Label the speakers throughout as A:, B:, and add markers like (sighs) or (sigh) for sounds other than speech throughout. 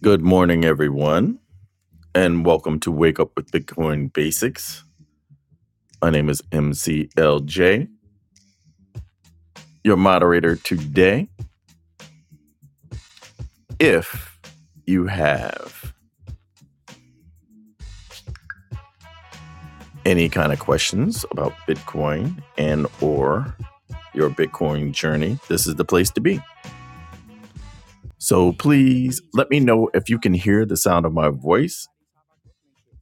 A: Good morning, everyone, and welcome to Wake Up with Bitcoin Basics. My name is MCLJ, your moderator today. If you have any kind of questions about Bitcoin and or your Bitcoin journey, this is the place to be. So please let me know if you can hear the sound of my voice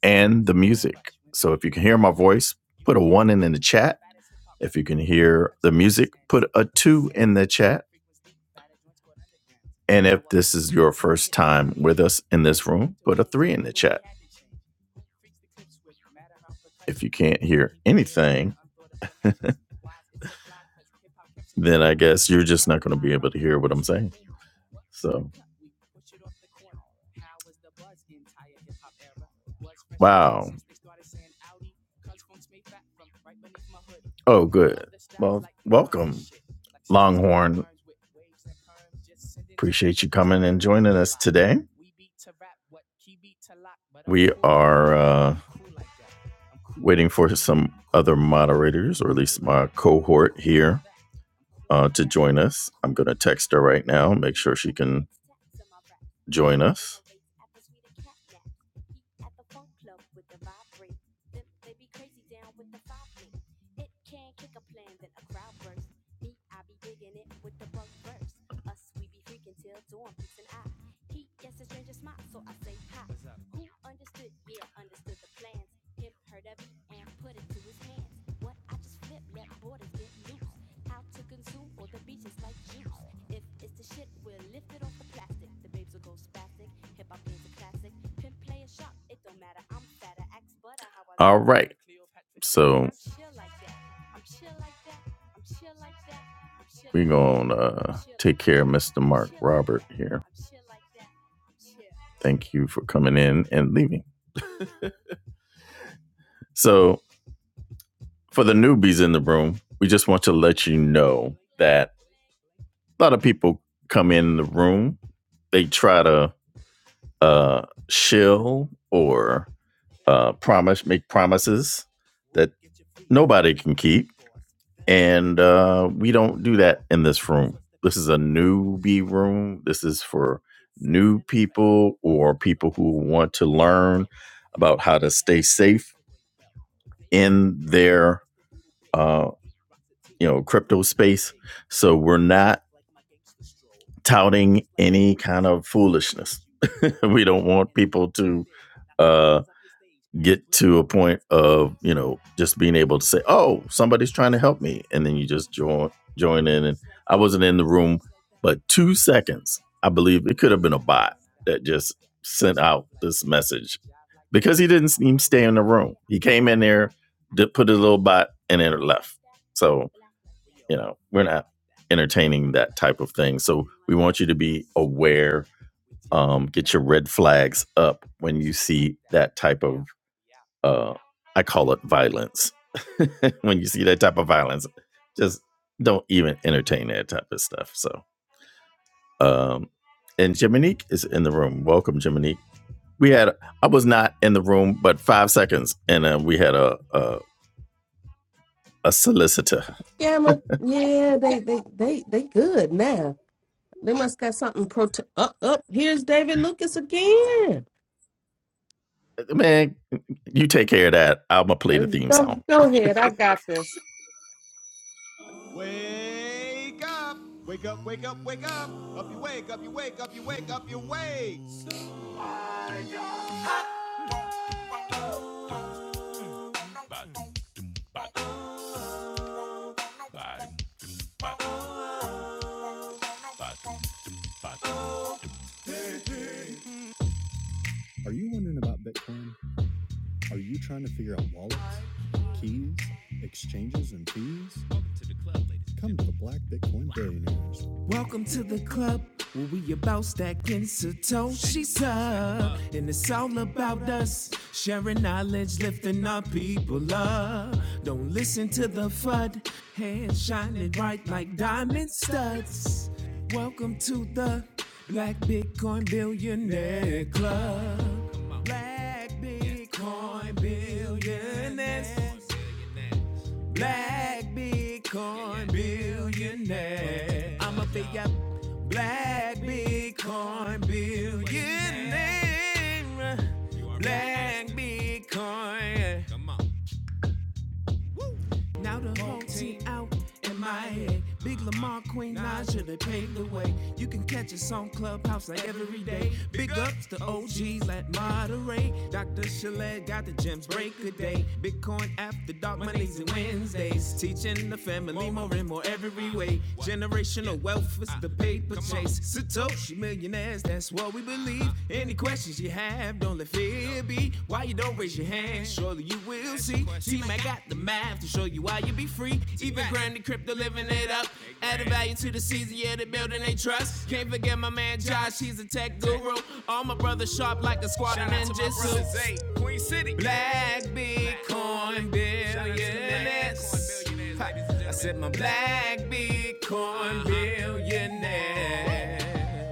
A: and the music. So if you can hear my voice, put a 1 in in the chat. If you can hear the music, put a 2 in the chat. And if this is your first time with us in this room, put a three in the chat. If you can't hear anything, (laughs) then I guess you're just not going to be able to hear what I'm saying. So, wow. Oh, good. Well, welcome, Longhorn. Appreciate you coming and joining us today. We are uh, waiting for some other moderators, or at least my cohort here, uh, to join us. I'm going to text her right now, make sure she can join us. All right. So we're going to uh, take care of Mr. Mark Robert here. Thank you for coming in and leaving. So, for the newbies in the room, we just want to let you know that a lot of people come in the room, they try to uh, shill or uh, promise, make promises that nobody can keep, and uh, we don't do that in this room. This is a newbie room. This is for new people or people who want to learn about how to stay safe in their uh, you know crypto space. So we're not touting any kind of foolishness. (laughs) we don't want people to uh, get to a point of you know just being able to say, "Oh, somebody's trying to help me," and then you just join join in. And I wasn't in the room, but two seconds. I believe it could have been a bot that just sent out this message because he didn't even stay in the room. He came in there, did, put a little bot, and then left. So, you know, we're not entertaining that type of thing. So we want you to be aware, um, get your red flags up when you see that type of, uh, I call it violence. (laughs) when you see that type of violence, just don't even entertain that type of stuff. So, um, and Jiminique is in the room. Welcome, Jiminique. We had I was not in the room, but five seconds, and uh, we had a, a a solicitor.
B: Camera, yeah, they they they they good now. They must got something pro. Up up. Here's David Lucas again.
A: Man, you take care of that. I'm gonna play
B: Uh,
A: the theme song.
B: go go ahead. I got this.
A: shining bright like diamond studs. Welcome to the Black Bitcoin Billionaire Club. Black Bitcoin Billionaires. Black Bitcoin Billionaire. I'm a big up Black Bitcoin Billionaire. Black Bitcoin. Come on. Now the whole team out in Miami. Big Lamar, Queen Naja, they paved the way. You can catch us on Clubhouse like every day. Big ups to OGs that moderate. Dr. Chalet got the gems break a day. Bitcoin after dark Mondays and Wednesdays. Teaching the family more and more every way. Generational wealth is the paper chase ask Satoshi millionaires, that's what we believe. Any questions you have, don't let fear be. Why you don't raise your hand? Surely you will see. T Mac got the math to show you why you be free. Even grinding crypto, living it up. Adding value to the season, yeah, they building they trust. Can't forget my man Josh, he's a tech guru. All my brothers sharp like a squad of Shout ninjas. hey, Queen City. Black Bitcoin billionaires. I said my black Bitcoin billionaire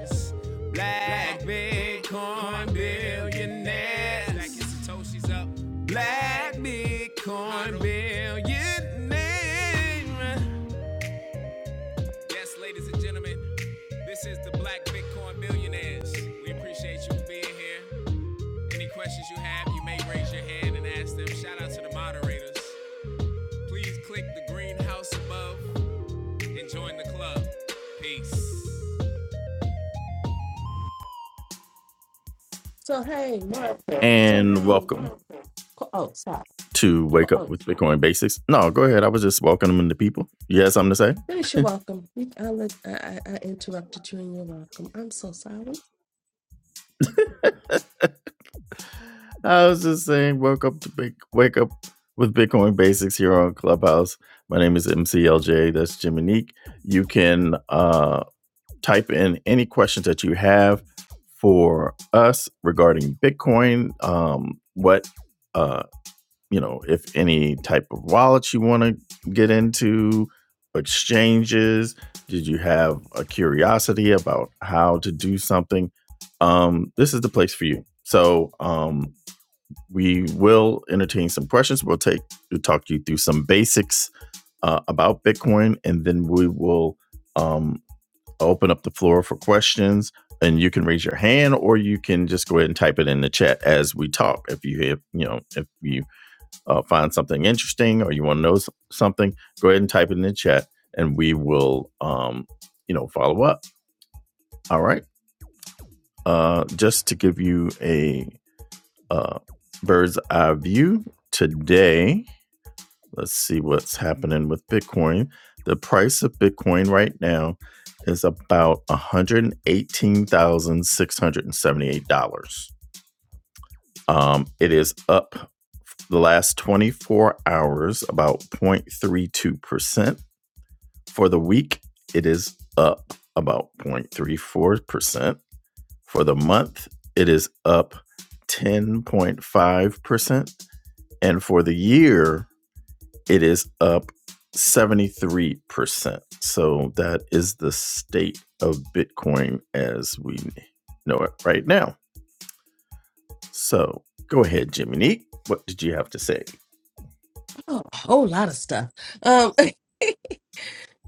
A: ass. Black Bitcoin billionaires. Black Satoshi's up. Black Bitcoin billionaires. Yes, ladies and gentlemen, this is the Black Bitcoin Billionaires. We appreciate you being here. Any questions you have, you may raise your hand and ask them. Shout out to the moderators. Please click the green house above and join the club. Peace.
B: So hey, Martha.
A: and welcome.
B: Co- Oh, sorry.
A: to wake up with Bitcoin basics. No, go ahead. I was just welcoming the people. You had something to
B: Finish your welcome. You- I let I, I I interrupted you in your welcome. I'm so sorry.
A: say? (laughs) I was just saying, wake up to big, wake up with Bitcoin basics here on Clubhouse. My name is MCLJ. That's Jiminique. You can uh, type in any questions that you have for us regarding Bitcoin. Um, what? uh, you know, if any type of wallets you want to get into, exchanges, did you have a curiosity about how to do something? Um, this is the place for you. So, um, we will entertain some questions. We'll take we'll talk you through some basics uh, about Bitcoin, and then we will um, open up the floor for questions. And you can raise your hand, or you can just go ahead and type it in the chat as we talk. If you have, you know, if you uh, find something interesting or you want to know something, go ahead and type it in the chat and we will, um, you know, follow up. All right. Uh, just to give you a uh, bird's eye view today, let's see what's happening with Bitcoin. The price of Bitcoin right now is about $118,678. Um, it is up the last 24 hours about 0.32%. For the week, it is up about 0.34%. For the month, it is up 10.5%. And for the year, it is up 73%. So that is the state of Bitcoin as we know it right now. So go ahead, Jimmy Neat. What did you have to say?
B: Oh, a whole lot of stuff. Um. (laughs)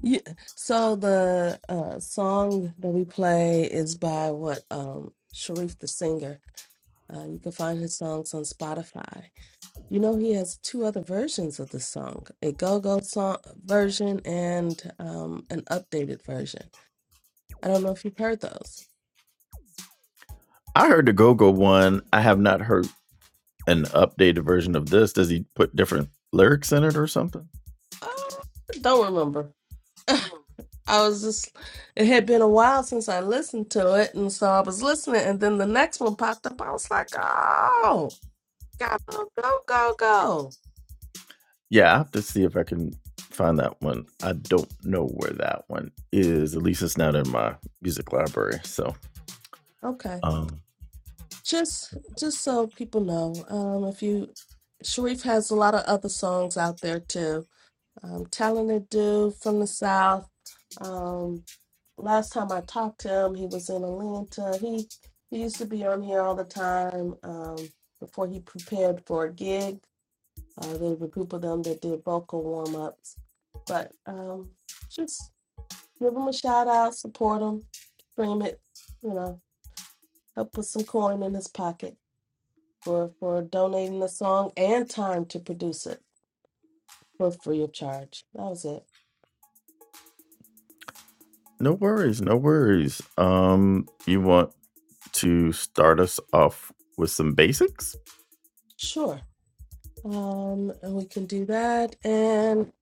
B: Yeah. So the uh, song that we play is by what um, Sharif the singer. Uh, you can find his songs on Spotify. You know, he has two other versions of the song, a go-go song version and um, an updated version. I don't know if you've heard those.
A: I heard the Go Go one. I have not heard an updated version of this? Does he put different lyrics in it or something?
B: Oh, don't remember. I was just, it had been a while since I listened to it, and so I was listening, and then the next one popped up. I was like, oh, gotta go, go, go. go."
A: Yeah, I have to see if I can find that one. I don't know where that one is. At least it's not in my music library. So,
B: Okay.
A: um,
B: Just, just so people know, um, if you, Sharif has a lot of other songs out there too um, talented dude from the South. Um, last time I talked to him, he was in Atlanta. He he used to be on here all the time um, before he prepared for a gig. Uh, there was a group of them that did vocal warm ups, but um, just give him a shout out, support him, stream it, you know, help put some coin in his pocket for for donating the song and time to produce it for free of charge. That was it.
A: no worries, no worries. Um, you want to start us off with some basics?
B: Sure. Um, and we can do that. And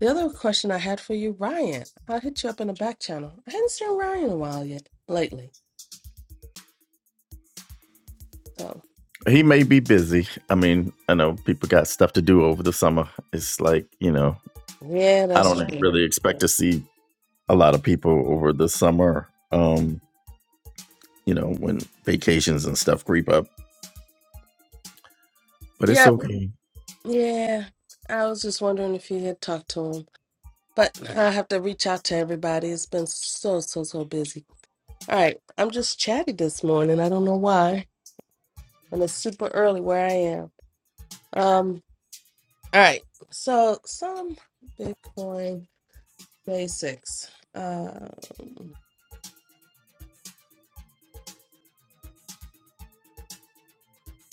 B: the other question I had for you, Ryan, I hit you up in the back channel. I hadn't seen Ryan in a while yet, lately. So,
A: he may be busy. I mean, I know people got stuff to do over the summer. It's like, you know,
B: yeah,
A: I
B: that's
A: don't Yeah.
B: true.
A: really expect to see a lot of people over the summer, um, you know, when vacations and stuff creep up, but it's
B: Yep,
A: okay.
B: yeah. I was just wondering if you had talked to him, but I have to reach out to everybody. It's been so, so, so busy. All right, I'm just chatty this morning. I don't know why, and it's super early where I am. Um, all right. So, some Bitcoin basics. Um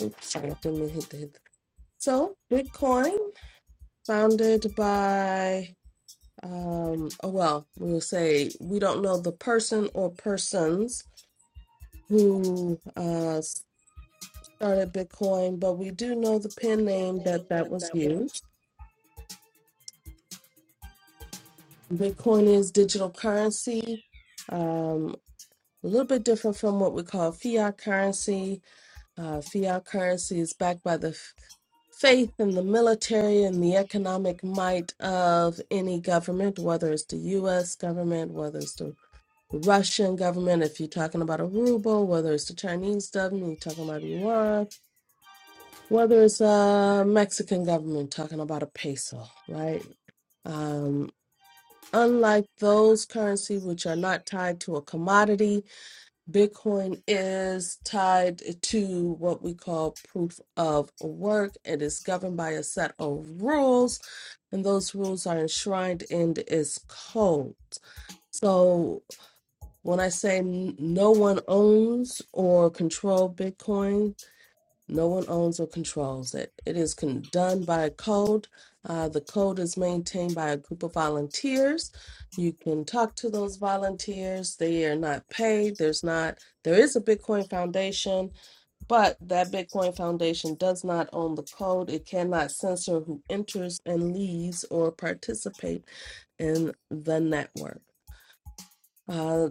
B: Oops, sorry, I didn't mean to hit the hit. the- So, Bitcoin, founded by, um, oh well, we'll say we don't know the person or persons who uh, started Bitcoin, but we do know the pen name that that was used. Bitcoin is digital currency, um, a little bit different from what we call fiat currency. Uh, fiat currency is backed by the faith in the military and the economic might of any government, whether it's the US government, whether it's the Russian government, if you're talking about a ruble, whether it's the Chinese government, you're talking about yuan, whether it's a Mexican government talking about a peso, right? Um, unlike those currency which are not tied to a commodity, Bitcoin is tied to what we call proof of work. It is governed by a set of rules and those rules are enshrined in its code. So when I say n- no one owns or control Bitcoin, no one owns or controls it. It is con- done by a code. Uh, the code is maintained by a group of volunteers. You can talk to those volunteers. They are not paid. There's not. There is a Bitcoin Foundation but that Bitcoin Foundation does not own the code. It cannot censor who enters and leaves or participate in the network. Uh,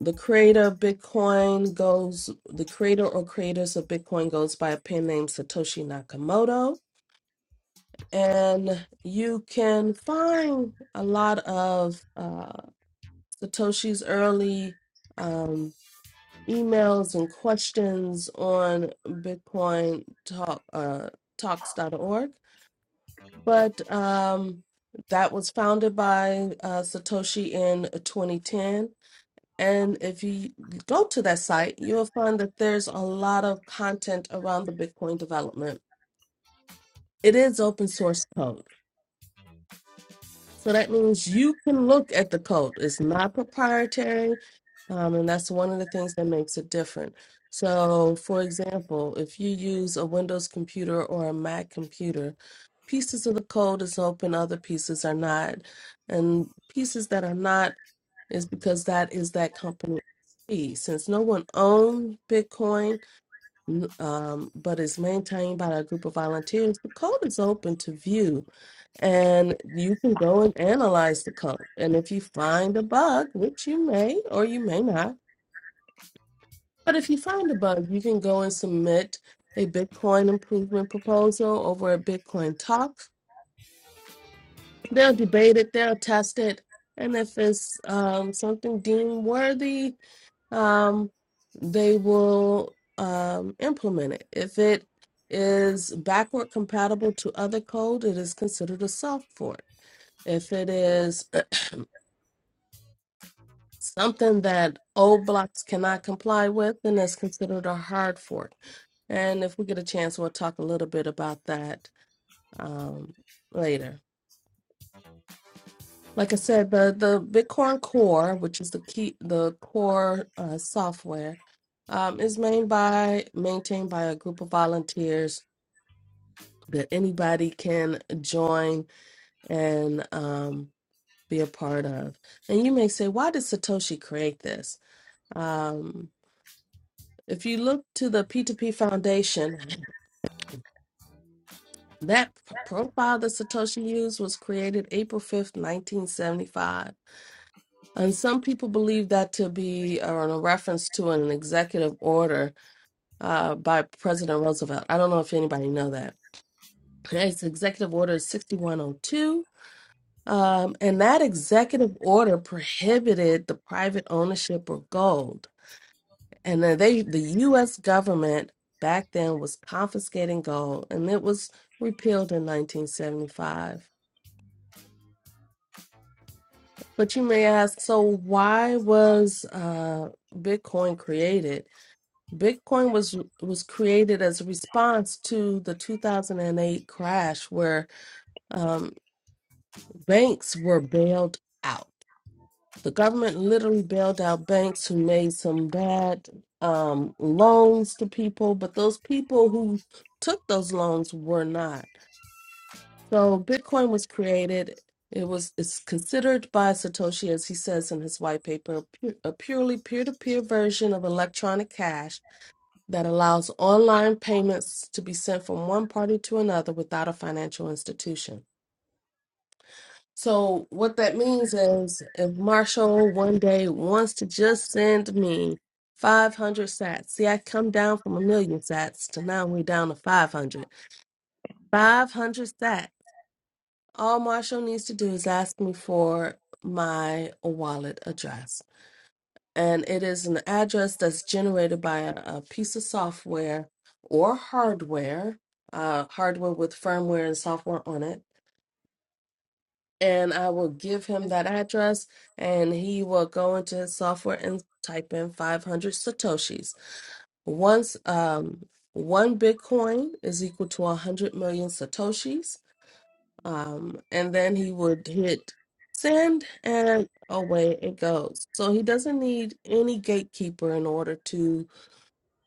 B: the creator of Bitcoin goes, the creator or creators of Bitcoin goes by a pen name Satoshi Nakamoto. And you can find a lot of uh, Satoshi's early um, emails and questions on Bitcoin talk, uh, talks.org. But um, that was founded by uh, Satoshi in 2010. And if you go to that site, you'll find that there's a lot of content around the Bitcoin development. It is open source code. So that means you can look at the code. It's not proprietary, um, and that's one of the things that makes it different. So, for example, if you use a Windows computer or a Mac computer, pieces of the code is open, other pieces are not. And pieces that are not is because that is that company fee. Since no one owned Bitcoin, n- um, but is maintained by a group of volunteers. The code is open to view, and you can go and analyze the code. And if you find a bug, which you may or you may not, but if you find a bug, you can go and submit a Bitcoin improvement proposal over at Bitcoin Talk. They'll debate it, they'll test it, and if it's um, something deemed worthy, um, they will um, implement it. If it is backward compatible to other code, it is considered a soft fork. If it is (clears throat) something that old blocks cannot comply with, then that's considered a hard fork. And if we get a chance, we'll talk a little bit about that um, later. Like I said, the the Bitcoin Core, which is the key, the core uh, software, um, is made by maintained by a group of volunteers that anybody can join and um, be a part of. And you may say, why did Satoshi create this? Um, if you look to the P2P Foundation, that profile that Satoshi used was created April 5th, 1975 And some people believe that to be uh, a reference to an executive order uh, by President Roosevelt. I don't know if anybody know that. It's Executive Order 6102. Um, and that executive order prohibited the private ownership of gold. And then they, the U.S. government back then was confiscating gold, and it was repealed in 1975. But you may ask, so why was uh, Bitcoin created? Bitcoin was was created as a response to the 2008 crash, where um, banks were bailed out. The government literally bailed out banks who made some bad um, loans to people, but those people who took those loans were not. So Bitcoin was created. It was it's considered by Satoshi, as he says in his white paper, pu- a purely peer-to-peer version of electronic cash that allows online payments to be sent from one party to another without a financial institution. So, what that means is if Marshall one day wants to just send me 500 sats, see, I come down from a million sats to now we're down to 500. 500 sats. All Marshall needs to do is ask me for my wallet address. and it is an address that's generated by a, a piece of software or hardware, uh, hardware with firmware and software on it. And I will give him that address, and he will go into his software and type in 500 satoshis. Once um, one Bitcoin is equal to 100 million satoshis, um, and then he would hit send, and away it goes. So he doesn't need any gatekeeper in order to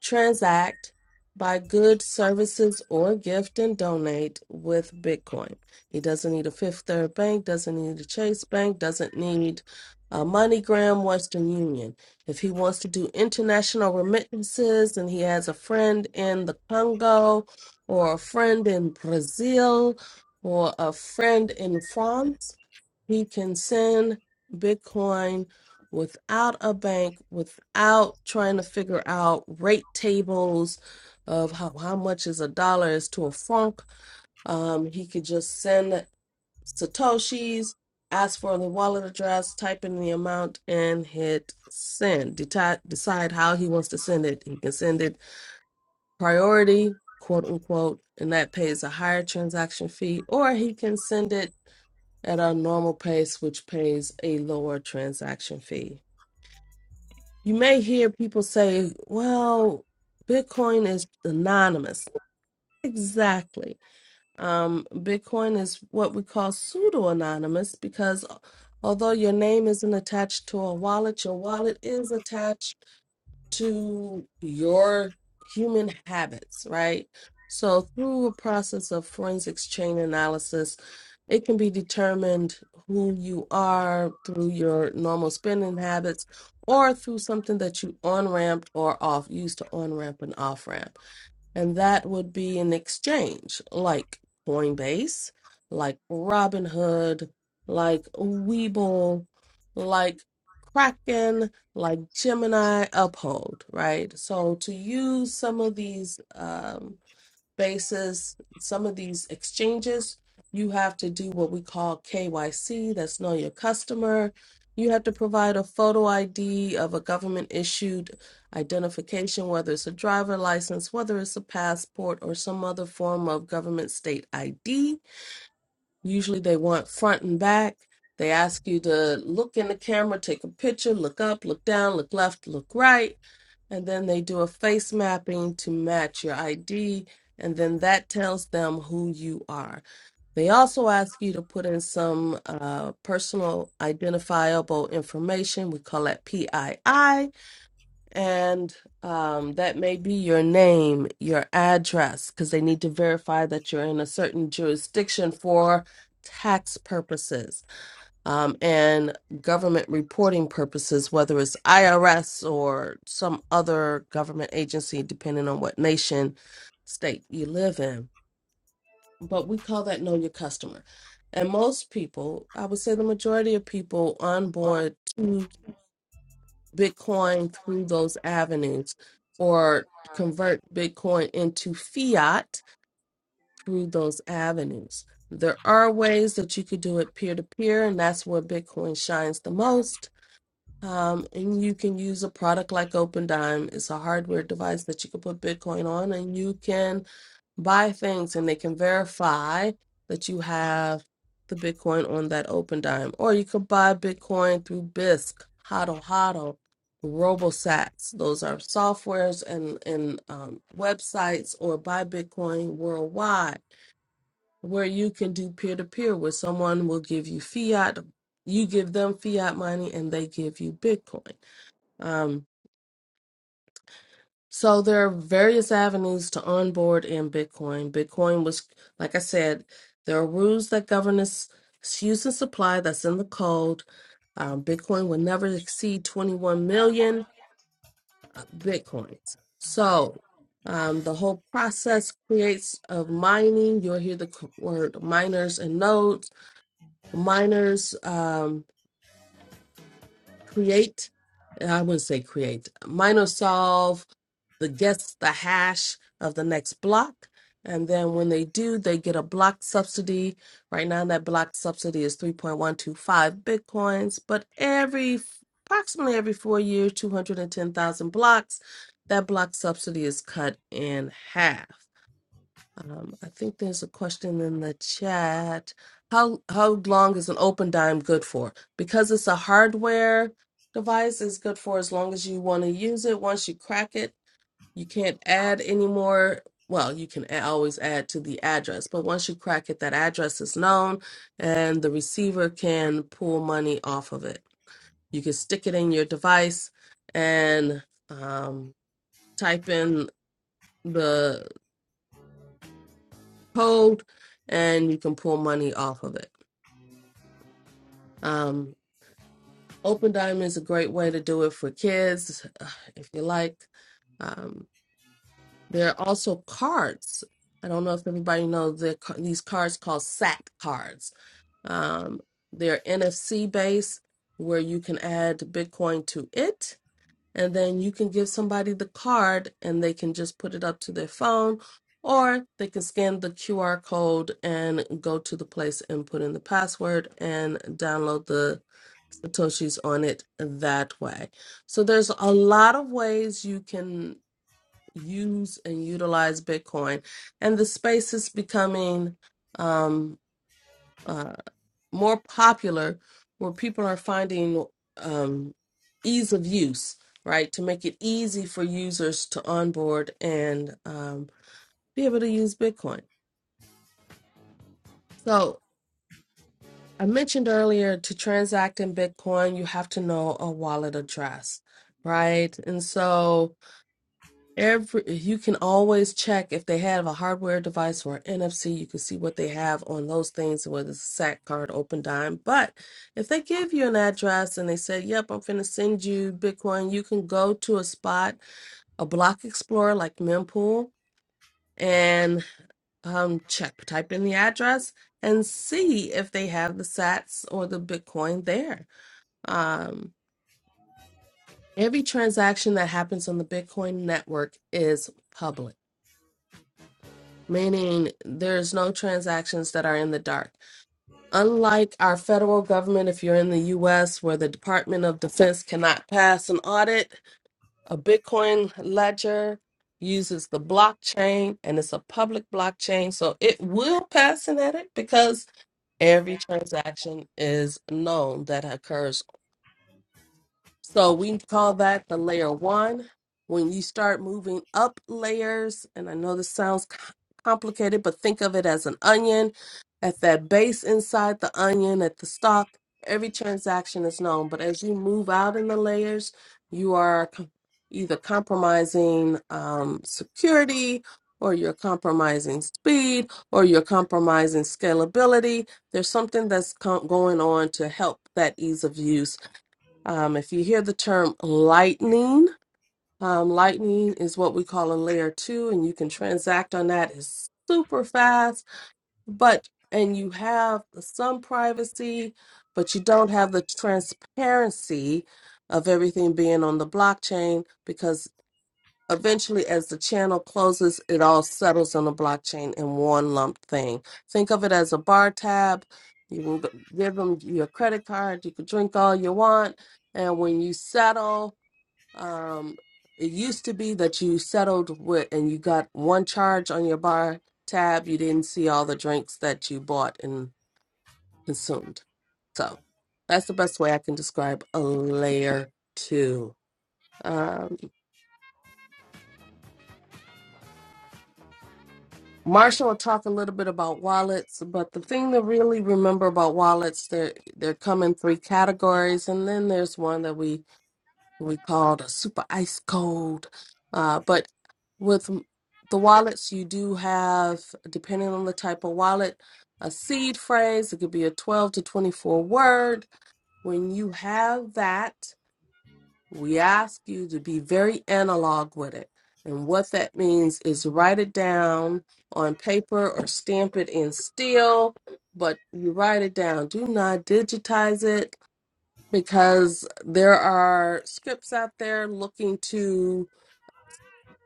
B: transact, buy goods, services, or gift and donate with Bitcoin. He doesn't need a Fifth Third Bank, doesn't need a Chase Bank, doesn't need a MoneyGram, Western Union. If he wants to do international remittances and he has a friend in the Congo or a friend in Brazil or a friend in France, he can send Bitcoin without a bank, without trying to figure out rate tables of how, how much is a dollar is to a funk. Um, he could just send Satoshis, ask for the wallet address, type in the amount, and hit send. Deti- decide how he wants to send it. He can send it priority, quote unquote, and that pays a higher transaction fee, or he can send it at our normal pace, which pays a lower transaction fee. You may hear people say, well, Bitcoin is anonymous. Exactly. Um, Bitcoin is what we call pseudo anonymous because although your name isn't attached to a wallet, your wallet is attached to your human habits, right? So, through a process of forensics chain analysis, it can be determined who you are through your normal spending habits or through something that you on ramped or off, used to on ramp and off ramp. And that would be an exchange like Coinbase, like Robinhood, like Webull, like Kraken, like Gemini Uphold, right? So to use some of these um, basis, some of these exchanges, you have to do what we call KYC, that's know your customer. You have to provide a photo ID of a government issued identification, whether it's a driver license, whether it's a passport, or some other form of government state ID. Usually they want front and back. They ask you to look in the camera, take a picture, look up, look down, look left, look right and then they do a face mapping to match your ID, and then that tells them who you are. They also ask you to put in some uh, personal identifiable information. We call that PII, and um, that may be your name, your address, because they need to verify that you're in a certain jurisdiction for tax purposes um, and government reporting purposes, whether it's IRS or some other government agency, depending on what nation, state you live in. But we call that know your customer. And most people, I would say the majority of people onboard to Bitcoin through those avenues or convert Bitcoin into fiat through those avenues. There are ways that you could do it peer to peer, and that's where Bitcoin shines the most Um, and you can use a product like OpenDime. It's a hardware device that you can put Bitcoin on, and you can buy things, and they can verify that you have the Bitcoin on that OpenDime. Or you could buy Bitcoin through BISC, Hodl Hodl, RoboSats. Those are softwares and and um, websites, or buy Bitcoin worldwide, where you can do peer to peer, where someone will give you fiat, you give them fiat money, and they give you Bitcoin. Um, so there are various avenues to onboard in Bitcoin. Bitcoin was, like I said, there are rules that govern its its use and supply that's in the code. Um, Bitcoin will never exceed 21 million uh, Bitcoins. So um, the whole process creates of mining. You'll hear the c- word miners and nodes. Miners um. create i wouldn't say create minor solve the guess the hash of the next block and then when they do they get a block subsidy right now that block subsidy is 3.125 bitcoins but every approximately every four years 210000 blocks that block subsidy is cut in half um, I think there's a question in the chat. How how long is an open dime good for? Because it's a hardware device, it's good for as long as you want to use it. Once you crack it, you can't add any more. Well, you can a- always add to the address, but once you crack it, that address is known, and the receiver can pull money off of it. You can stick it in your device and um, type in the hold and you can pull money off of it. Um, Open Diamond is a great way to do it for kids (sighs) uh, if you like. Um, there are also cards. I don't know if everybody knows that ca- these cards called SAP cards. Um, they're NFC based where you can add Bitcoin to it and then you can give somebody the card and they can just put it up to their phone or they can scan the QR code and go to the place and put in the password and download the satoshis on it that way. So there's a lot of ways you can use and utilize Bitcoin and the space is becoming um uh, more popular where people are finding um, ease of use, right? To make it easy for users to onboard and um, be able to use Bitcoin. So I mentioned earlier to transact in Bitcoin, you have to know a wallet address, right? And so Every you can always check if they have a hardware device or an NFC, you can see what they have on those things, whether it's a SAC card, open dime. But if they give you an address and they say, Yep, I'm finna send you Bitcoin, you can go to a spot, a block explorer like Mempool, and um check, type in the address and see if they have the sats or the Bitcoin there. Um every transaction that happens on the Bitcoin network is public meaning there's no transactions that are in the dark. Unlike our federal government, if you're in the US where the Department of Defense cannot pass an audit, a Bitcoin ledger uses the blockchain and it's a public blockchain. So it will pass an audit because every transaction is known that occurs so we call that the layer one. When you start moving up layers, and I know this sounds c- complicated, but think of it as an onion. At that base inside the onion, at the stalk, every transaction is known. But as you move out in the layers, you are c- either compromising um, security, or you're compromising speed, or you're compromising scalability. There's something that's co- going on to help that ease of use um, if you hear the term lightning, um, lightning is what we call a layer two, and you can transact on that. It's super fast, but and you have some privacy, but you don't have the transparency of everything being on the blockchain because eventually as the channel closes it all settles on the blockchain in one lump thing think of it as a bar tab you can g- give them your credit card you can drink all you want and when you settle um it used to be that you settled with and you got one charge on your bar tab you didn't see all the drinks that you bought and consumed so that's the best way i can describe a layer two Um, Marshall will talk a little bit about wallets, but the thing to really remember about wallets, they're they come in three categories, and then there's one that we we called a super ice cold. Uh, but with m- the wallets, you do have, depending on the type of wallet, a seed phrase. It could be a 12 to 24 word. When you have that, we ask you to be very analog with it. And what that means is write it down on paper or stamp it in steel, but you write it down. Do not digitize it because there are scripts out there looking to,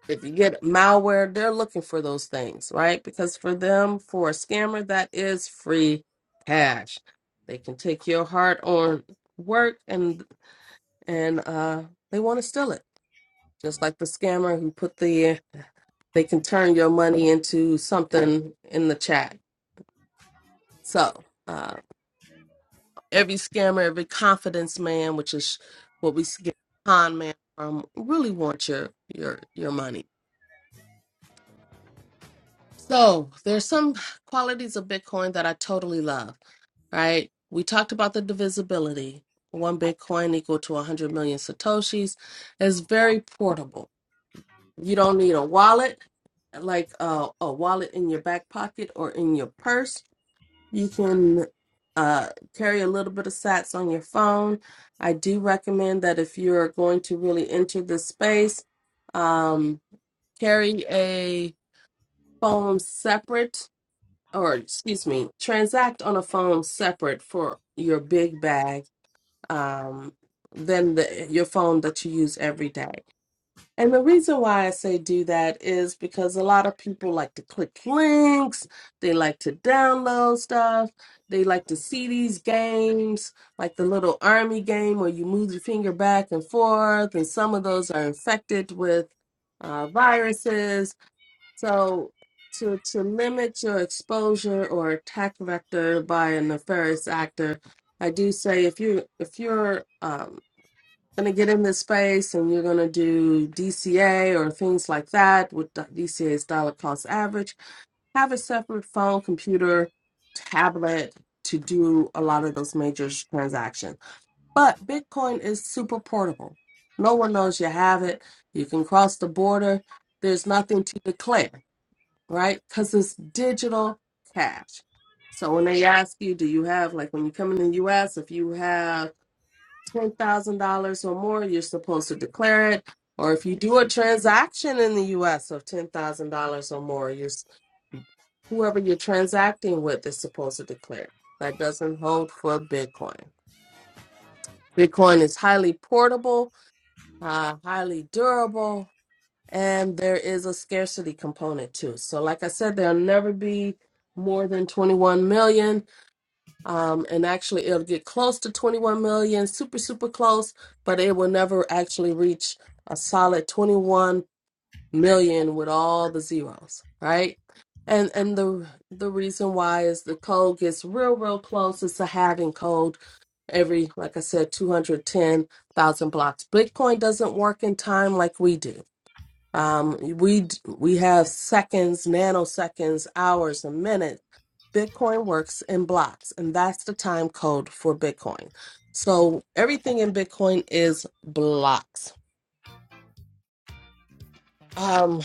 B: if you get malware, they're looking for those things, right? Because for them, for a scammer, that is free cash. They can take your hard earned work and, and, uh, they want to steal it. Just like the scammer who put the they can turn your money into something in the chat. So uh, every scammer, every confidence man, which is what we get con man from, really want your your your money. So there's some qualities of Bitcoin that I totally love. Right? We talked about the divisibility. One Bitcoin equal to 100 million satoshis. It's very portable You don't need a wallet, like uh, a wallet in your back pocket or in your purse. You can uh, carry a little bit of sats on your phone. I do recommend that if you're going to really enter this space, um, carry a phone separate, or excuse me, transact on a phone separate for your big bag um, than the, your phone that you use every day. And the reason why I say do that is because a lot of people like to click links, they like to download stuff, they like to see these games, like the little army game where you move your finger back and forth, and some of those are infected with uh, viruses. So to to limit your exposure or attack vector by a nefarious actor, I do say if you if you're um, going to get in this space and you're going to do DCA or things like that with the DCA's dollar cost average, have a separate phone, computer, tablet to do a lot of those major transactions. But Bitcoin is super portable. No one knows you have it. You can cross the border. There's nothing to declare, right? Because it's digital cash. So when they ask you, do you have, like when you come in the US, if you have $10,000 or more, you're supposed to declare it. Or if you do a transaction in the US of $10,000 or more, you're, s- whoever you're transacting with is supposed to declare. That doesn't hold for Bitcoin. Bitcoin is highly portable, uh, highly durable, and there is a scarcity component too. So, like I said, there'll never be more than 21 million. Um, and actually, it'll get close to 21 million, super, super close, but it will never actually reach a solid 21 million with all the zeros, right? And and the the reason why is the code gets real, real close. It's a halving code every, like I said, 210,000 blocks. Bitcoin doesn't work in time like we do. Um, we d- we have seconds, nanoseconds, hours, and minutes. Bitcoin works in blocks, and that's the time code for Bitcoin. So everything in Bitcoin is blocks. Um,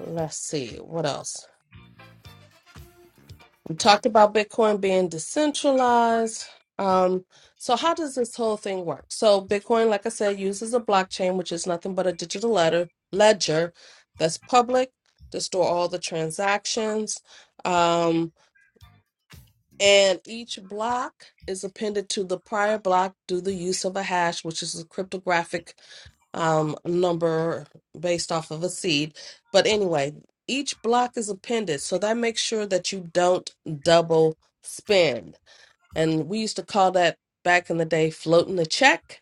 B: let's see what else. We talked about Bitcoin being decentralized. Um, so, how does this whole thing work? So, Bitcoin, like I said, uses a blockchain, which is nothing but a digital letter, ledger that's public to store all the transactions. um, and each block is appended to the prior block through the use of a hash, which is a cryptographic um, number based off of a seed. But anyway, each block is appended, so that makes sure that you don't double spend. And we used to call that back in the day floating the check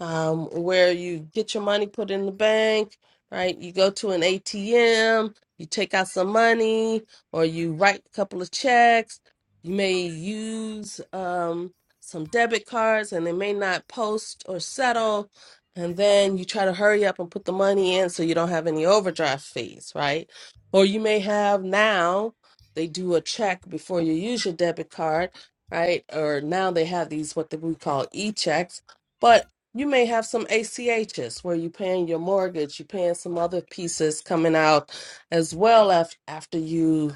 B: um, where you get your money put in the bank, right? You go to an ATM, you take out some money, or you write a couple of checks. You may use um, some debit cards and they may not post or settle. And then you try to hurry up and put the money in so you don't have any overdraft fees, right? Or you may have now, they do a check before you use your debit card, right? Or now they have these, what we call e checks. But you may have some ACHs where you're paying your mortgage, you're paying some other pieces coming out as well af- after you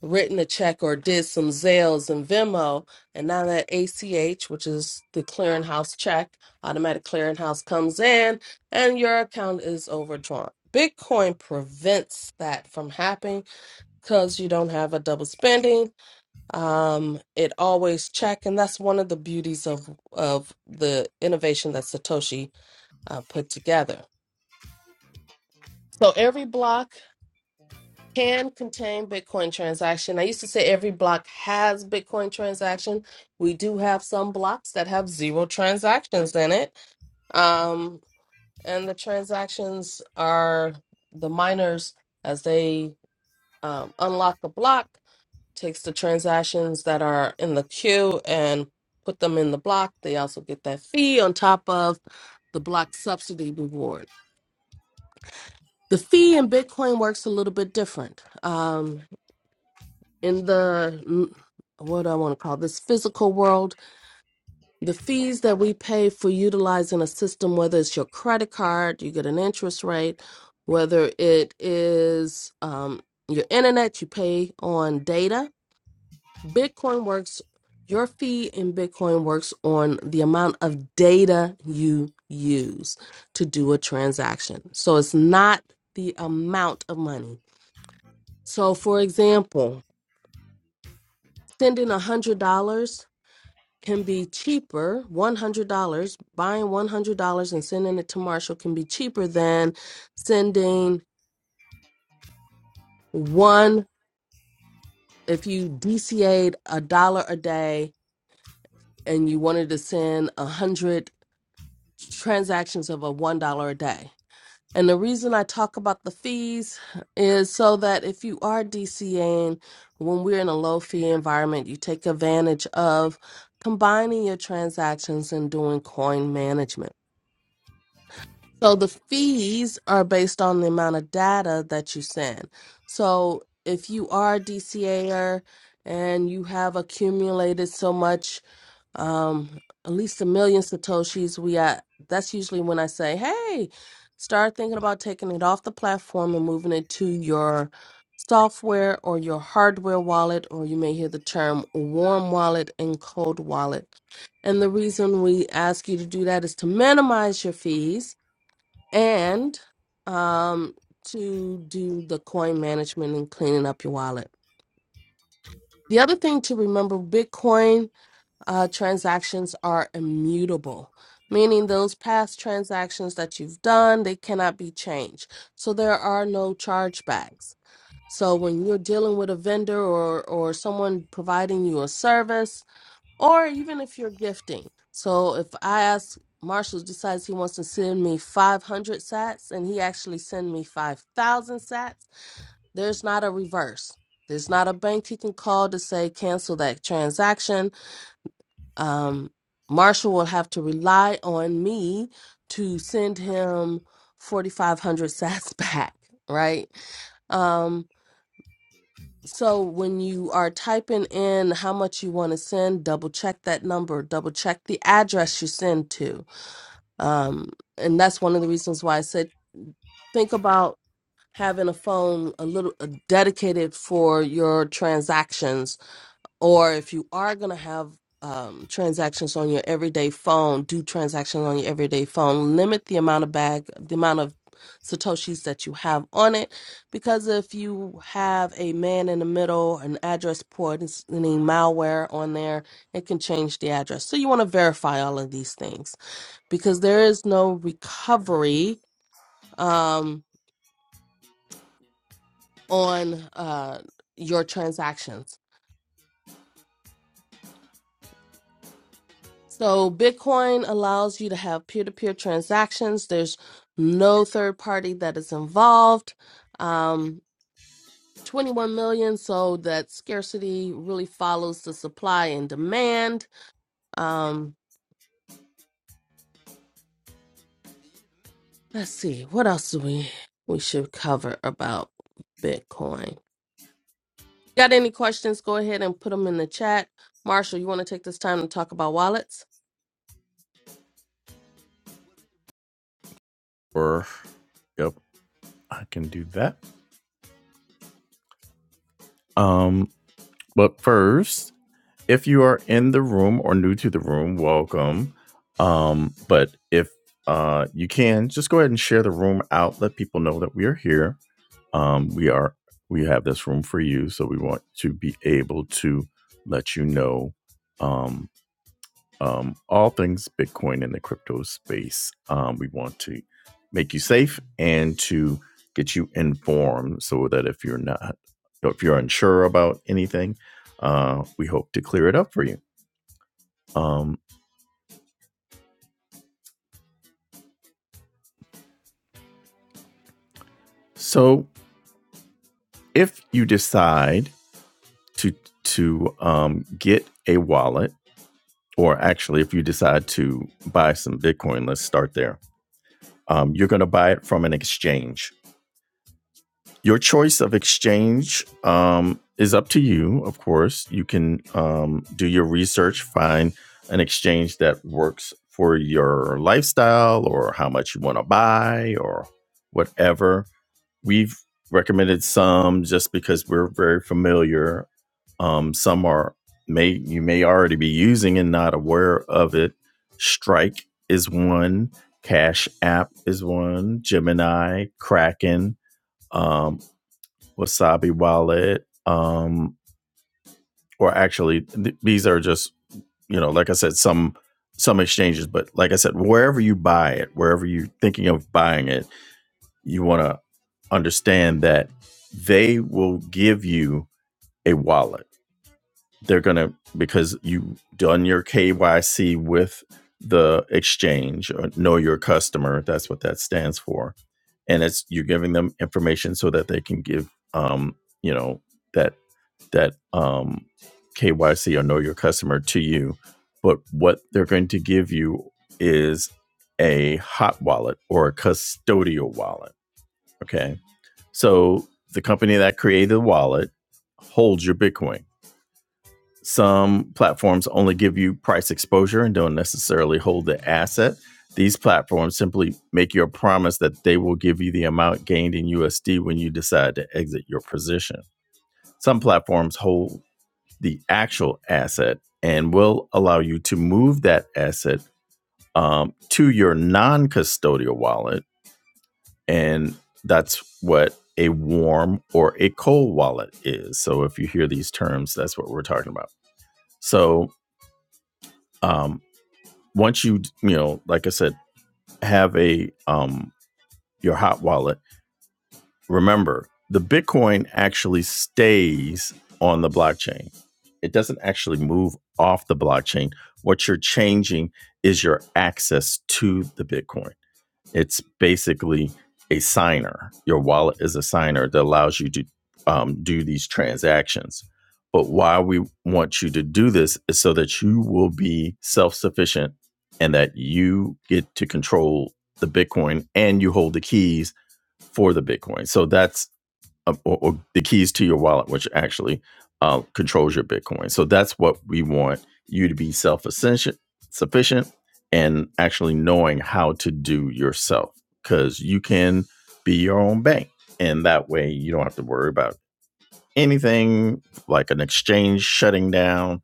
B: written a check or did some Zales and Venmo. And now that ACH, which is the clearinghouse check, automatic clearinghouse comes in and your account is overdrawn. Bitcoin prevents that from happening because you don't have a double spending. Um, it always check, and that's one of the beauties of of the innovation that Satoshi uh, put together. So every block can contain Bitcoin transaction. I used to say every block has Bitcoin transaction. We do have some blocks that have zero transactions in it, um, and the transactions are the miners as they um, unlock the block takes the transactions that are in the queue and put them in the block. They also get that fee on top of the block subsidy reward. The fee in Bitcoin works a little bit different. Um, in the mm, what do I want to call this physical world, the fees that we pay for utilizing a system, whether it's your credit card, you get an interest rate, whether it is um, your internet, you pay on data. Bitcoin works. Your fee in Bitcoin works on the amount of data you use to do a transaction. So it's not the amount of money So, for example, sending $100 can be cheaper, $100, buying $100 and sending it to Marshall can be cheaper than sending one, if you DCA'd a dollar a day and you wanted to send 100 transactions of a $1 a day. And the reason I talk about the fees is so that if you are DCAing, when we're in a low fee environment, you take advantage of combining your transactions and doing coin management. So the fees are based on the amount of data that you send. So if you are a DCAer and you have accumulated so much um at least a million satoshis we at that's usually when i say hey start thinking about taking it off the platform and moving it to your software or your hardware wallet or you may hear the term warm wallet and cold wallet and the reason we ask you to do that is to minimize your fees and um to do the coin management and cleaning up your wallet the other thing to remember bitcoin uh, transactions are immutable, meaning those past transactions that you've done, they cannot be changed. So there are no chargebacks. So when you're dealing with a vendor or, or someone providing you a service, or even if you're gifting. So if I ask Marshall decides he wants to send me 500 sats and he actually send me 5,000 sats, there's not a reverse. There's not a bank he can call to say cancel that transaction um, Marshall will have to rely on me to send him 4,500 (laughs) sats back, right? Um, so when you are typing in how much you want to send, double check that number, double check the address you send to. Um, and that's one of the reasons why I said think about having a phone a little uh, dedicated for your transactions or if you are going to have um, transactions on your everyday phone, do transactions on your everyday phone. Limit the amount of bag, the amount of satoshis that you have on it, because if you have a man in the middle, an address port, and s- any malware on there, it can change the address. So you want to verify all of these things because there is no recovery um, on uh, your transactions. So Bitcoin allows you to have peer-to-peer transactions. There's no third party that is involved. Um, 21 million, so that scarcity really follows the supply and demand. Um, let's see, what else do we we should cover about Bitcoin? Got any questions? Go ahead and put them in the chat. Marshall, you want to take this time to talk about wallets?
A: Or, yep, I can do that. Um, but first, if you are in the room or new to the room, welcome. Um, but if uh, you can, just go ahead and share the room out. Let people know that we are here. Um, we are we have this room for you, so we want to be able to let you know um, um, all things Bitcoin in the crypto space. Um, we want to make you safe and to get you informed, so that if you're not, if you're unsure about anything, uh, we hope to clear it up for you. Um, so if you decide to to um, get a wallet, or actually if you decide to buy some Bitcoin, let's start there. Um, you're going to buy it from an exchange. Your choice of exchange um, is up to you, of course. You can um, do your research, find an exchange that works for your lifestyle or how much you want to buy or whatever. We've recommended some just because we're very familiar. Um, some are may you may already be using and not aware of it. Strike is one. Cash App is one. Gemini, Kraken Um, Wasabi wallet. Um, or actually, th- these are just you know, like I said, some some exchanges, but like I said, wherever you buy it, wherever you're thinking of buying it, you want to understand that they will give you a wallet they're going to because you done your KYC with the exchange or know your customer that's what that stands for and it's you're giving them information so that they can give um you know that that um KYC or know your customer to you but what they're going to give you is a hot wallet or a custodial wallet okay so the company that created the wallet holds your bitcoin some platforms only give you price exposure and don't necessarily hold the asset. These platforms simply make you a promise that they will give you the amount gained in USD when you decide to exit your position. Some platforms hold the actual asset and will allow you to move that asset um, to your non custodial wallet. And that's what a warm or a cold wallet is. So if you hear these terms, that's what we're talking about. So um, once you you know like i said have a um your hot wallet remember the bitcoin actually stays on the blockchain it doesn't actually move off the blockchain what you're changing is your access to the bitcoin it's basically a signer. Your wallet is a signer that allows you to um, do these transactions. But why we want you to do this is so that you will be self sufficient and that you get to control the Bitcoin and you hold the keys for the Bitcoin. So that's uh, or, or the keys to your wallet, which actually uh, controls your Bitcoin. So that's what we want you to be self sufficient and actually knowing how to do yourself because you can be your own bank. And that way you don't have to worry about anything like an exchange shutting down,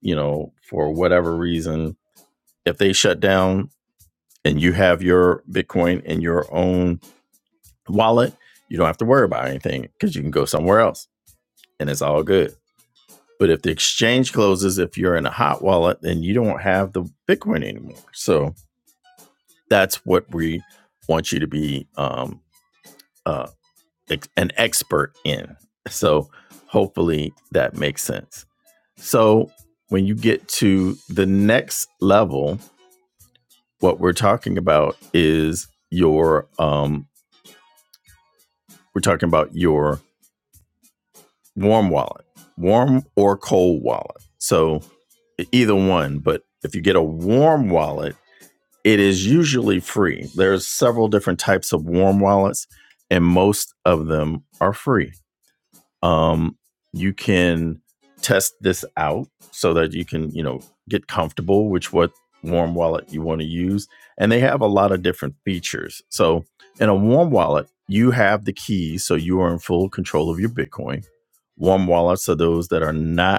A: you know, for whatever reason. If they shut down and you have your Bitcoin in your own wallet, you don't have to worry about anything because you can go somewhere else and it's all good. But if the exchange closes, if you're in a hot wallet, then you don't have the Bitcoin anymore. So that's what we want you to be um, uh, ex- an expert in. So hopefully that makes sense. So when you get to the next level, what we're talking about is your um, we're talking about your warm wallet, warm or cold wallet. So e, either one, but if you get a warm wallet, it is usually free. There's several different types of warm wallets and most of them are free um, you can test this out so that you can you know get comfortable with what warm wallet you want to use and they have a lot of different features so in a warm wallet you have the keys so you are in full control of your bitcoin warm wallets are those that are not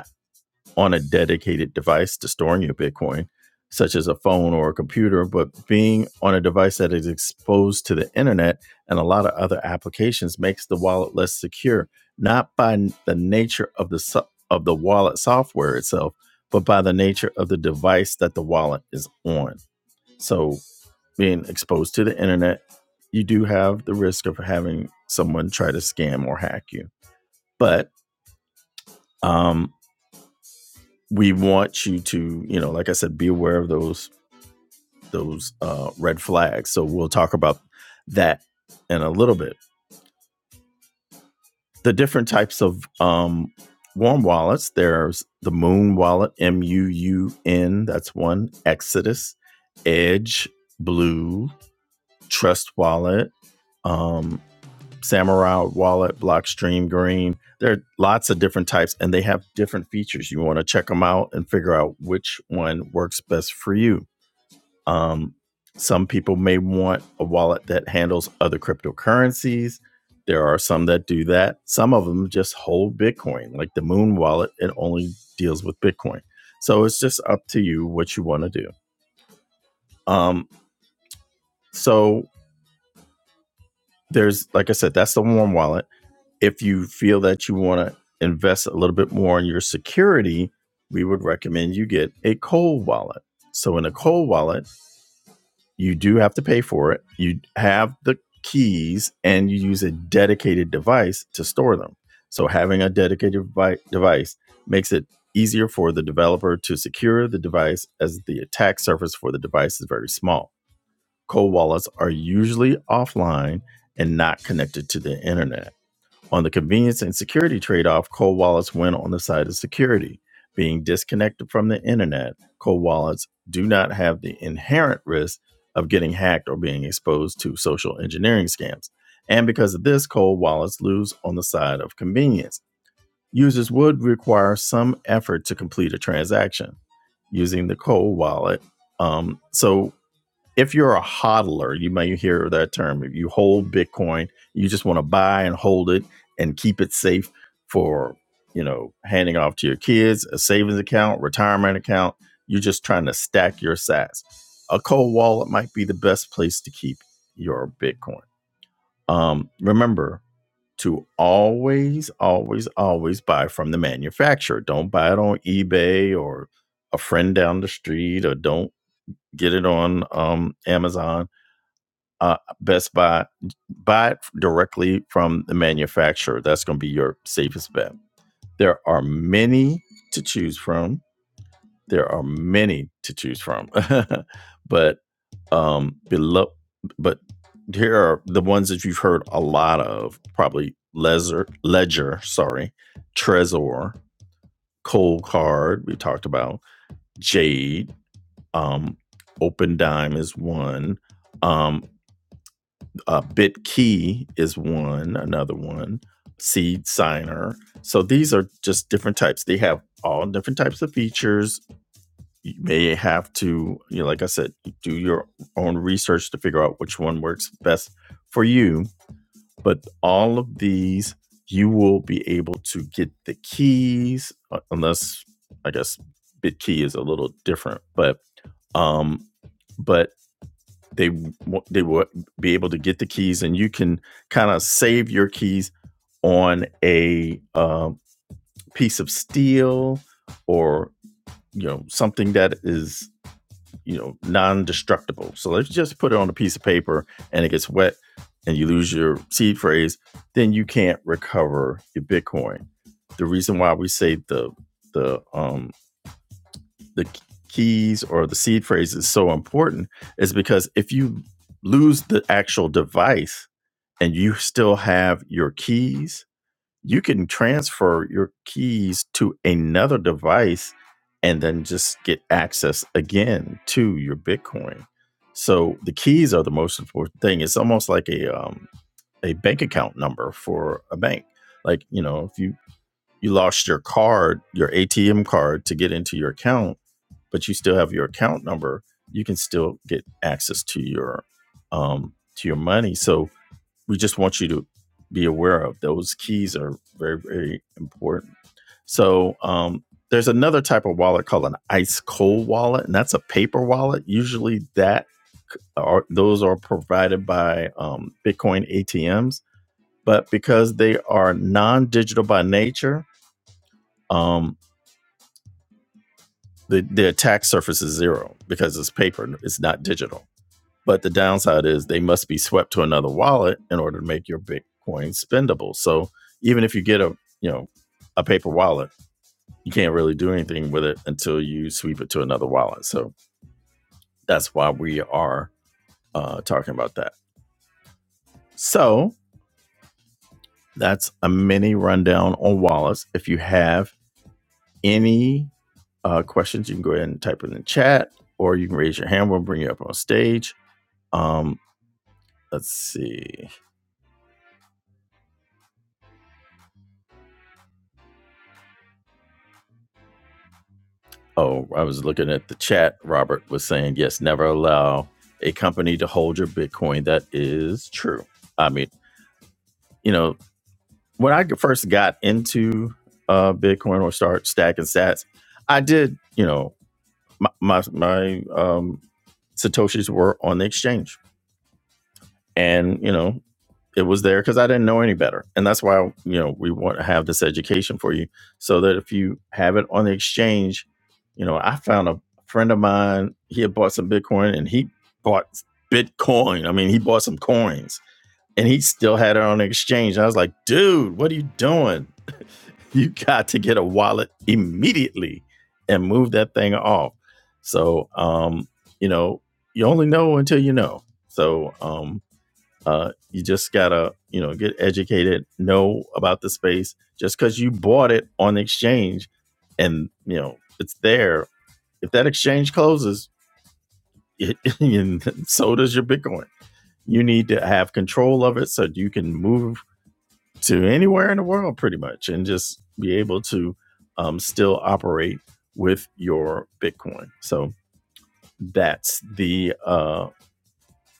A: on a dedicated device to storing your Bitcoin, such as a phone or a computer, but being on a device that is exposed to the internet and a lot of other applications makes the wallet less secure, not by the nature of the so- of the wallet software itself, but by the nature of the device that the wallet is on. So, being exposed to the internet, you do have the risk of having someone try to scam or hack you. But um, we want you to you know like i said be aware of those those uh, red flags so we'll talk about that in a little bit the different types of um, warm wallets there's the moon wallet m-u-u-n that's one exodus edge blue trust wallet um, samurai wallet blockstream green there are lots of different types and they have different features you want to check them out and figure out which one works best for you Um, some people may want a wallet that handles other cryptocurrencies. There are some that do that. Some of them just hold Bitcoin, like the Moon wallet, it only deals with Bitcoin. So it's just up to you what you want to do. Um, so there's, like I said, that's the warm wallet. If you feel that you want to invest a little bit more in your security, we would recommend you get a cold wallet. So in a cold wallet, You do have to pay for it. You have the keys and you use a dedicated device to store them. So, having a dedicated device makes it easier for the developer to secure the device as the attack surface for the device is very small. Cold wallets are usually offline and not connected to the internet. On the convenience and security trade off, cold wallets win on the side of security. Being disconnected from the internet, cold wallets do not have the inherent risk of getting hacked or being exposed to social engineering scams. And because of this, cold wallets lose on the side of convenience. Users would require some effort to complete a transaction using the cold wallet. Um, so if you're a hodler, you may hear that term. If you hold Bitcoin, you just want to buy and hold it and keep it safe for, you know, handing off to your kids, a savings account, retirement account. You're just trying to stack your sats. A cold wallet might be the best place to keep your Bitcoin. Um, remember to always, always, always buy from the manufacturer. Don't buy it on eBay or a friend down the street, or don't get it on um, Amazon uh, Best Buy, buy it directly from the manufacturer. That's going to be your safest bet. There are many to choose from. There are many to choose from, (laughs) but um, below, but here are the ones that you've heard a lot of. Probably Ledger, Ledger, sorry, Trezor, Cold Card. We talked about Jade. Um, Open Dime is one. Um, uh, Bit key is one, another one, Seed Signer. So these are just different types. They have all different types of features. You may have to, you know, like I said, do your own research to figure out which one works best for you. But all of these, you will be able to get the keys, uh, unless I guess BitKey is a little different, but um, but they they will be able to get the keys, and you can kind of save your keys on a uh, piece of steel or you know something that is you know non-destructible. So let's just put it on a piece of paper, and it gets wet, and you lose your seed phrase. Then you can't recover your Bitcoin. The reason why we say the the um, the keys or the seed phrase is so important is because if you lose the actual device and you still have your keys, you can transfer your keys to another device and then just get access again to your Bitcoin. So the keys are the most important thing. It's almost like a um, a bank account number for a bank. Like you know, if you you lost your card, your ATM card to get into your account, but you still have your account number, you can still get access to your um, to your money. So we just want you to be aware of those keys are very very important. So um, there's another type of wallet called an ice cold wallet, and that's a paper wallet. Usually that are those are provided by um, Bitcoin ATMs, but because they are non-digital by nature, um, the, the attack surface is zero because it's paper, it's not digital. But the downside is they must be swept to another wallet in order to make your Bitcoin spendable. So even if you get a you know a paper wallet, you can't really do anything with it until you sweep it to another wallet. So that's why we are uh, talking about that. So that's a mini rundown on wallets. If you have any uh, questions, you can go ahead and type it in the chat, or you can raise your hand. We'll bring you up on stage. Um, let's see. Oh, I was looking at the chat. Robert was saying, yes, never allow a company to hold your Bitcoin. That is true. I mean, you know, when I first got into uh, Bitcoin or start stacking sats, I did, you know, my my, my um, Satoshis were on the exchange and you know it was there because i didn't know any better and that's why you know we want to have this education for you so that if you have it on the exchange you know i found a friend of mine he had bought some bitcoin and he bought bitcoin i mean he bought some coins and he still had it on the exchange And i was like dude what are you doing you got to get a wallet immediately and move that thing off so um you know you only know until you know so um uh, you just gotta, you know, get educated, know about the space. Just because you bought it on the exchange, and you know it's there, if that exchange closes, it, (laughs) and so does your Bitcoin. You need to have control of it so you can move to anywhere in the world, pretty much, and just be able to um, still operate with your Bitcoin. So that's the uh,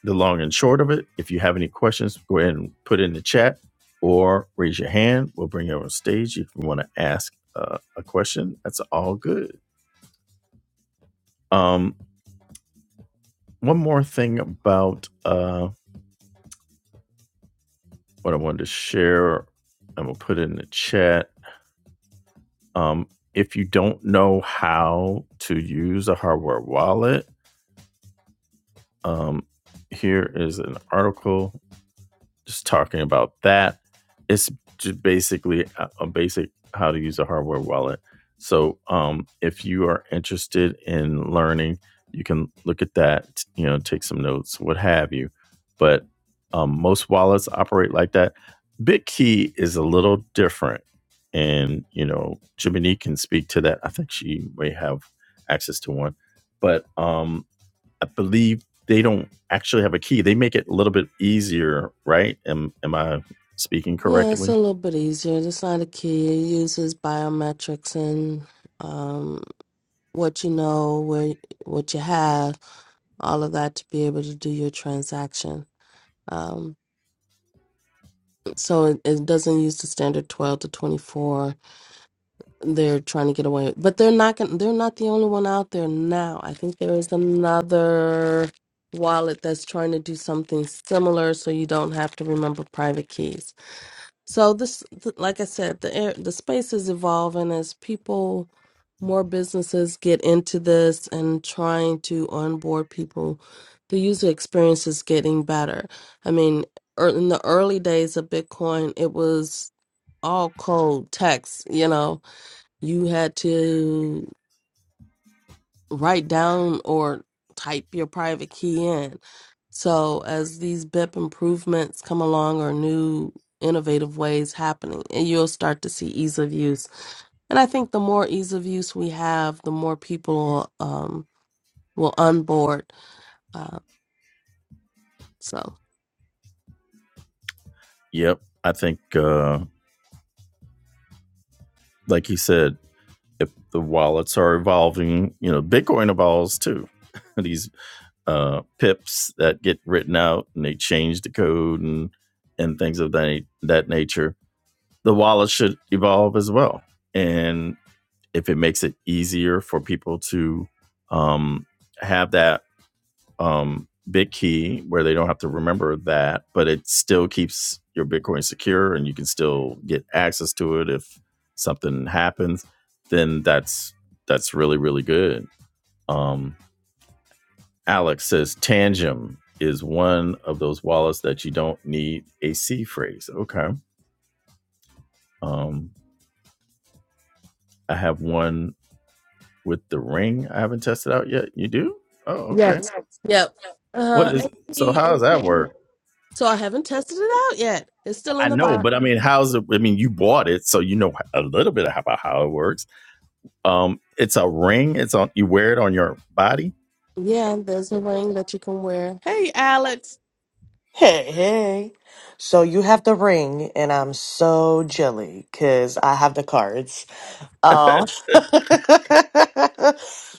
A: the long and short of it. If you have any questions, go ahead and put it in the chat or raise your hand. We'll bring you up on stage if you want to ask uh, a question. That's all good. Um, one more thing about uh, what I wanted to share, I'm gonna put it in the chat. Um, if you don't know how to use a hardware wallet, um, here is an article just talking about that. It's just basically a, a basic how to use a hardware wallet. So um, if you are interested in learning, you can look at that, you know, take some notes, what have you. But um, most wallets operate like that. BitKey is a little different. And, you know, Jiminy can speak to that. I think she may have access to one. But um, I believe they don't actually have a key. They make it a little bit easier, right? Am am I speaking
B: Yeah, it's
A: correctly?
B: a little bit easier. It's not a key. It uses biometrics and um, what you know, where what you have, all of that to be able to do your transaction. Um, so it, it doesn't use the standard twelve to twenty four. They're trying to get away, but they're not. Gonna, they're not the only one out there now. I think there is another wallet that's trying to do something similar, so you don't have to remember private keys. So this, th- like I said, the air- the space is evolving as people, more businesses get into this and trying to onboard people. The user experience is getting better. I mean, er, in the early days of Bitcoin, it was all cold text. You know, you had to write down or type your private key in. So as these BIP improvements come along or new innovative ways happening, and you'll start to see ease of use. And I think the more ease of use we have, the more people um, will onboard. Uh, so
A: Yep. I think uh like you said, if the wallets are evolving, you know, Bitcoin evolves too. (laughs) These uh, pips that get written out and they change the code and and things of that that nature. The wallet should evolve as well, and if it makes it easier for people to um, have that um, big key where they don't have to remember that, but it still keeps your Bitcoin secure and you can still get access to it if something happens, then that's that's really really good. Um, Alex says Tangem is one of those wallets that you don't need a C phrase. Okay. Um, I have one with the ring I haven't tested out yet. You do? Oh,
B: yes,
A: okay.
B: yep. Uh,
A: What is
B: AP,
A: so how does that
B: AP.
A: work?
B: So I haven't tested it out yet. It's still in
A: I
B: the
A: know,
B: box.
A: but I mean, how's it? I mean, you bought it, so you know a little bit about how it works. Um, it's a ring. It's on. You wear it on your body.
B: Yeah, there's a ring that you can wear. Hey, Alex.
C: Hey, hey. So you have the ring, and I'm so jelly because I have the cards. Um,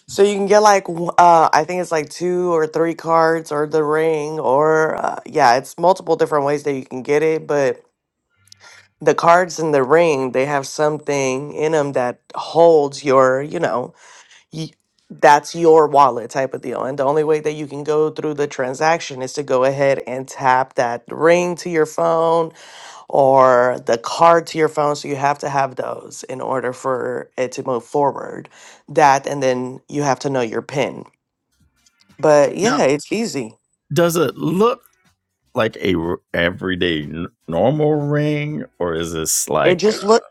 C: (laughs) so you can get like, w- uh, I think it's like two or three cards or the ring, or uh, yeah, it's multiple different ways that you can get it. But the cards and the ring, they have something in them that holds your, you know, y- that's your wallet type of deal. And the only way that you can go through the transaction is to go ahead and tap that ring to your phone or the card to your phone. So you have to have those in order for it to move forward. That, and then you have to know your PIN. But yeah,
A: Now,
C: it's easy.
A: does it look like a r- everyday n- normal ring, or is this
C: It
A: like,
C: just
A: uh,
C: look.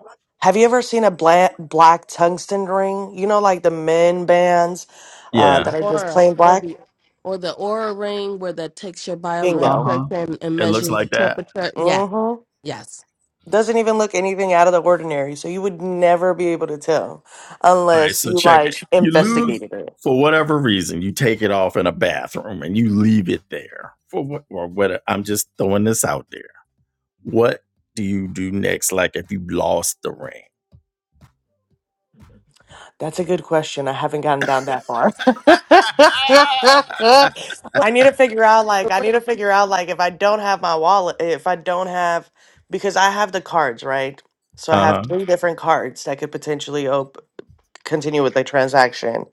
C: Have you ever seen a black black tungsten ring? You know, like the men bands
B: or
C: uh,
B: the
A: yeah?
C: that are just
B: aura
C: plain
B: or
C: black.
B: the or the aura ring where that takes your
A: Uh huh.
C: Bingo.
B: biometrics and, and
A: It looks
B: measures
A: like
B: your
A: that.
B: temperature. Yeah,
C: Mm-hmm.
B: yes.
C: doesn't even look anything out of the ordinary. So you would never be able to tell
A: All right,
C: unless
A: so
C: you
A: check
C: like
A: it. You lose
C: investigated it.
A: for whatever reason. You take it off in a bathroom and you leave it there for what or what? I'm just throwing this out there. What do you do next? Like if you lost the ring?
C: That's a good question. I haven't gotten down that far.
A: (laughs) uh
C: (laughs)
B: Well,
C: I need to figure out like I
B: but
C: need to figure out like if I don't have my wallet, if I don't have because I have the cards, right? So I have
A: huh.
C: three different cards that could potentially open. continue with the transaction.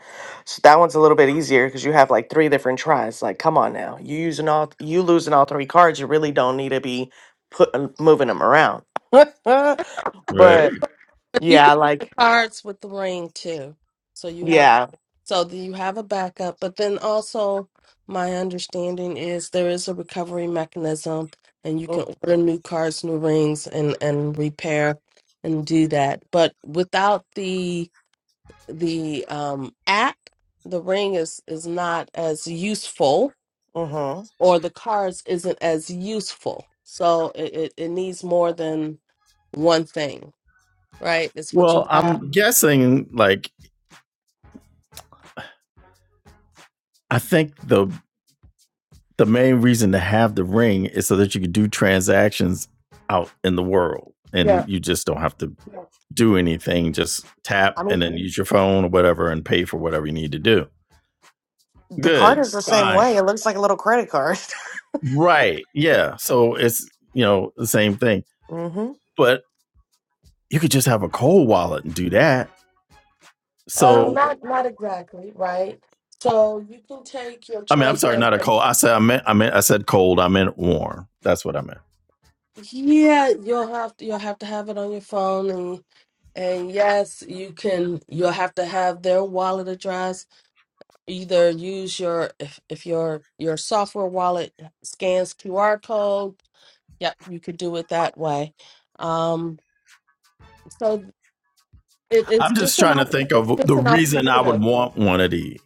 C: So that one's a little bit easier because you have like three different tries. Like, come on now, you using all you losing all three cards. You really don't need to be put uh, moving them around. (laughs) Uh,
A: Right.
C: but
B: you
C: yeah,
B: can get the
C: like
B: cards with the ring too. So you have
C: yeah.
B: so that you have a backup, but then also my understanding is there is a recovery mechanism and you can
C: mm,
B: order new cards, new rings and and repair and do that. But without the the um app, the ring is is not as useful
C: Mm-hmm.
B: or the cards isn't as useful. So it, it, it needs more than one thing, right? It's what you
A: Well,
B: have.
A: I'm guessing. Like I think the the main reason to have the ring is so that you can do transactions out in the world,
B: Yeah.
A: and you just don't have to do anything. Just tap
C: I
A: and
C: mean,
A: then use your phone or whatever and pay for whatever you need to do.
C: the card
A: Good.
C: is the same
A: Fine.
C: way. It looks like a little credit card.
A: Right. Yeah. So it's, you know, the same thing.
C: (laughs) mm-hmm.
A: But you could just have a cold wallet and do that.
B: Um,
A: So,
B: not not exactly, right? So you can take your
A: I mean, I'm sorry,
B: treasure.
A: not a cold. I said, I meant, I meant, I said cold. I meant warm. That's what I meant.
B: Yeah, you'll have to you'll have to have it on your phone and and yes, you can you'll have to have their wallet address. Either use your if if your your software wallet scans QR code, yep, you could do it that way. Um, so It, it's
A: I'm just
B: just an
A: trying to
B: al-
A: think
B: it's
A: of
B: just
A: the
B: an
A: reason I would
B: alternative
A: want one of these.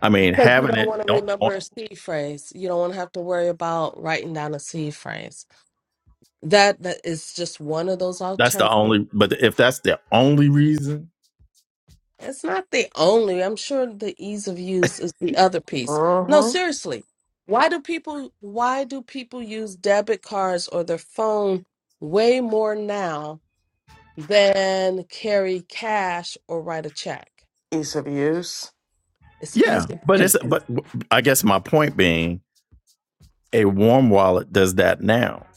A: I mean,
B: because you
A: having
B: don't
A: it,
B: want to
A: don't,
B: remember a
A: don't-
B: C phrase. You don't want to have to worry about writing down a C phrase. That that is just one of those
A: that's the
B: alternatives.
A: only, but if that's the only reason,
B: It's not the only. I'm sure the ease of use is the other piece. No,
C: Mm-hmm.
B: seriously. Why do people why do people use debit cards or their phone way more now than carry cash or write a check?
C: Ease of use.
B: It's
A: yeah.
B: easy
A: But
B: to
A: it's, but I guess my point being, a warm wallet does that now.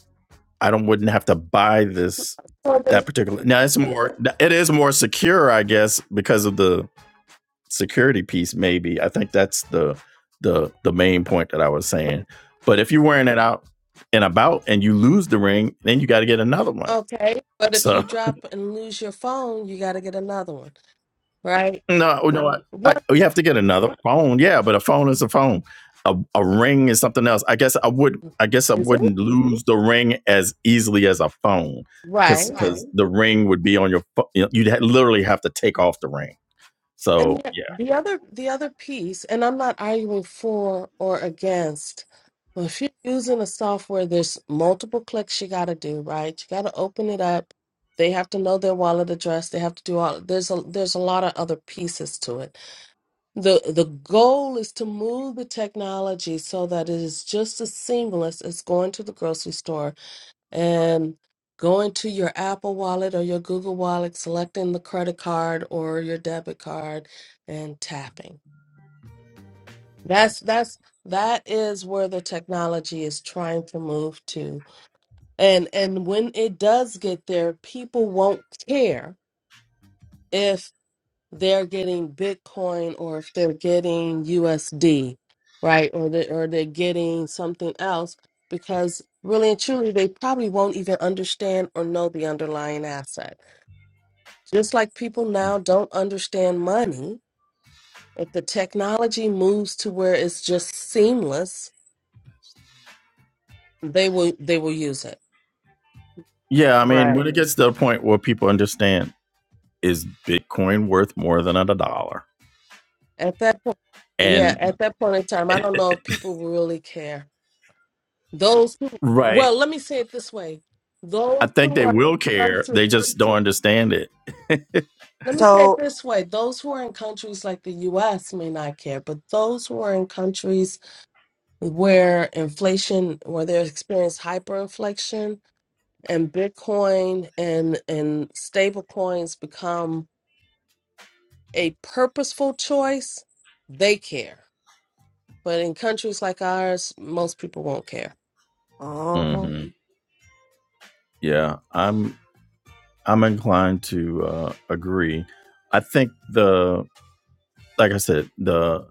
A: I don't, wouldn't have to buy this,
B: use.
A: that particular, now it's more, it is more secure, I guess, because of the security piece maybe i think that's the the the main point that i was saying but if you're wearing it out and about and you lose the ring then you got to get another one
B: Okay, but if you
A: so
B: drop and lose your phone, you got to get another one, right?
A: (laughs) no oh, no I, I,
B: What
A: we have to get another phone yeah but a phone is a phone a, a ring is something else i guess i would i guess i
B: is it?
A: wouldn't lose the ring as easily as a phone because
B: Right.
A: because Right. the ring would be on your you you'd ha- literally have to take off the ring
B: And
A: So
B: the
A: yeah,
B: the other the other piece, and I'm not arguing for or against. Well, if you're using a software, there's multiple clicks you got to do, right? You got to open it up. They have to know their wallet address. They have to do all. There's a there's a lot of other pieces to it. the The goal is to move the technology so that it is just as seamless as going to the grocery store and going to your Apple Wallet or your Google Wallet, selecting the credit card or your debit card and tapping. That's that's that is where the technology is trying to move to. And and when it does get there, people won't care if they're getting Bitcoin or if they're getting USD, right? Or they or they're getting something else because really and truly they probably won't even understand or know the underlying asset Just like people now don't understand money, if the technology moves to where it's just seamless, they will they will use it.
A: yeah. I mean, when
C: Right.
A: it gets to the point where people understand is Bitcoin worth more than a dollar,
B: At that point, yeah,
A: and
B: at that point in time, I don't know if people will really care. Those who,
A: right,
B: well, let me say it this way:
A: I
B: those
A: think
B: who
A: they
B: are
A: will
B: in
A: care. They
B: countries.
A: just don't understand it. (laughs)
B: Let me say it
C: So
B: this way: those who are in countries like the U.S. may not care, but those who are in countries where inflation, where they're experiencing hyperinflation, and Bitcoin and and stable coins become a purposeful choice, they care. But in countries like ours, most people won't care.
C: hmm
A: hmm Yeah, I'm I'm inclined to uh, agree. I think the like I said the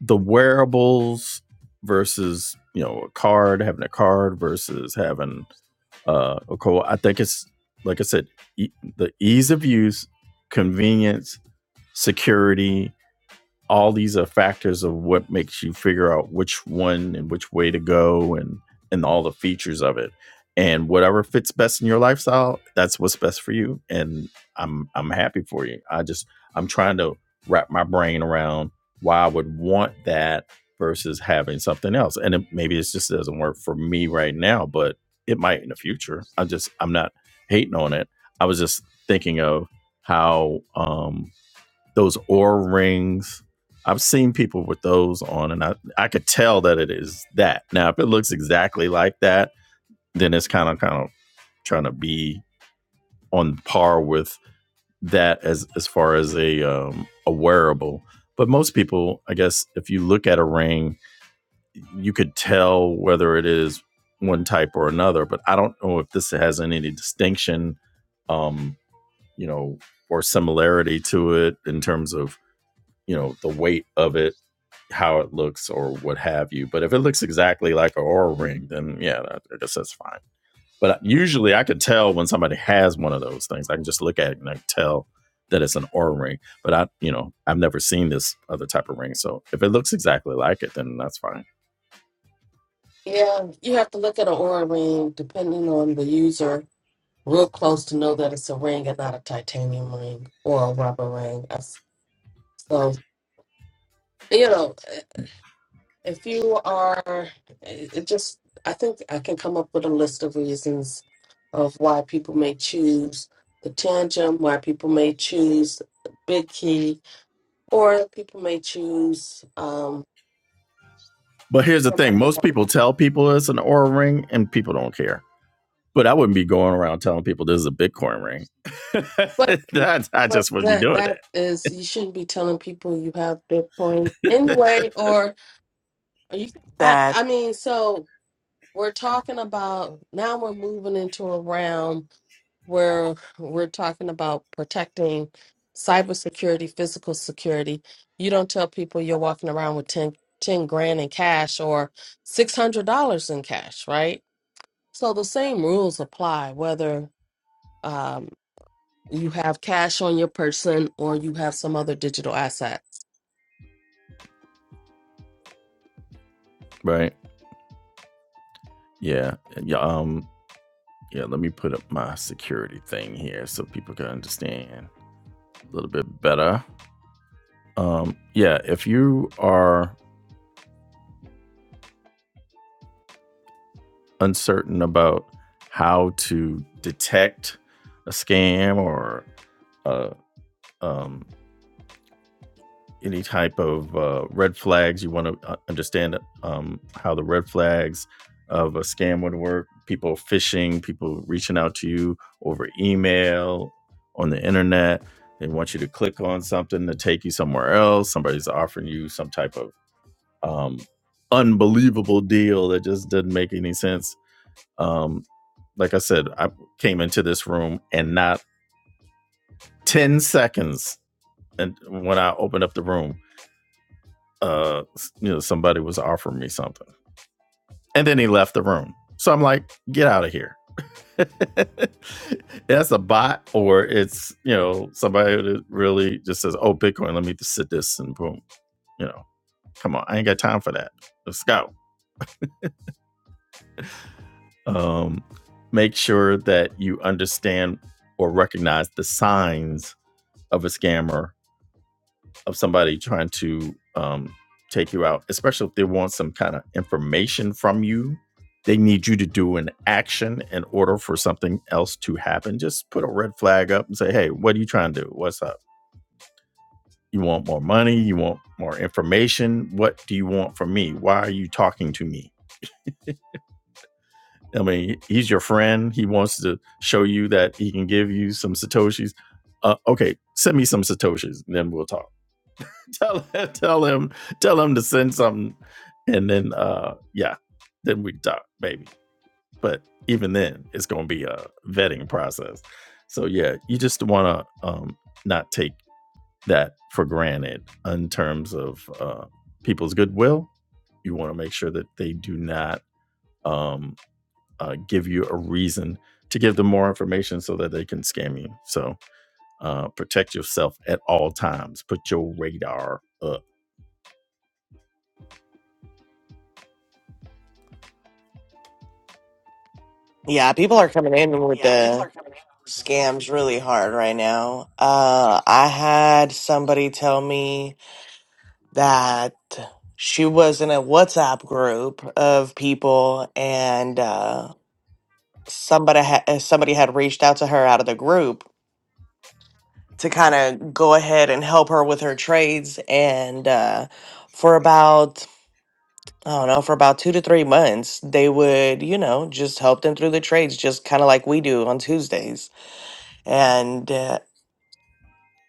A: the wearables versus you know a card having a card versus having uh, a co. I think it's like I said e- the ease of use, convenience, security all these are factors of what makes you figure out which one and which way to go and and all the features of it and whatever fits best in your lifestyle that's what's best for you and i'm i'm happy for you i just i'm trying to wrap my brain around why i would want that versus having something else and it, maybe it just doesn't work for me right now but it might in the future i am just i'm not hating on it i was just thinking of how um those aura rings. I've seen people with those on, and I I could tell that it is that. Now, if it looks exactly like that, then it's kind of kind of trying to be on par with that as as far as a um, a wearable. But most people, I guess, if you look at a ring, you could tell whether it is one type or another. But I don't know if this has any distinction, um, you know, or similarity to it in terms of you know the weight of it how it looks or what have you but if it looks exactly like an aura ring then yeah i guess that's fine but uh, usually i can tell when somebody has one of those things i can just look at it and i can tell that it's an aura ring but i you know i've never seen this other type of ring so if it looks exactly like it then that's fine
B: Yeah, you have to look at an aura ring depending on the user real close to know that it's a ring and not a titanium ring or a rubber ring. That's- So, you know, If you are, it it just, I think I can come up with a list of reasons of why people may choose the tantrum, why people may choose big key, or people may choose um,
A: but here's the
B: some
A: thing
B: other
A: most
B: one.
A: people tell people it's an aura ring and people don't care but i wouldn't be going around telling people this is a bitcoin ring (laughs)
B: But
A: that i
B: but
A: just wouldn't be
B: that
A: doing
B: that
A: that
B: is, you shouldn't be telling people you have Bitcoin anyway, or you. I,
C: that
B: I mean, so we're talking about now. We're moving into a realm. where we're talking about protecting cybersecurity, physical security. You don't tell people you're walking around with 10 10 grand in cash or $600 in cash, right? So the same rules apply whether um, you have cash on your person or you have some other digital assets.
A: right yeah. Yeah. Um, Yeah, let me put up my security thing here so people can understand a little bit better. Um, yeah, if you are uncertain about how to detect a scam or a um, any type of uh, red flags. You want to understand um, how the red flags of a scam would work. People phishing, people reaching out to you over email, on the internet. They want you to click on something to take you somewhere else. Somebody's offering you some type of um, unbelievable deal that just doesn't make any sense. Um, like I said, I came into this room and not 10 seconds and when I opened up the room, uh you know somebody was offering me something and then he left the room so i'm like get out of here (laughs) that's a bot or it's you know somebody that really just says oh bitcoin let me just sit this and boom you know come on i ain't got time for that let's go um make sure that you understand or recognize the signs of a scammer of somebody trying to um, take you out, especially if they want some kind of information from you. They need you to do an action in order for something else to happen. Just put a red flag up and say, hey, what are you trying to do? What's up? You want more money? You want more information? What do you want from me? Why are you talking to me? I mean, he's your friend. He wants to show you that he can give you some Satoshis. Uh, okay, send me some Satoshis, and then we'll talk (laughs) tell him, tell him, tell him to send something, and then uh, yeah, then we talk, baby. But even then, it's gonna be a vetting process. So yeah, you just wanna um not take that for granted in terms of uh, people's goodwill. You want to make sure that they do not um uh, give you a reason to give them more information so that they can scam you. So uh, protect yourself at all times. Put your radar up
C: yeah, people are coming in with the scams really hard right now. Uh, I had somebody tell me that she was in a WhatsApp group of people, and uh, somebody had somebody had reached out to her out of the group to kind of go ahead and help her with her trades, and uh, for about. I don't know, for about two to three months, they would, you know, just help them through the trades, just kind of like we do on Tuesdays. And uh,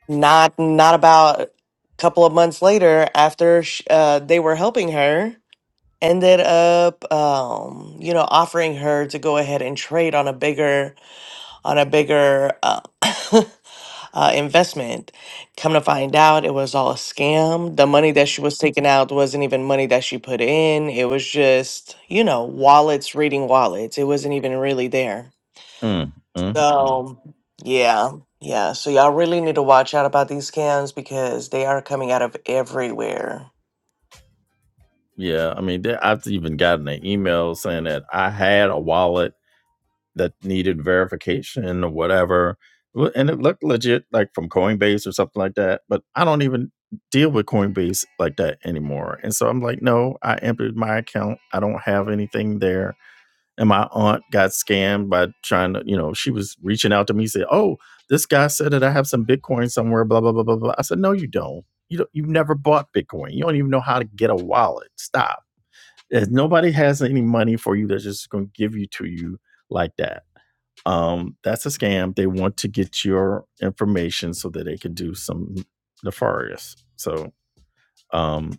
C: Not not about a couple of months later after sh uh, they were helping her, ended up um, you know offering her to go ahead and trade on a bigger on a bigger uh, (coughs) (laughs) uh, investment. Come to find out, it was all a scam. The money that she was taking out wasn't even money that she put in. It was just you know wallets reading wallets. It wasn't even really there.
A: Mm, mm, mm.
C: So, yeah, yeah. So y'all really need to watch out about these scams because they are coming out of everywhere.
A: Yeah, I mean, there, I've even gotten an email saying that I had a wallet that needed verification or whatever, Wh- and it looked legit, like from Coinbase or something like that. But I don't even deal with Coinbase like that anymore, and so I'm like, no, I emptied my account. I don't have anything there. and my aunt got scammed by trying to, you know, she was reaching out to me, said, "Oh, this guy said that I have some Bitcoin somewhere." Blah blah blah blah blah. I said, "No, you don't. You don't, you've never bought Bitcoin. You don't even know how to get a wallet. Stop. If nobody has any money for you. They're just going to give you to you like that. Um, that's a scam. They want to get your information so that they can do some nefarious. So, um,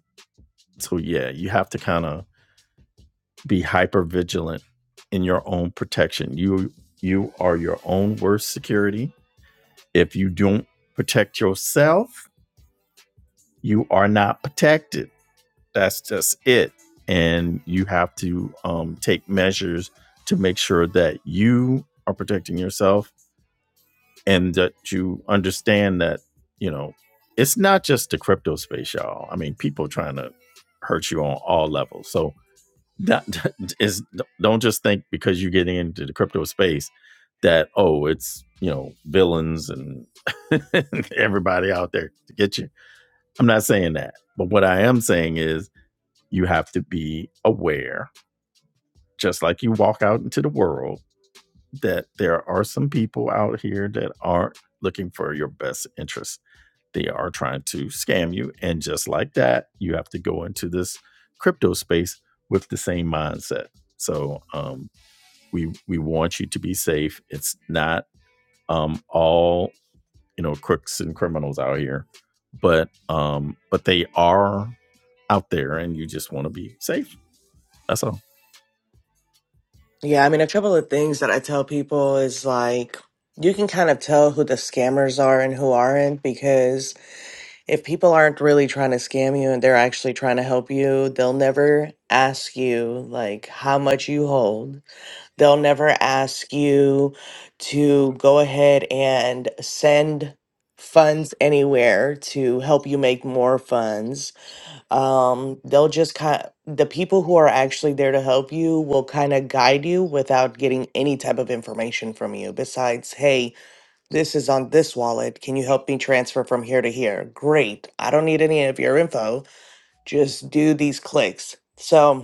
A: so yeah, you have to kind of be hyper vigilant in your own protection. You you are your own worst security. If you don't protect yourself, you are not protected. That's just it. And you have to um, take measures to make sure that you are protecting yourself and that you understand that, you know, it's not just the crypto space, y'all. I mean, people are trying to hurt you on all levels. So that (laughs) is don't just think because you're getting into the crypto space that oh it's you know villains and (laughs) everybody out there to get you i'm not saying that but what i am saying is you have to be aware just like you walk out into the world that there are some people out here that aren't looking for your best interest they are trying to scam you and just like that you have to go into this crypto space with the same mindset so um we we want you to be safe. It's not um, all you know crooks and criminals out here, but um, but they are out there, and you just want to be safe. That's all.
C: Yeah, I mean, a couple of things that I tell people is like you can kind of tell who the scammers are and who aren't because if people aren't really trying to scam you and they're actually trying to help you, they'll never ask you like how much you hold They'll never ask you to go ahead and send funds anywhere to help you make more funds. Um, they'll just kind the people who are actually there to help you will kind of guide you without getting any type of information from you besides, hey, this is on this wallet. Can you help me transfer from here to here? Great. I don't need any of your info. Just do these clicks. So,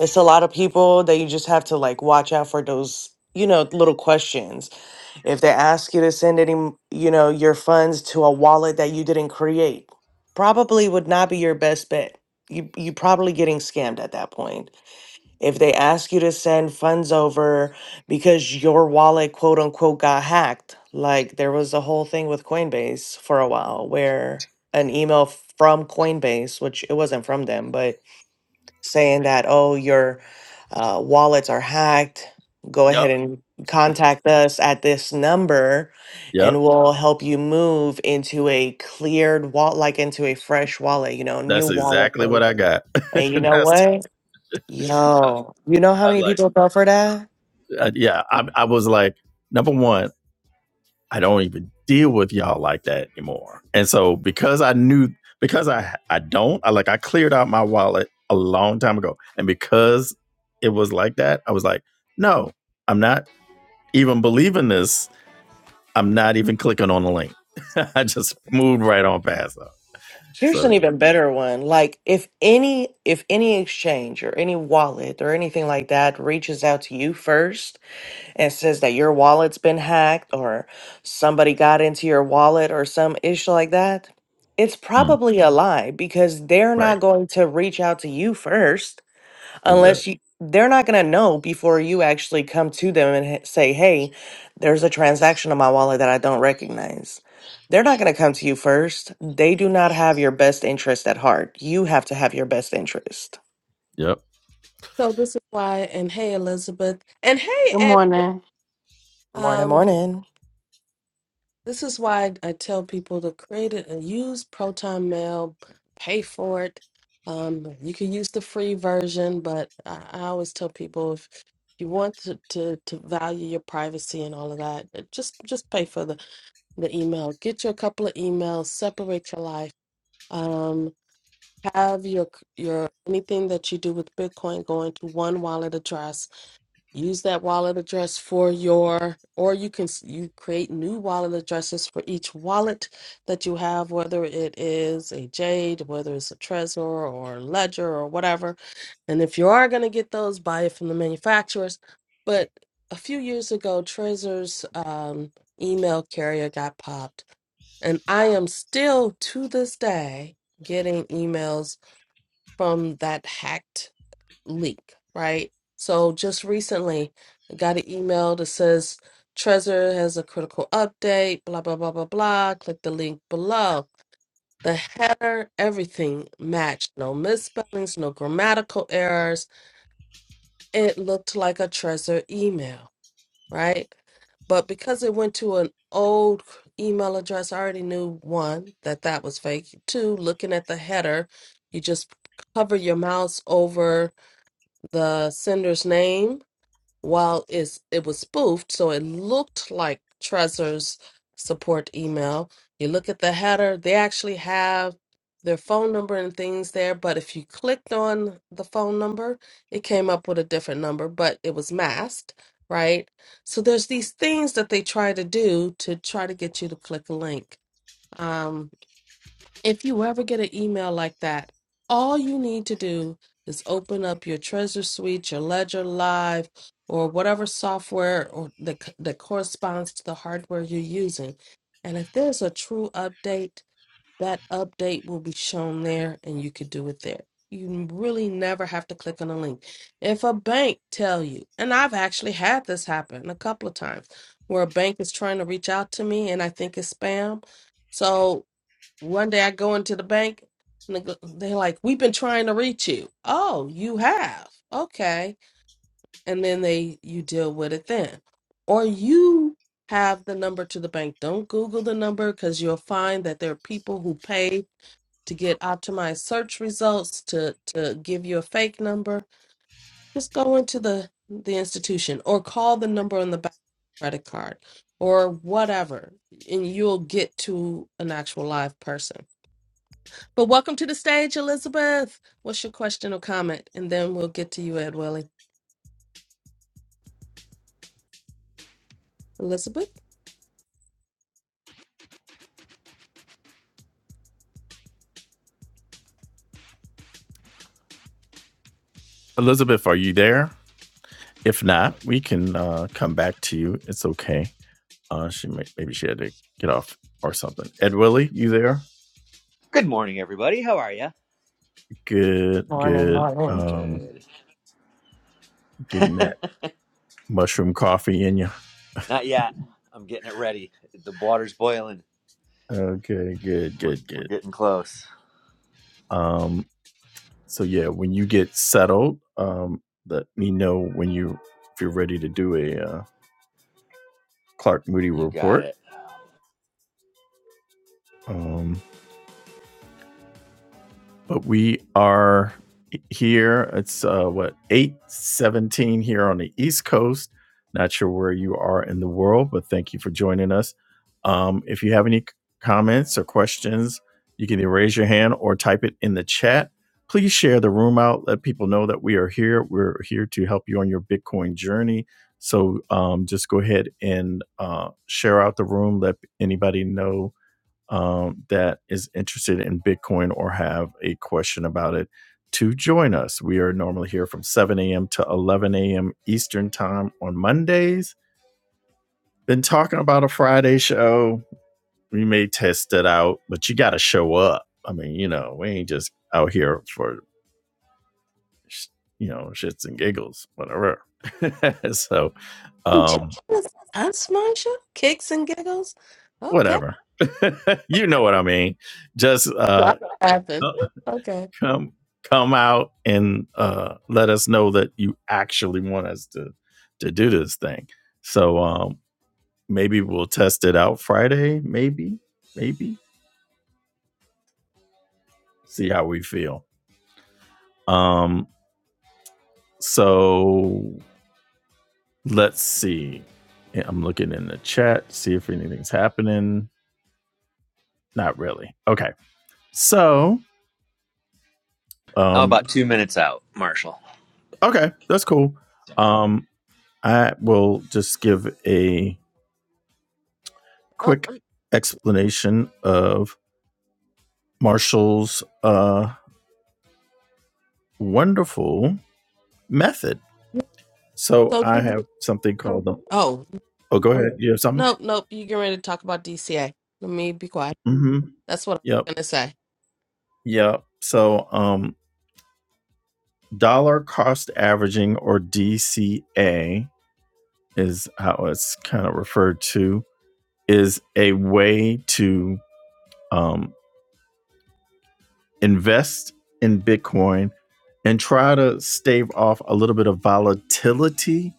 C: it's a lot of people that you just have to like watch out for those you know little questions if they ask you to send any m- you know your funds to a wallet that you didn't create probably would not be your best bet you you probably getting scammed at that point if they ask you to send funds over because your wallet quote unquote got hacked like there was a whole thing with coinbase for a while where an email from coinbase which it wasn't from them but saying that, oh, your uh, wallets are hacked. Go
A: Yep.
C: ahead and contact us at this number
A: Yep.
C: and we'll help you move into a cleared wallet, like into a fresh wallet, you know, new
A: That's
C: wallet.
A: exactly what
C: And
A: I got. (laughs)
C: and you know
A: That's
C: what?
A: I was
C: Yo, you know how many
A: like,
C: people fell for that?
A: Uh, yeah, I, I was like, number one, I don't even deal with y'all like that anymore. And so because I knew, because I I don't, I like I cleared out my wallet a long time ago, and because it was like that, I was like, no, I'm not even believing this. I'm not even clicking on the link. (laughs) I just moved right on past though.
C: Here's
A: So
C: an
A: yeah,
C: even better one. Like if any if any exchange or any wallet or anything like that reaches out to you first and says that your wallet's been hacked or somebody got into your wallet or some issue like that, it's
A: Mm,
C: probably a lie because they're
A: right,
C: not going to reach out to you first
A: exactly.
C: unless you they're not going to know before you actually come to them and h- say hey there's a transaction on my wallet that i don't recognize they're not going to come to you first they do not have your best interest at heart you have to have your best interest
A: Yep,
B: So this is why, and hey, Elizabeth, and hey,
D: Good
B: Edward.
D: morning.
C: morning
B: um,
C: morning
B: This is why I, tell people to create it and use Proton Mail, pay for it. Um, you can use the free version, but I, I always tell people if you want to, to, to value your privacy and all of that, uh, just just pay for the, the email. Get you a couple of emails, separate your life. Um, have your your anything that you do with Bitcoin go into one wallet address use that wallet address for your or you can s- you create new wallet addresses for each wallet that you have whether it is a jade whether it's a trezor or ledger or whatever and if you are going to get those buy it from the manufacturers but a few years ago trezor's um, email carrier got popped and i am still to this day getting emails from that hacked leak, right? So just recently, I got an email that says Trezor has a critical update, blah, blah, blah, blah, blah. Click the link below. The header, everything matched. No misspellings, no grammatical errors. It looked like a Trezor email, right? But because it went to an old email address, I already knew one, that that was fake. Two, looking at the header, you just hover your mouse over the sender's name while it's, it was spoofed, so it looked like Trezor's support email. You look at the header, they actually have their phone number and things there, but if you clicked on the phone number, it came up with a different number, but it was masked, right? So there's these things that they try to do to try to get you to click a link. Um, if you ever get an email like that, all you need to do is open up your Treasure Suite, your Ledger Live, or whatever software or that, c- that corresponds to the hardware you're using. And if there's a true update, that update will be shown there and you could do it there. You really never have to click on a link. If a bank tell you, and I've actually had this happen a couple of times, where a bank is trying to reach out to me and I think it's spam. So one day I go into the bank and they go- they're like, "We've been trying to reach you." Oh, you have. Okay. And then they you deal with it then. Or you have the number to the bank. Don't Google the number cuz you'll find that there are people who pay to get optimized search results to to give you a fake number. Just go into the the institution or call the number on the back credit card or whatever and you'll get to an actual live person but welcome to the stage, Elizabeth. What's your question or comment? And then we'll get to you, Ed Welly. Elizabeth?
A: Elizabeth, are you there? If not, we can uh, come back to you. It's okay. Uh, she may, maybe she had to get off or something. Ed Willie, you there?
E: Good morning, everybody. How are you?
A: Good,
C: morning
A: good.
C: morning
A: Um,
E: Good. (laughs)
A: getting that mushroom coffee in you.
E: Not yet. I'm getting it ready. The water's boiling.
A: Okay, good,
E: We're,
A: good,
E: we're
A: good.
E: getting close.
A: Um, so yeah, when you get settled, um, let me know when you if you're ready to do a uh, Clark Moody
E: You got
A: report.
E: it.
A: Um, but we are here. It's uh, what eight seventeen here on the East Coast. Not sure where you are in the world, but thank you for joining us. Um, if you have any comments or questions, you can either raise your hand or type it in the chat. Please share the room out. Let people know that we are here. We're here to help you on your Bitcoin journey. So um, just go ahead and uh, share out the room. Let anybody know um, that is interested in Bitcoin or have a question about it to join us. We are normally here from 7 a.m. to 11 a.m. Eastern Time on Mondays. Been talking about a Friday show. We may test it out, but you got to show up. I mean, you know, we ain't just out here for, you know, shits and giggles, whatever. (laughs) so, um,
B: Just us, Marsha? Kicks and giggles? Okay.
A: whatever. (laughs) you know what I mean. Just uh,
B: I'm laughing. Okay.
A: come come out and uh, let us know that you actually want us to to do this thing. So um, maybe we'll test it out Friday. Maybe, maybe see how we feel. Um, so let's see. Yeah, I'm looking in the chat, see if anything's happening. Not really. Okay. So
E: I'm about
A: um,
E: two minutes out, Marshall.
A: okay, that's cool. Um, I will just give a
B: Oh,
A: quick explanation of Marshall's uh, wonderful method. So
B: so
A: I
B: did
A: have
B: we-
A: something called the.
B: Oh,
A: Oh, go ahead. You have something?
B: nope, nope. You get ready to talk about DCA. Let me be quiet.
A: Mm-hmm.
B: That's what
A: Yep.
B: I'm going to say.
A: Yep. So um, dollar cost averaging or DCA is how it's kind of referred to is a way to um, invest in Bitcoin and try to stave off a little bit of volatility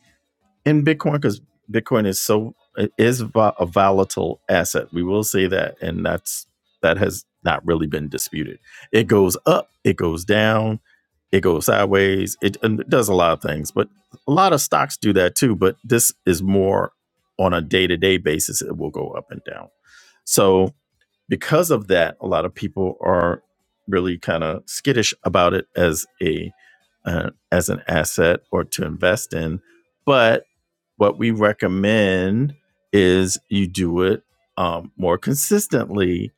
A: in Bitcoin because Bitcoin is so it is a volatile asset. We will say that, and that's that has not really been disputed. It goes up, it goes down, it goes sideways. It, it does a lot of things, but a lot of stocks do that too. But this is more on a day to day basis. It will go up and down. So because of that, a lot of people are really kind of skittish about it as a uh, as an asset or to invest in. But what we recommend is you do it um, more consistently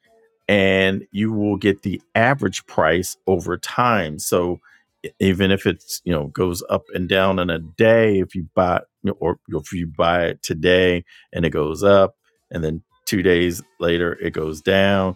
A: and you will get the average price over time. So e- even if it's you know goes up and down in a day, if you buy or if you buy it today and it goes up, and then two days later it goes down,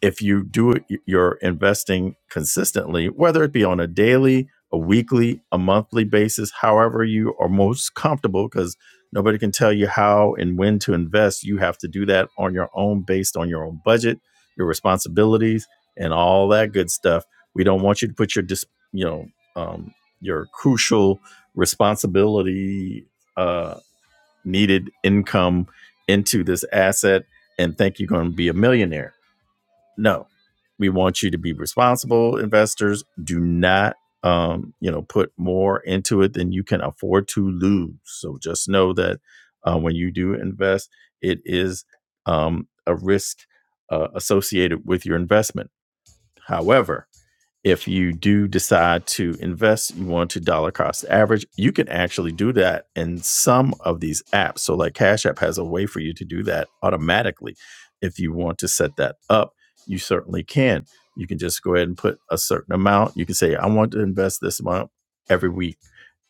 A: if you do it, you're investing consistently, whether it be on a daily, a weekly, a monthly basis, however you are most comfortable, because nobody can tell you how and when to invest. You have to do that on your own, based on your own budget, your responsibilities, and all that good stuff. We don't want you to put your, dis, you know, um, your crucial responsibility uh, needed income into this asset and think you're going to be a millionaire no we want you to be responsible investors do not um, you know put more into it than you can afford to lose so just know that uh, when you do invest it is um, a risk uh, associated with your investment however if you do decide to invest, you want to dollar cost average, you can actually do that in some of these apps. So, like Cash App has a way for you to do that automatically. If you want to set that up, you certainly can. You can just go ahead and put a certain amount. You can say, I want to invest this amount every week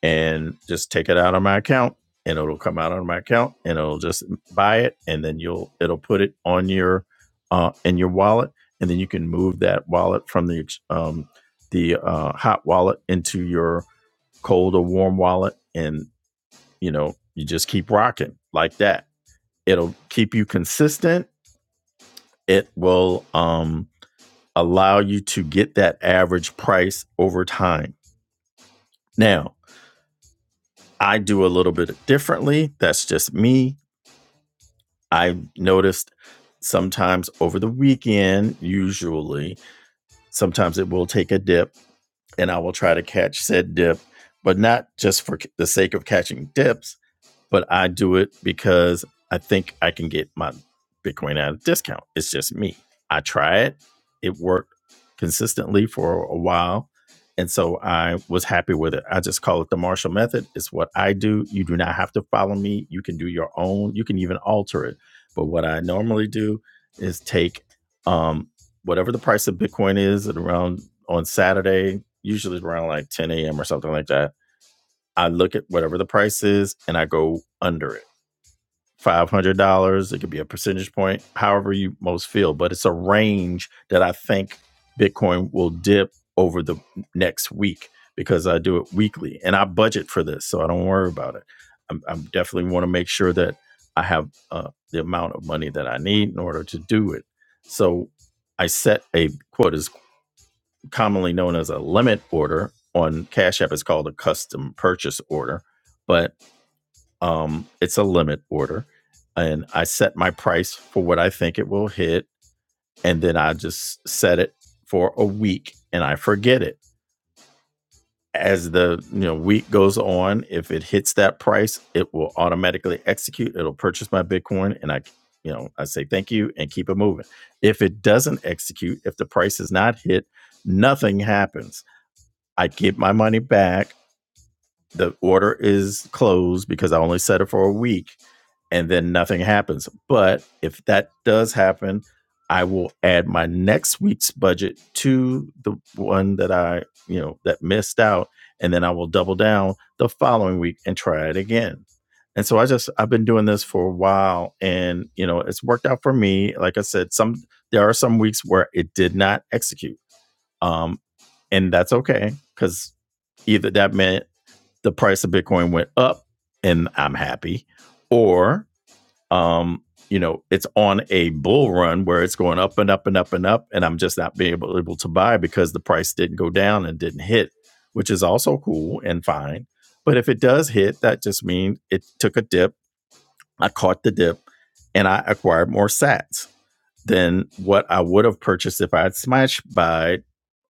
A: and just take it out of my account and it'll come out of my account and it'll just buy it and then you'll it'll put it on your uh in your wallet and then you can move that wallet from the um the uh hot wallet into your cold or warm wallet and you know you just keep rocking like that it'll keep you consistent it will um allow you to get that average price over time now I do a little bit differently. That's just me. I've noticed sometimes over the weekend, usually, sometimes it will take a dip and I will try to catch said dip, but not just for c- the sake of catching dips, but I do it because I think I can get my Bitcoin at a discount. It's just me. I try it. It worked consistently for a while. And so I was happy with it. I just call it the Marshall method. It's what I do. You do not have to follow me. You can do your own. You can even alter it. But what I normally do is take um, whatever the price of Bitcoin is at around on Saturday, usually around like 10 a.m. or something like that I look at whatever the price is and I go under it. $500, it could be a percentage point, however you most feel, but it's a range that I think Bitcoin will dip over the next week because I do it weekly and I budget for this, so I don't worry about it. I'm, I'm definitely want to make sure that I have uh, the amount of money that I need in order to do it. So I set a quote is commonly known as a limit order on Cash App. It's called a custom purchase order, but um, it's a limit order, and I set my price for what I think it will hit, and then I just set it for a week, and I forget it. As the you know week goes on, if it hits that price, it will automatically execute. It'll purchase my Bitcoin, and I you know I say thank you and keep it moving. If it doesn't execute, if the price is not hit, nothing happens. I get my money back the order is closed because I only set it for a week and then nothing happens. But if that does happen, I will add my next week's budget to the one that I, you know, that missed out. And then I will double down the following week and try it again. And so I just, I've been doing this for a while and, you know, it's worked out for me. Like I said, some, there are some weeks where it did not execute. Um, and that's okay because either that meant the price of Bitcoin went up and I'm happy, or um, you know, it's on a bull run where it's going up and up and up and up, and I'm just not being able, able to buy because the price didn't go down and didn't hit, which is also cool and fine. But if it does hit, that just means it took a dip. I caught the dip and I acquired more sats than what I would have purchased if I had smash buy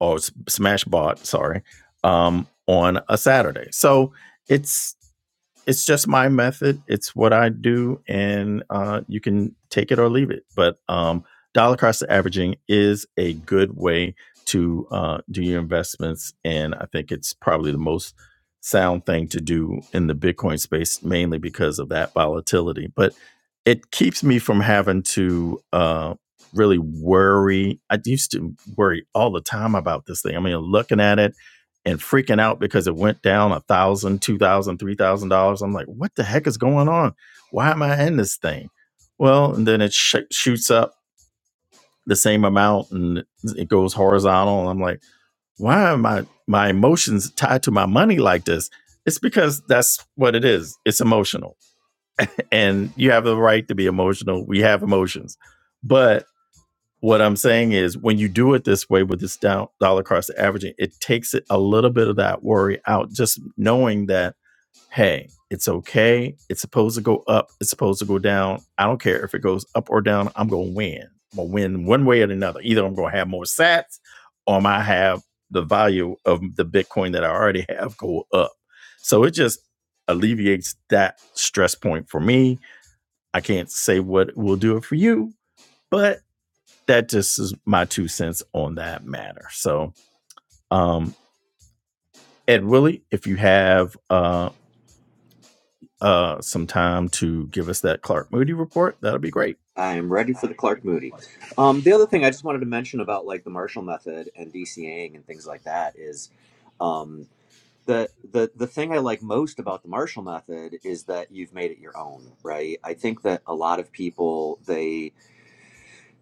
A: or smash bought, sorry, um, on a Saturday. So it's it's just my method. It's what I do, and uh, you can take it or leave it. But um, dollar cost averaging is a good way to uh, do your investments, and I think it's probably the most sound thing to do in the Bitcoin space, mainly because of that volatility. But it keeps me from having to uh, really worry. I used to worry all the time about this thing. I mean, looking at it and freaking out because it went down a thousand, two thousand, three thousand dollars. I'm like, what the heck is going on? Why am I in this thing? Well, and then it sh- shoots up the same amount and it goes horizontal. And I'm like, why are my my emotions tied to my money like this? It's because that's what it is. It's emotional, and you have the right to be emotional. We have emotions, but what I'm saying is, when you do it this way with this down, dollar cost averaging, it takes it a little bit of that worry out. Just knowing that, hey, it's okay. It's supposed to go up. It's supposed to go down. I don't care if it goes up or down. I'm gonna win. I'm gonna win one way or another. Either I'm gonna have more Sats, or I might have the value of the Bitcoin that I already have go up. So it just alleviates that stress point for me. I can't say what will do it for you, but that just is my two cents on that matter. So, um, Ed Willie, if you have uh, uh, some time to give us that Clark Moody report, that'll be great.
E: I am ready for the Clark Moody. Um, the other thing I just wanted to mention about like the Marshall method and DCAing and things like that is um, the the the thing I like most about the Marshall method is that you've made it your own, right? I think that a lot of people they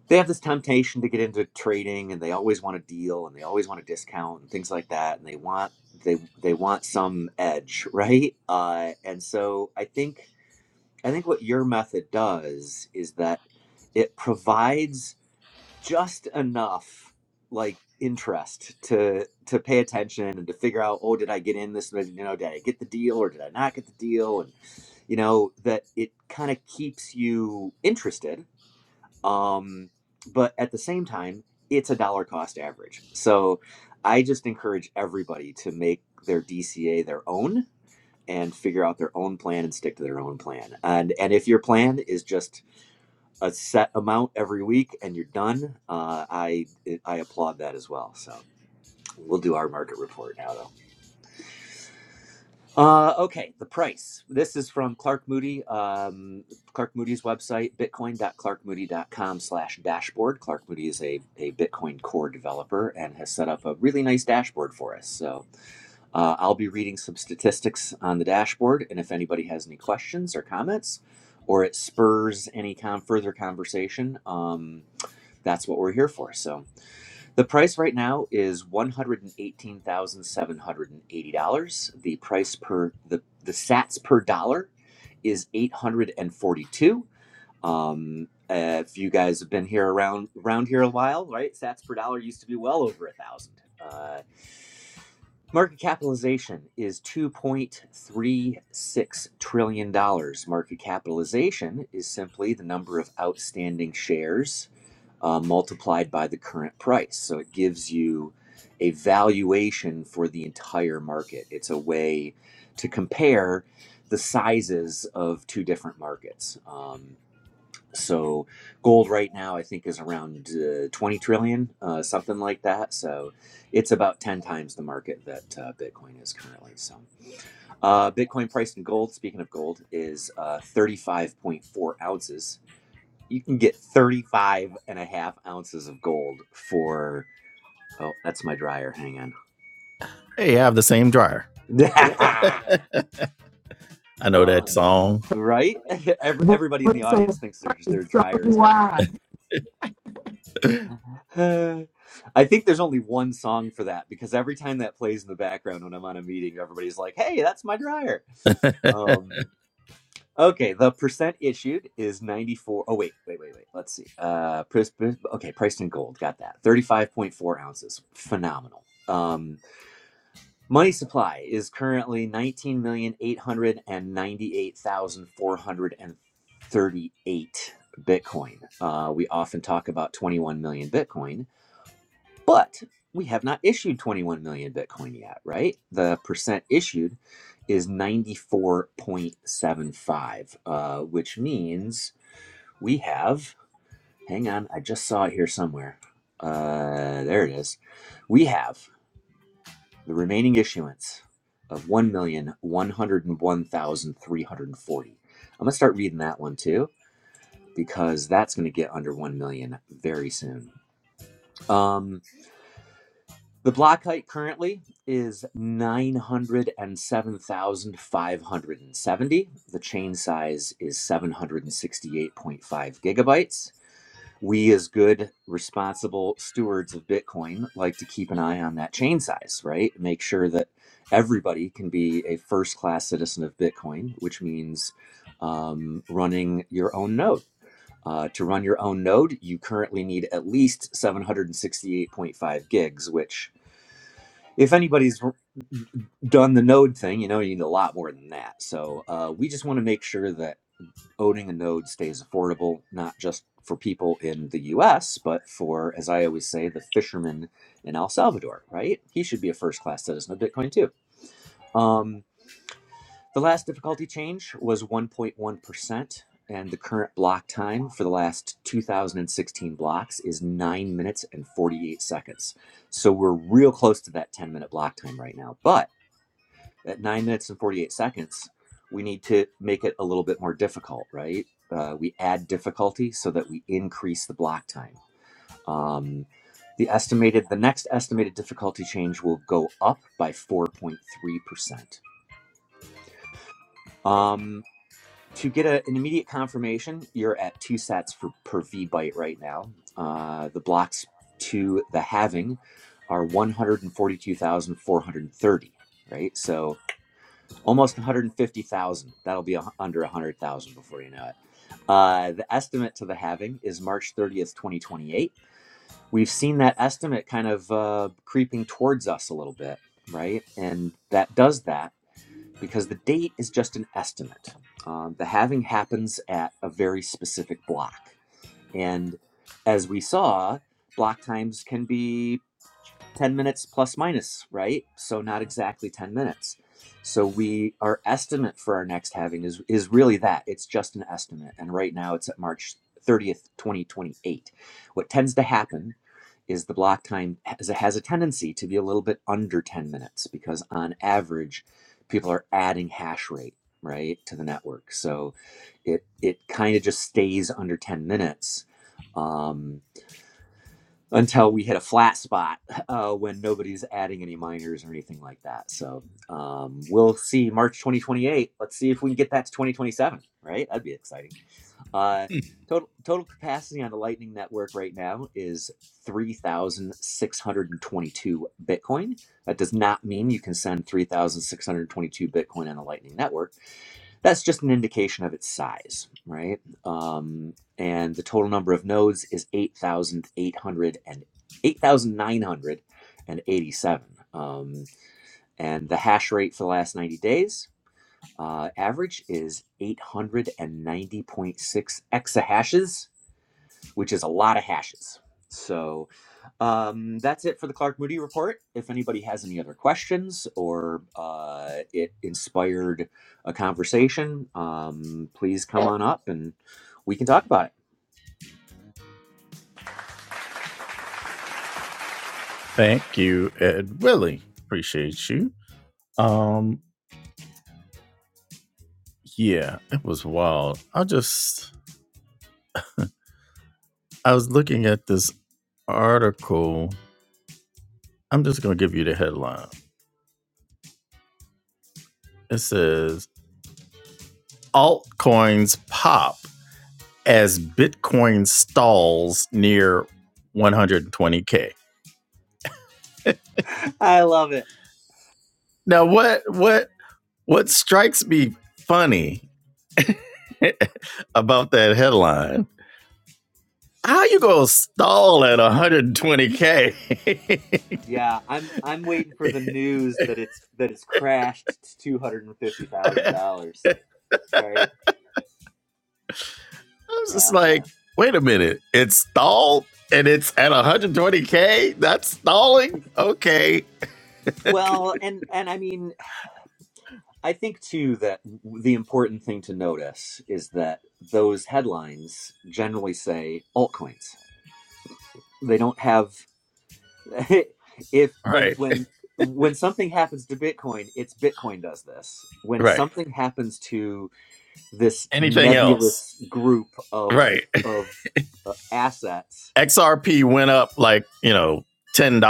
E: they have this temptation to get into trading and they always want a deal and they always want a discount and things like that and they want they they want some edge (laughs) right uh, and so i think i think what your method does is that it provides just enough like interest to to pay attention and to figure out oh did i get in this you know did i get the deal or did i not get the deal and you know that it kind of keeps you interested um, but at the same time, it's a dollar cost average. So I just encourage everybody to make their DCA their own and figure out their own plan and stick to their own plan. And and if your plan is just a set amount every week and you're done, uh, I I applaud that as well. So we'll do our market report now though. Uh, okay, the price. This is from Clark Moody, um, Clark Moody's website, bitcoin.clarkmoody.com slash dashboard. Clark Moody is a, a Bitcoin core developer and has set up a really nice dashboard for us. So uh, I'll be reading some statistics on the dashboard, and if anybody has any questions or comments, or it spurs any con- further conversation, um, that's what we're here for. So the price right now is one hundred and eighteen thousand seven hundred and eighty dollars. The price per the the Sats per dollar is eight hundred and forty two. Um, uh, if you guys have been here around around here a while, right? Sats per dollar used to be well over a thousand. Uh, market capitalization is two point three six trillion dollars. Market capitalization is simply the number of outstanding shares uh, multiplied by the current price. So it gives you a valuation for the entire market. It's a way to compare the sizes of two different markets. Um, so gold right now, I think, is around uh, 20 trillion, uh, something like that. So it's about 10 times the market that uh, Bitcoin is currently. So uh, Bitcoin price in gold, speaking of gold, is uh, 35.4 ounces you can get 35 and a half ounces of gold for oh that's my dryer hang
A: Hey, have the same dryer.
E: on (laughs)
A: I know that
E: um,
A: song.
E: right (laughs) Every, everybody in the
B: What's so
E: audience thinks their,
B: funny?
E: their
B: So
E: dryer is
B: do
E: done now
B: I.
A: (laughs)
E: Uh, (sighs) i think there's only one song for that because every time that plays in the background when i'm on a meeting everybody's like hey that's my dryer Um, Okay, the percent issued is 94. Oh, wait, wait, wait, wait. Let's see. Uh, pris- pris- okay, priced in gold. Got that. 35.4 ounces. Phenomenal. Um, money supply is currently 19,898,438 Bitcoin. Uh, we often talk about 21 million Bitcoin. But we have not issued 21 million Bitcoin yet, right? The percent issued is 94.75, uh, which means we have, hang on, I just saw it here somewhere. Uh, there it is. We have the remaining issuance of 1,101,340. I'm going to start reading that one too, because that's going to get under 1 million very soon. Um, The block height currently is 907,570. The chain size is 768.5 gigabytes. We, as good, responsible stewards of Bitcoin, like to keep an eye on that chain size, right? Make sure that everybody can be a first class citizen of Bitcoin, which means um, running your own node. Uh, to run your own node, you currently need at least 768.5 gigs, which if anybody's r- done the node thing, you know you need a lot more than that. So uh, we just want to make sure that owning a node stays affordable, not just for people in the U.S., but for, as I always say, the fisherman in El Salvador. Right? He should be a first-class citizen of Bitcoin too. Um, the last difficulty change was 1.1 percent. And the current block time for the last 2016 blocks is 9 minutes and 48 seconds. So we're real close to that 10 minute block time right now. But at nine minutes and 48 seconds, we need to make it a little bit more difficult, right? Uh, we add difficulty so that we increase the block time. Um, the estimated, the next estimated difficulty change will go up by 4.3%. Um, to get a, an immediate confirmation, you're at two sets for per V byte right now. Uh, the blocks to the halving are 142,430, right? So almost 150,000. That'll be a, under 100,000 before you know it. Uh, the estimate to the halving is March 30th, 2028. We've seen that estimate kind of uh, creeping towards us a little bit, right? And that does that because the date is just an estimate. Um, the halving happens at a very specific block. And as we saw, block times can be 10 minutes plus minus, right? So not exactly 10 minutes. So we our estimate for our next having is is really that. It's just an estimate and right now it's at March 30th, 2028. What tends to happen is the block time has, has a tendency to be a little bit under 10 minutes because on average people are adding hash rate, right, to the network. So it it kind of just stays under 10 minutes. Um, until we hit a flat spot uh, when nobody's adding any minors or anything like that. So um, we'll see March 2028. Let's see if we can get that to 2027, right? That'd be exciting. Uh, total, total capacity on the Lightning Network right now is 3,622 Bitcoin. That does not mean you can send 3,622 Bitcoin on the Lightning Network that's just an indication of its size, right? Um, and the total number of nodes is 8,800 and 8,987. Um, and the hash rate for the last 90 days uh, average is 890.6 exahashes which is a lot of hashes. So um, that's it for the Clark Moody report. If anybody has any other questions or uh, it inspired a conversation, um, please come on up and we can talk about
A: Thank you, Ed Willie. Appreciate you. Um, yeah, it was wild. I just I was looking at this article. I'm just gonna give you the headline. It says altcoins pop as Bitcoin stalls near 120k.
E: it. (laughs) I love it.
A: Now, what what what strikes me funny (laughs) about that headline? How you gonna stall at 120k?
E: Yeah, I'm I'm waiting for the news that it's that it's crashed to two hundred and fifty
A: (laughs)
E: thousand
A: was
E: dollars. Right?
A: just
E: Yeah.
A: like, wait a minute, it's stalled and it's at 120k. That's stalling. Okay,
E: Well, and and I mean I think too that the important thing to notice is that those headlines generally say altcoins. They don't have (laughs) if when
A: right,
E: when when something happens to Bitcoin, it's Bitcoin does this. When
A: right.
E: something happens to this
A: Anything else?
E: nebulous group of
A: Right.
E: of uh, assets,
A: XRP went up like, you know, $10.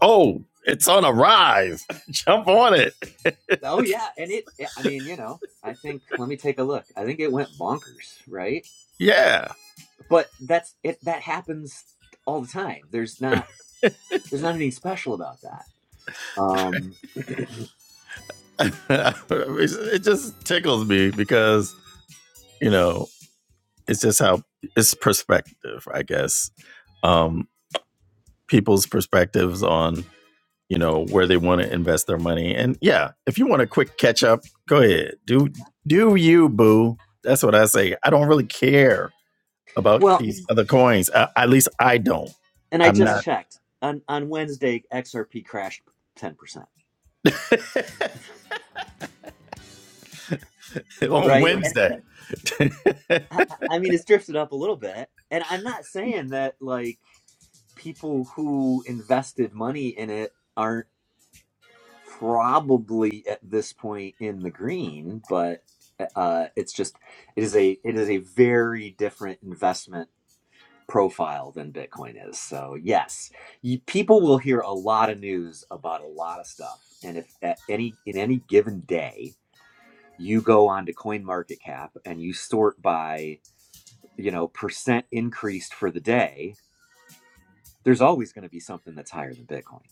A: Oh, it's on a rise. (laughs) Jump on it. (laughs)
E: oh yeah, and it yeah, I mean, you know, I think let me take a look. I think it went bonkers, right?
A: yeah.
E: But that's it that happens all the time. There's not There's not anything special about that. Um, (clears throat)
A: (laughs) it just tickles me because, you know, it's just how it's perspective, I guess. Um, people's perspectives on, you know, where they want to invest their money. And yeah, if you want a quick catch up, go ahead. Do do you, boo. That's what I say. I don't really care about
E: well,
A: these other coins. Uh, at least I don't.
E: and I
A: I'm
E: just
A: not
E: checked on on Wednesday, XRP crashed ten percent,
A: (laughs) on
E: right? And
A: Wednesday. (laughs)
E: I, I mean, it's drifted up a little bit. And I'm not saying that like people who invested money in it aren't probably at this point in the green, but uh, it's just it is a it is a very different investment profile than Bitcoin is. So yes, you, people will hear a lot of news about a lot of stuff. And if at any in any given day you go on to CoinMarketCap and you sort by you know percent increased for the day, there's always going to be something that's higher than Bitcoin,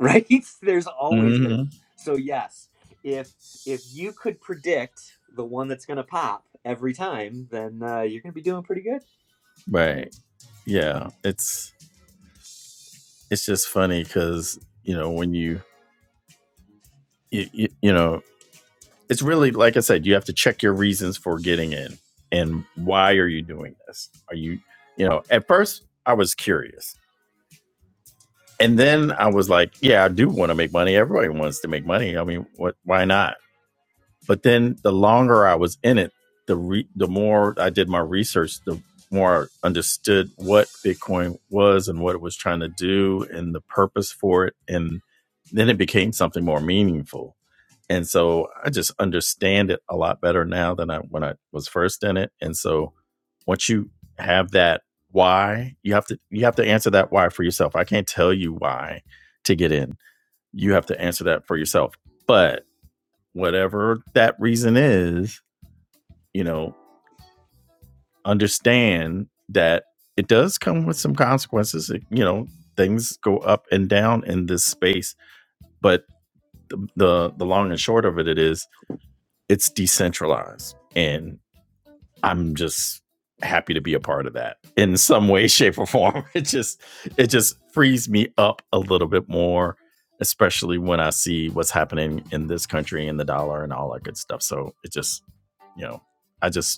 E: right? (laughs) there's always going to.
A: hmm
E: So yes, if if you could predict the one that's going to pop every time, then uh, you're going to be doing pretty good.
A: Right. Yeah. It's it's just funny because you know when you you, you you know it's really like I said, you have to check your reasons for getting in and why are you doing this? Are you, you know, at first I was curious. And then I was like, yeah, I do want to make money. Everybody wants to make money. I mean, what why not? But then the longer I was in it, the re- the more I did my research, the more I understood what Bitcoin was and what it was trying to do and the purpose for it and then it became something more meaningful and so I just understand it a lot better now than I when I was first in it. And so once you have that why, you have to you have to answer that why for yourself. I can't tell you why to get in. You have to answer that for yourself. But whatever that reason is, you know, understand that it does come with some consequences. It- you know, things go up and down in this space, but the the, the long and short of it, it is it's decentralized. And I'm just happy to be a part of that in some way, (laughs) shape, or form. It just it just frees me up a little bit more, especially when I see what's happening in this country and the dollar and all that good stuff. So it just, you know, I just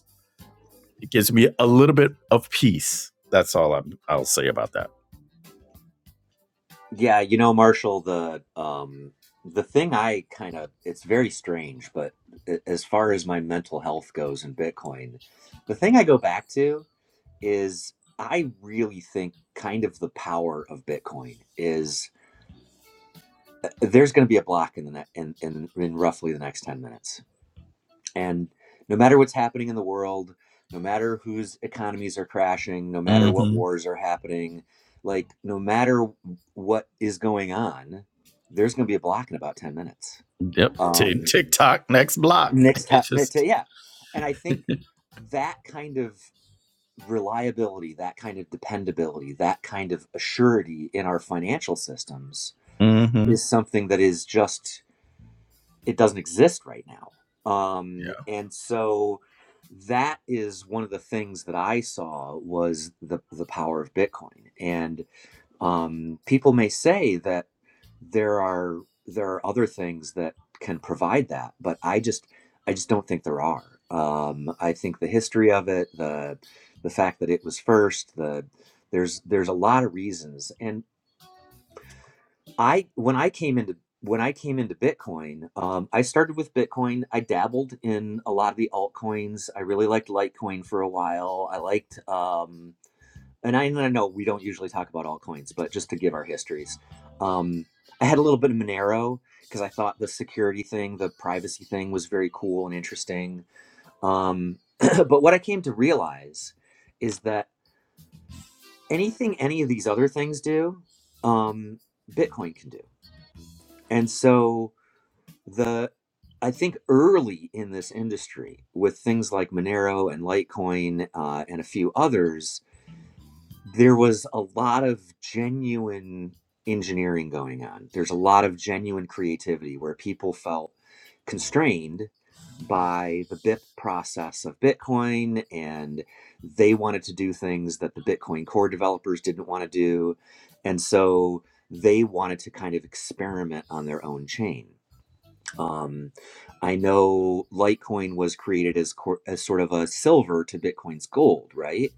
A: it gives me a little bit of peace. That's all I'm, I'll say about that.
E: Yeah, you know, Marshall, the um the thing I kind of it's very strange, but a- as far as my mental health goes in Bitcoin, the thing I go back to is I really think kind of the power of Bitcoin is uh, there's going to be a block in the ne- in, in in roughly the next 10 minutes and no matter what's happening in the world, no matter whose economies are crashing, no matter
A: mm
E: what
A: hmm
E: wars are happening, like no matter what is going on, there's going to be a block in about 10 minutes.
A: Yep. Tick,
E: Um,
A: tick tock, next block.
E: next
A: (laughs)
E: time,
A: It's just
E: yeah. And I think that kind of reliability, that
A: (laughs)
E: kind of dependability, that kind of assurity in our financial systems
A: hmm
E: is something that is just it doesn't exist right now.
A: Yeah.
E: Um, and so that is one of the things that I saw was the the power of Bitcoin. And um, people may say that there are there are other things that can provide that, but I just I just don't think there are. Um, I think the history of it, the the fact that it was first, the there's there's a lot of reasons, and. I when I came into when I came into Bitcoin, um, I started with Bitcoin. I dabbled in a lot of the altcoins. I really liked Litecoin for a while. I liked, um, and I, and I know we don't usually talk about altcoins, but just to give our histories, um, I had a little bit of Monero because I thought the security thing, the privacy thing, was very cool and interesting. Um, (clears throat) but what I came to realize is that anything any of these other things do, um, Bitcoin can do, and so. the I think early in this industry with things like Monero and Litecoin uh, and a few others, there was a lot of genuine engineering going on. There's a lot of genuine creativity where people felt constrained by the BIP process of Bitcoin and they wanted to do things that the Bitcoin core developers didn't want to do. And so they wanted to kind of experiment on their own chain um, I know Litecoin was created as, cor- as sort of a silver to Bitcoin's gold, right?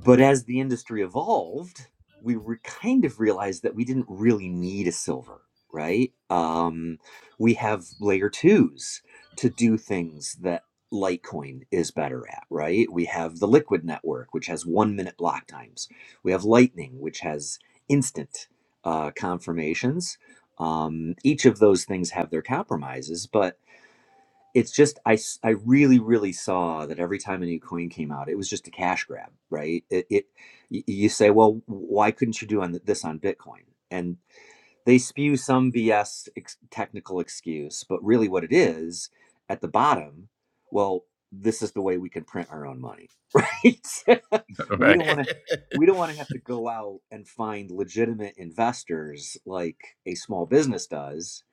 E: But as the industry evolved, we re- kind of realized that we didn't really need a silver, right? Um, we have layer twos to do things that Litecoin is better at, right? We have the Liquid network, which has one minute block times. We have Lightning, which has instant uh, confirmations. Um, each of those things have their compromises, but it's just I I really really saw that every time a new coin came out it was just a cash grab right it, it you say well why couldn't you do on this on bitcoin and they spew some bs ex- technical excuse but really what it is at the bottom well this is the way we can print our own money (laughs) right (laughs)
A: (laughs)
E: we don't
A: Right.
E: want
A: (laughs)
E: to we don't want to have to go out and find legitimate investors like a small business does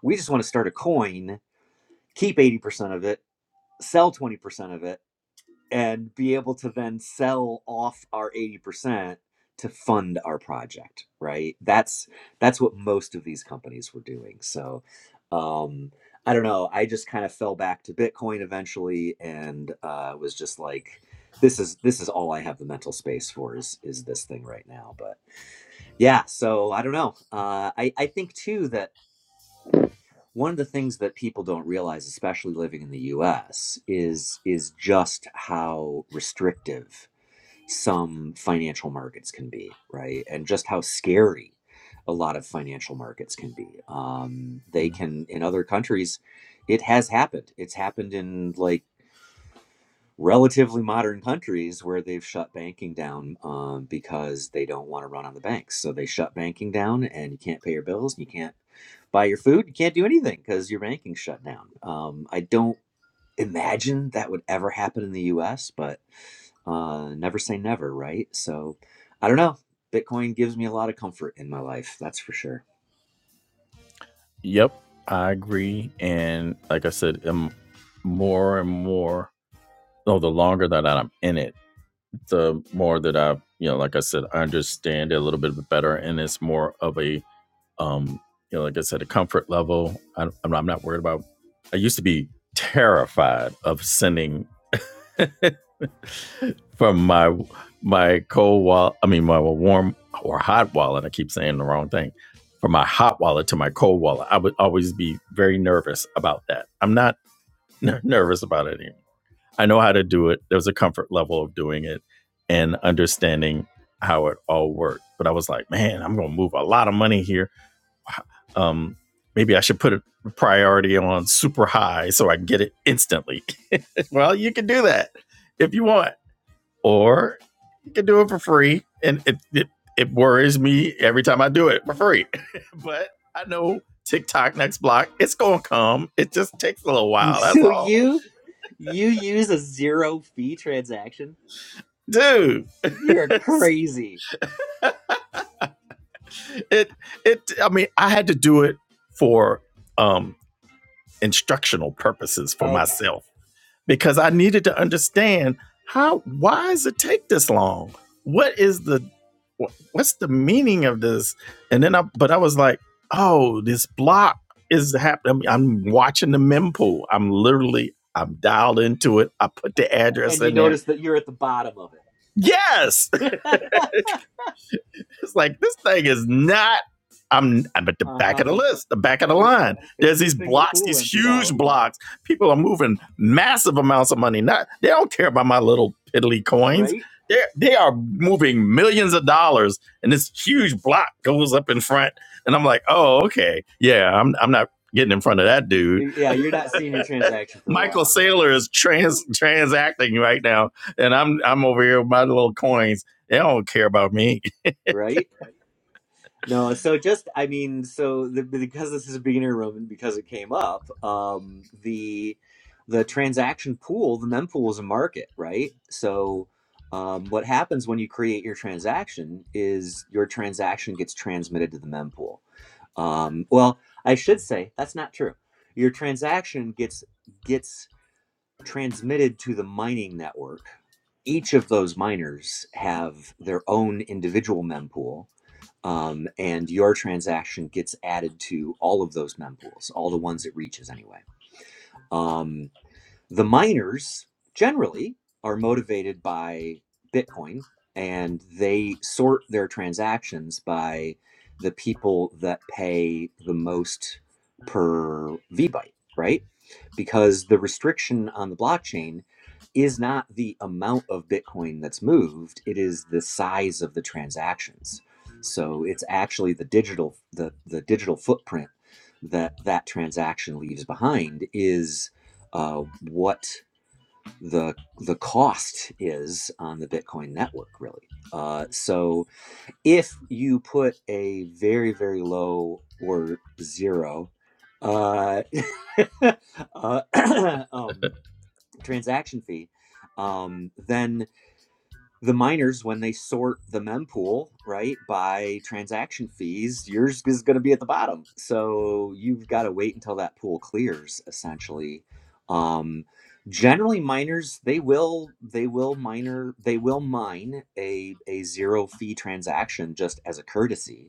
E: we just want to start a coin keep 80% of it sell 20% of it and be able to then sell off our 80% to fund our project right that's that's what most of these companies were doing so um i don't know i just kind of fell back to bitcoin eventually and uh was just like this is this is all i have the mental space for is is this thing right now but yeah so i don't know uh i i think too that one of the things that people don't realize, especially living in the U.S., is is just how restrictive some financial markets can be, right? And just how scary a lot of financial markets can be. Um, they can in other countries, it has happened. It's happened in like relatively modern countries where they've shut banking down um, because they don't want to run on the banks. So they shut banking down, and you can't pay your bills, you can't buy your food, you can't do anything because your banking's shut down. Um, I don't imagine that would ever happen in the U.S., but uh, never say never, right? So I don't know. Bitcoin gives me a lot of comfort in my life, that's for sure.
A: Yep, I agree. And like I said, um, more and more, oh, the longer that I'm in it, the more that I, you know, like I said, I understand it a little bit better, and it's more of a, um, you know, like I said, a comfort level. I, I'm, not- I'm not worried about. I used to be terrified of sending (laughs) from my my cold wallet. I mean, my warm or hot wallet. I keep saying the wrong thing. From my hot wallet to my cold wallet, I would always be very nervous about that. I'm not (laughs) ner- nervous about it anymore. I know how to do it. There was a comfort level of doing it and understanding how it all worked. But I was like, man, I'm going to move a lot of money here (laughs) Um, maybe I should put a priority on super high so I can get it instantly. (laughs) well, you can do that if you want, or you can do it for free. And it, it, it worries me every time I do it for free. (laughs) but I know TikTok next block, it's going to come. It just takes a little
E: (laughs)
A: while. That's
E: So
A: all.
E: you you use a zero fee transaction?
A: Dude. (laughs)
E: You're crazy.
A: it it I mean, I had to do it for um instructional purposes for
E: Okay.
A: myself because I needed to understand how why does it take this long? What is the what's the meaning of this? And then I but I was like, oh, this block is happening. I'm watching the mempool. I'm literally I'm dialed into it. I put the address
E: and you
A: in there.
E: notice that you're at the bottom of
A: Yes.
E: it. (laughs)
A: (laughs) It's like this thing is not. I'm I'm at the back
E: uh-huh.
A: of the list, the back of the
E: It's,
A: line.
E: it's
A: There's
E: a
A: these
E: good thing the
A: blocks, these
E: pool emptied
A: huge
E: out,
A: blocks. People are moving massive amounts of money. Not they don't care about my little piddly coins.
E: right?
A: They they are moving millions of dollars, and this huge block goes up in front. And I'm like, oh okay, yeah, I'm I'm not getting in front of that dude.
E: Yeah, you're not
A: (laughs)
E: seeing your transaction for a
A: Michael
E: while,
A: Saylor is trans transacting right now, and I'm I'm over here with my little coins. They don't care about me
E: right? No, so just I mean, so the, because this is a beginner room and because it came up, um, the the transaction pool, the mempool is a market, right? So um, what happens when you create your transaction is your transaction gets transmitted to the mempool. Um, well, I should say that's not true. Your transaction gets gets transmitted to the mining network. Each of those miners have their own individual mempool um, and your transaction gets added to all of those mempools, all the ones it reaches anyway. Um, the miners generally are motivated by Bitcoin and they sort their transactions by the people that pay the most per VByte, right? Because the restriction on the blockchain is not the amount of Bitcoin that's moved, it is the size of the transactions. So it's actually the digital the, the digital footprint that that transaction leaves behind is uh, what the the cost is on the Bitcoin network, really. Uh, so if you put a very very low or zero uh, (laughs) uh, (clears throat) um, transaction fee, um, then the miners when they sort the mempool right by transaction fees yours is going to be at the bottom so you've got to wait until that pool clears essentially um, generally miners they will they will miner they will mine a, a zero fee transaction just as a courtesy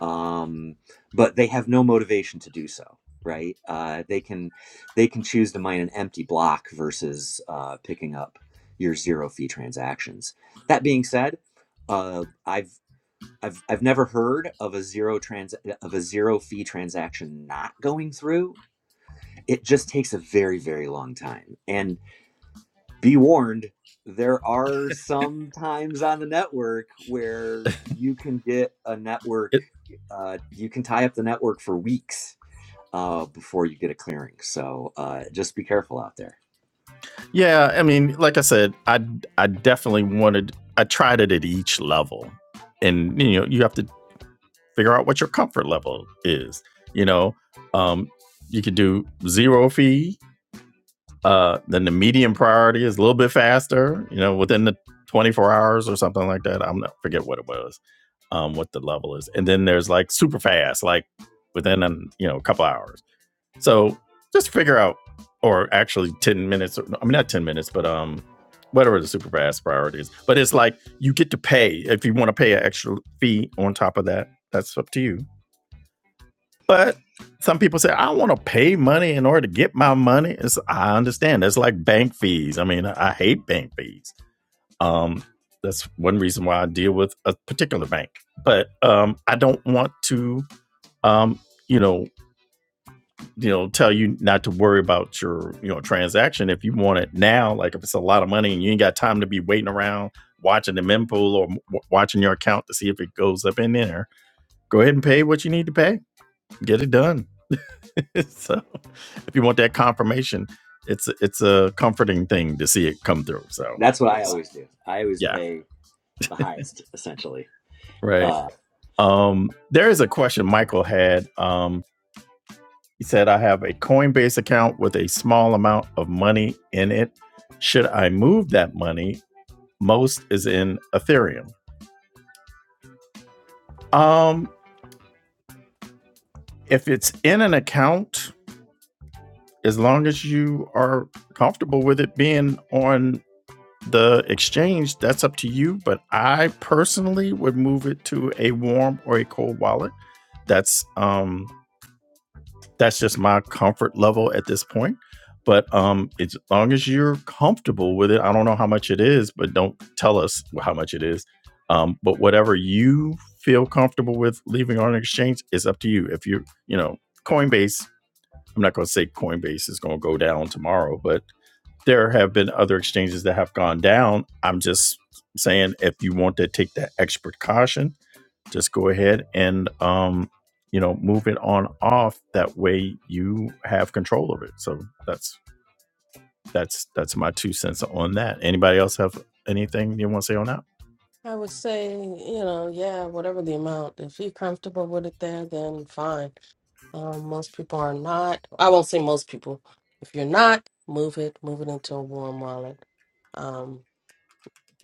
E: um, but they have no motivation to do so right uh, they can they can choose to mine an empty block versus uh, picking up your zero fee transactions that being said uh, i've I've, I've never heard of a zero trans of a zero fee transaction not going through. It just takes a very very long time, and be warned there are some times on the network where you can get a network
A: It,
E: uh, you can tie up the network for weeks uh, before you get a clearing so uh, just be careful out there
A: yeah, I mean, like I said, I I definitely wanted. I tried it at each level, and you know, you have to figure out what your comfort level is. You know, um, you could do zero fee, Uh, then the medium priority is a little bit faster, you know, within the 24 hours or something like that. I'm not forget what it was, um, what the level is. And then there's like super fast, like within um, you know a couple hours. So just figure out, or actually 10 minutes. Or, I mean, not 10 minutes, but um, whatever the super fast priority is. But it's like you get to pay if you want to pay an extra fee on top of that. That's up to you. But some people say, I want to pay money in order to get my money. It's, I understand. That's like bank fees. I mean, I I hate bank fees. Um, that's one reason why I deal with a particular bank. But um, I don't want to, um, you know, you know, tell you not to worry about your, you know, transaction if you want it now. Like if it's a lot of money and you ain't got time to be waiting around watching the mempool or w- watching your account to see if it goes up in there. Go ahead and pay what you need to pay get it done. (laughs) so if you want that confirmation, it's it's a comforting thing to see it come through. So
E: that's what i
A: That's just right.
E: always do i always
A: yeah,
E: pay the highest essentially
A: right.
E: uh,
A: Um, there is a question Michael had. Um, he said, "I have a Coinbase account with a small amount of money in it. Should I move that money? Most is in Ethereum. Um, if it's in an account, as long as you are comfortable with it being on the exchange, that's up to you. But I personally would move it to a warm or a cold wallet. That's um that's just my comfort level at this point. But um as long as you're comfortable with it, I don't know how much it is, but don't tell us how much it is. Um, but whatever you feel comfortable with leaving on an exchange is up to you. If you you know, Coinbase, I'm not gonna say Coinbase is gonna go down tomorrow, but there have been other exchanges that have gone down. I'm just saying if you want to take that extra caution, just go ahead and um, you know, move it on off. That way you have control of it. So that's that's that's my two cents on that. Anybody else have anything you want to say on that?
B: I would say, you know, yeah, whatever the amount. If you're comfortable with it there, then fine. Um, most people are not. I won't say most people. If you're not, move it. Move it into a warm wallet. Um,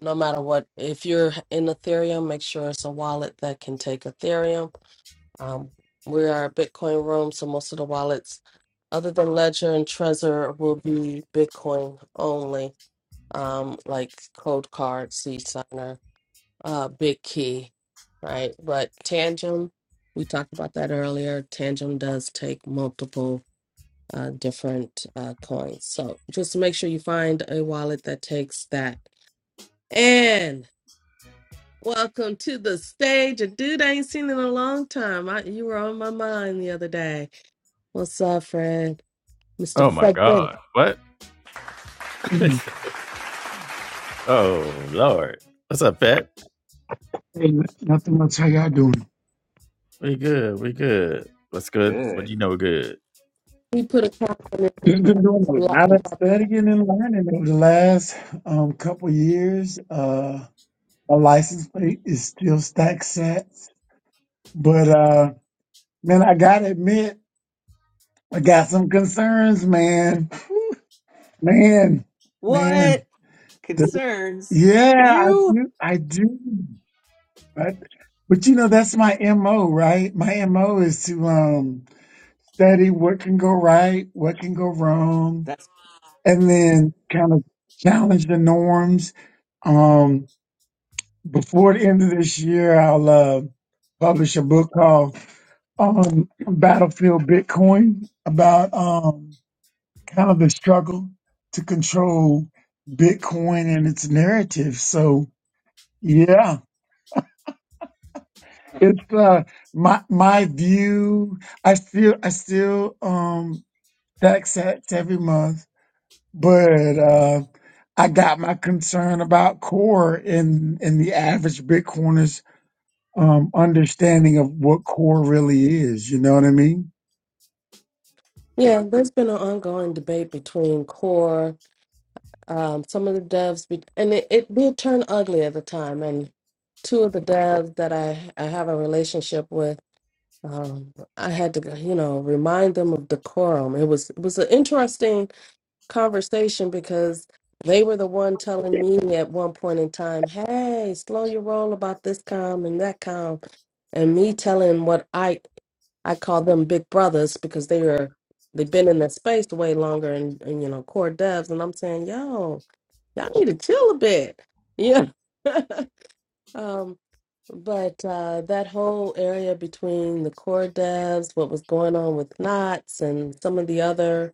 B: no matter what, if you're in Ethereum, make sure it's a wallet that can take Ethereum. Um, we are a Bitcoin room, so most of the wallets, other than Ledger and Trezor, will be Bitcoin only. Um, like Code Card, Seed Signer, uh, Big Key, right? But Tangent, we talked about that earlier. Tangent does take multiple uh, different uh, coins. So just make sure you find a wallet that takes that. And welcome to the stage, a dude I ain't seen in a long time. I, you were on my mind the other day. What's up, friend? Mr.
A: Oh my God!
B: Frederick.
A: What? (laughs)
F: Mm.
A: oh Lord! What's up, Pat?
F: Hey, nothing much. How y'all doing?
A: We good. We good. What's good? What
E: good
A: do you know? Good.
B: We put a comment in
F: Just Been doing
B: the
F: a
B: block.
F: lot of studying and learning over the last um, couple years. Uh, my license plate is still stack sats, but uh, man, I gotta admit, I got some concerns, man, man, man.
E: What
F: The-
E: concerns
F: yeah, I
E: you?
F: do, I do. But but you know, that's my mo, right? My mo is to um, study what can go right, what can go wrong
E: That's
F: and then kind of challenge the norms. Um, before the end of this year, I'll uh, publish a book called um, Battlefield Bitcoin about um, kind of the struggle to control Bitcoin and its narrative. So yeah, it's uh, my my view. I still I still um, tax hacks every month but uh, I got my concern about core in in the average Bitcoiner's um, understanding of what core really is. You know what I mean?
B: Yeah, there's been an ongoing debate between core, um, some of the devs, be- and it, it did turn ugly at the time. And two of the devs that I, I have a relationship with um, I had to, you know, remind them of decorum. It was it was an interesting conversation because they were the one telling me at one point in time, "Hey, slow your roll about this calm and that calm," and me telling what I I call them big brothers because they are they've been in that space way longer and, and you know core devs, and I'm saying, "Yo, y'all need to chill a bit," yeah. (laughs) Um, but uh, that whole area between the core devs, what was going on with Knots, and some of the other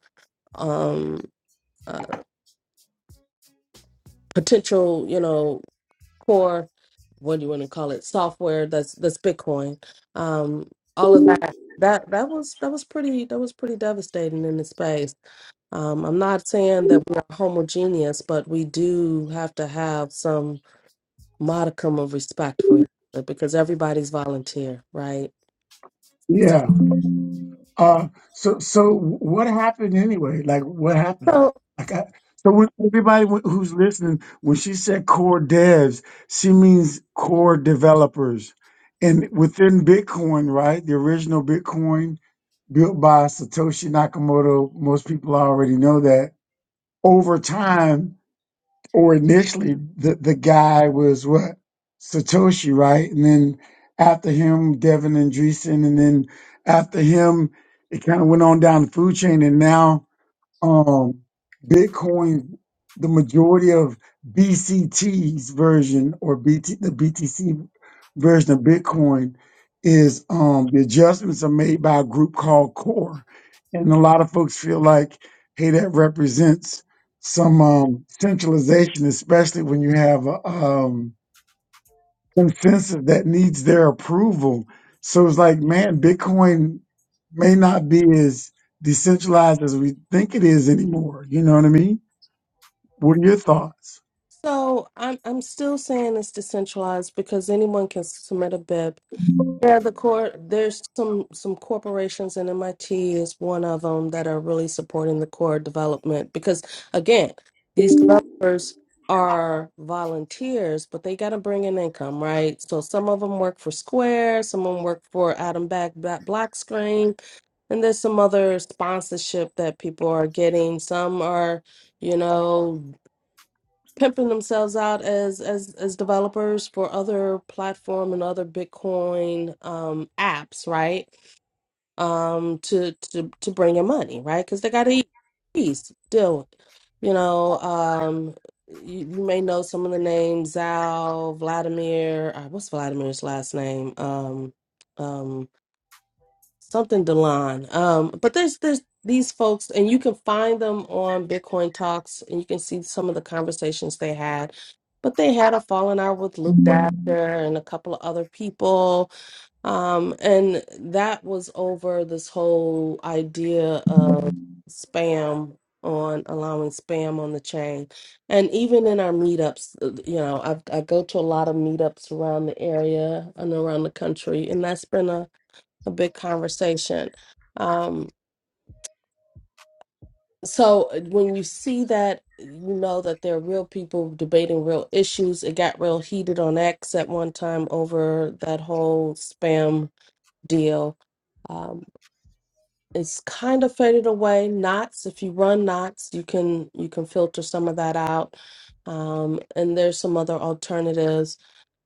B: um, uh, potential, you know, core, what do you want to call it, software that's that's Bitcoin. Um, all of that. That that was that was pretty that was pretty devastating in the space. Um, I'm not saying that we're homogeneous, but we do have to have some modicum of respect for each other because everybody's volunteer, right?
F: Yeah. Uh, so so what happened anyway? Like what happened?
B: So,
F: Like I, so when everybody wh- who's listening, when she said core devs, she means core developers, and within Bitcoin, right? The original Bitcoin built by Satoshi Nakamoto. Most people already know that. Over time, or initially the, the guy was what Satoshi, right? And then after him, Devin and Andreessen, and then after him, it kind of went on down the food chain, and now um, Bitcoin, the majority of BCT's version or BT, the BTC version of Bitcoin is um, the adjustments are made by a group called Core, and a lot of folks feel like, hey, that represents some um, centralization, especially when you have a, um, consensus that needs their approval. So it's like, man, Bitcoin may not be as decentralized as we think it is anymore. You know what I mean? What are your thoughts?
B: so I'm I'm still saying it's decentralized because anyone can submit a bib. Yeah, the core there's some some corporations and MIT is one of them that are really supporting the core development because again, these developers are volunteers, but they got to bring in income, right? So some of them work for Square, some of them work for Adam Back Black Black Screen, and there's some other sponsorship that people are getting. Some are you know pimping themselves out as as as developers for other platform and other Bitcoin um apps, right? Um to to to bring in money, right? Cuz they got to eat peace deal. with it. You know, um you, you may know some of the names Zal, Vladimir, uh, what's Vladimir's last name? Um um, something Delon. Um, but there's there's these folks, and you can find them on Bitcoin Talks, and you can see some of the conversations they had. But they had a falling out with Luke Dasher and a couple of other people, um, and that was over this whole idea of spam on allowing spam on the chain and even in our meetups uh, you know i i go to a lot of meetups around the area and around the country and that's been a a big conversation. Um, so uh, when you see that, you know that there are real people debating real issues. It got real heated on X at one time over that whole spam deal. Um, it's kind of faded away. Knots, if you run knots, you can you can filter some of that out. Um, and there's some other alternatives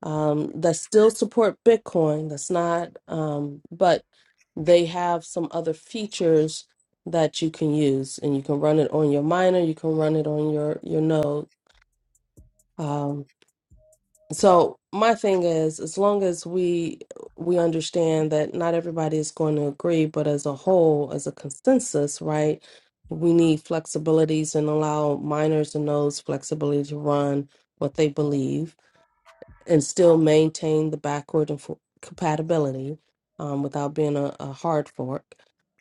B: um, that still support Bitcoin. That's not, um, but they have some other features that you can use, and you can run it on your miner. You can run it on your your node. um, so my thing is, as long as we we understand that not everybody is going to agree, but as a whole, as a consensus, right? We need flexibilities and allow minors and those flexibility to run what they believe and still maintain the backward and for- compatibility um, without being a, a hard fork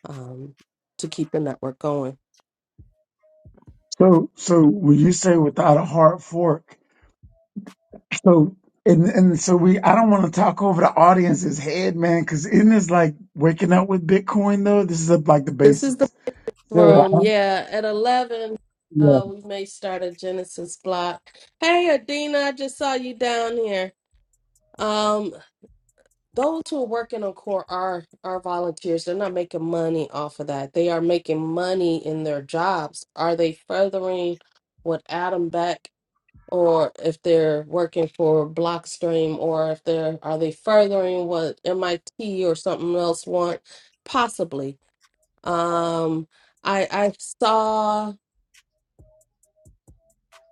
B: um, to keep the network going.
F: So, so when you say without a hard fork, so and and so we, I don't want to talk over the audience's head, man, because isn't this like waking up with Bitcoin though? This is like the
B: This is the
F: basics. So I,
B: room. Yeah, at 11,
F: yeah,
B: uh, we may start a Genesis block. Hey, Adina, I just saw you down here. Um, those who are working on core are are volunteers. They're not making money off of that. They are making money in their jobs. Are they furthering what Adam Beck or if they're working for Blockstream or if they're are they furthering what MIT or something else want? Possibly. Um, I I saw.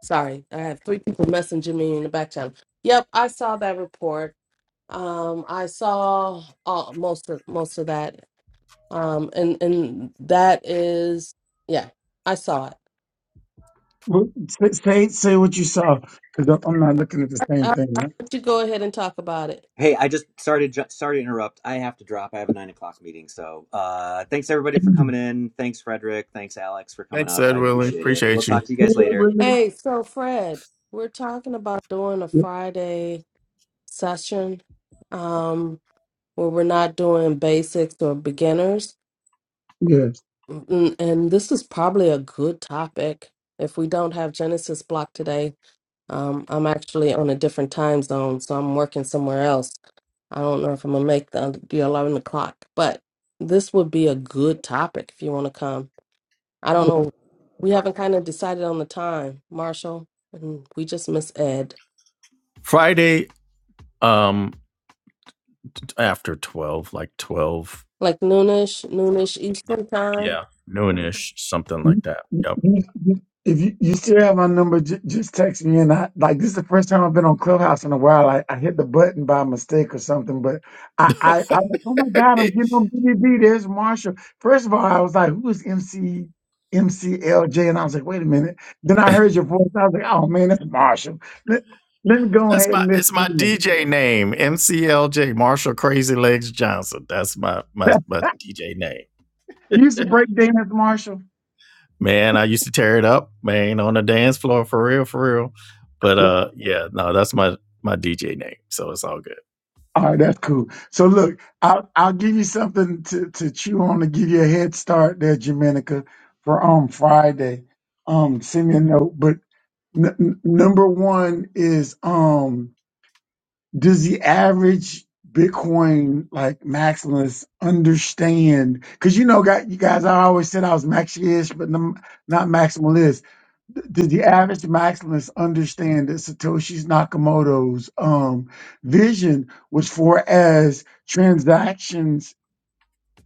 B: Sorry, I have three people messaging me in the back channel. Yep, I saw that report. Um, I saw all, most of most of that. Um, and and that is yeah, I saw it.
F: Well, say say say what you saw because I'm I'm not looking at the same
B: I'll
F: thing.
B: let you go ahead and talk about it.
E: hey. I just started. ju- Sorry to interrupt. I have to drop. I have a nine o'clock meeting. So uh, thanks everybody for coming in. Thanks Frederick. Thanks Alex for coming
A: Thanks,
E: up.
A: Ed
E: I
A: Willie.
E: appreciate it. We'll
A: Appreciate you.
E: talk to you guys later.
F: Right? (clears throat)
B: Hey, so Fred, we're talking about doing a
F: Yeah,
B: Friday session, um, where we're not doing basics or beginners.
F: yes,
B: And, and this is probably a good topic if we don't have Genesis block today. Um, I'm actually on a different time zone, so I'm working somewhere else. I don't know if I'm gonna make the the eleven o'clock, but this would be a good topic if you want to come. I don't
F: yeah.
B: know. We haven't kind of decided on the time, Marshall, and we just miss Ed.
A: Friday, um, after twelve, like twelve,
B: Like noonish, noonish Eastern time.
A: yeah, noonish, something like
F: You-
A: that. Yep.
F: you- you- If you, you still have my number, j- just text me. And I like this is the first time I've been on Clubhouse in a while. I, I hit the button by mistake or something, but I, I I was like, oh my
A: (laughs)
F: god, I'm getting on B B B. There's Marshall. First of all, I was like, who is M C M C L J? And I was like, wait a minute. Then I heard your voice. I was like, oh man, that's Marshall. Let, let me go
A: That's
F: ahead
A: my
F: and listen.
A: it's my
F: in.
A: DJ name, MCLJ Marshall Crazy Legs Johnson. That's my my my DJ name.
F: You used to break dance, Marshall.
A: Man, I used to tear it up, man, on the dance floor for real, for real. But uh yeah, no, that's my my DJ name. So it's all good.
F: All right, that's cool. So look, I'll I'll give you something to, to chew on to give you a head start there, Jamenica, for um Friday. Um, send me a note. But n- n- number one is um, does the average Bitcoin like maximalist understand? Because you know, got you guys, I always said I was maxi-ish, but n- not maximalist did the average maximalist understand that Satoshi Nakamoto's um, vision was for as transactions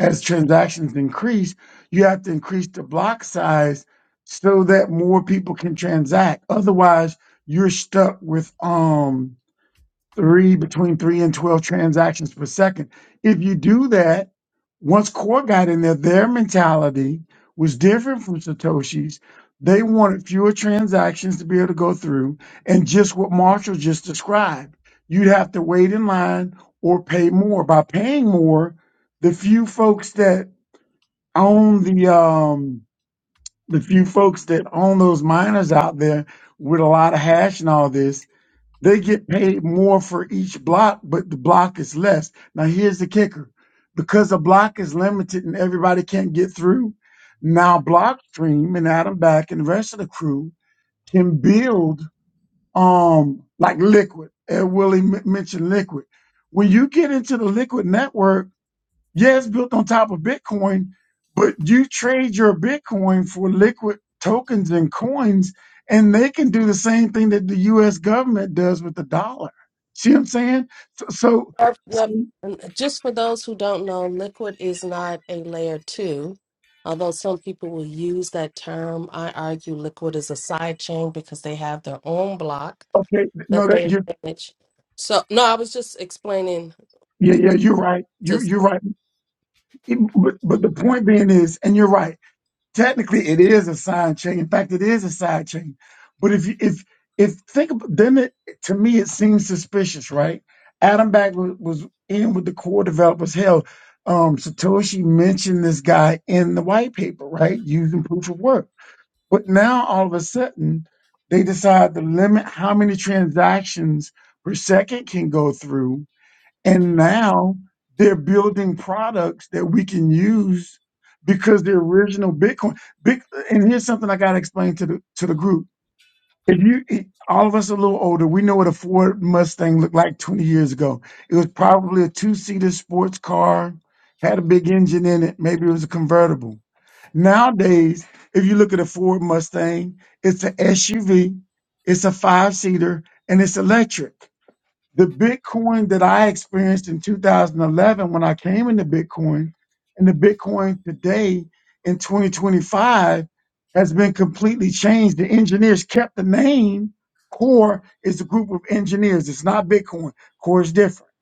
F: as transactions increase, you have to increase the block size so that more people can transact. Otherwise, you're stuck with um three between three and 12 transactions per second. If you do that, once Core got in there, their mentality was different from Satoshi's. They wanted fewer transactions to be able to go through, and just what Marshall just described. You'd have to wait in line or pay more. By paying more, the few folks that own the um the few folks that own those miners out there with a lot of hash and all this they get paid more for each block, but the block is less. Now here's the kicker. Because a block is limited and everybody can't get through, now Blockstream and Adam Back and the rest of the crew can build um like liquid. Ed Willie m- mentioned liquid. When you get into the liquid network, yeah, it's built on top of Bitcoin, but you trade your Bitcoin for liquid tokens and coins, and they can do the same thing that the U.S. government does with the dollar. See what I'm saying? So, so,
B: Yep,
F: so
B: yep. And just for those who don't know, liquid is not a layer two. Although some people will use that term, I argue liquid is a side chain because they have their own block
F: okay, no,
B: that
F: that
B: they
F: you,
B: manage. So no, I was just explaining.
F: yeah, yeah, you're right. you
B: Just,
F: you're right. It- but but the point being is, and you're right. technically it is a side chain. In fact, it is a side chain. But if you if if think about then it to me it seems suspicious, right? Adam Back was, was in with the core developers. Hell, um, Satoshi mentioned this guy in the white paper, right? Using proof of work. But now all of a sudden they decide to limit how many transactions per second can go through and now they're building products that we can use because the original Bitcoin. Big, and here's something I got to explain to the to the group. If you, all of us a little older, we know what a Ford Mustang looked like 20 years ago. It was probably a two-seater sports car, had a big engine in it. Maybe it was a convertible. Nowadays, if you look at a Ford Mustang, it's an SUV, it's a five-seater, and it's electric. The Bitcoin that I experienced in 2011 when I came into Bitcoin and the Bitcoin today in 2025 has been completely changed. The engineers kept the name. Core is a group of engineers. It's not Bitcoin. Core is different.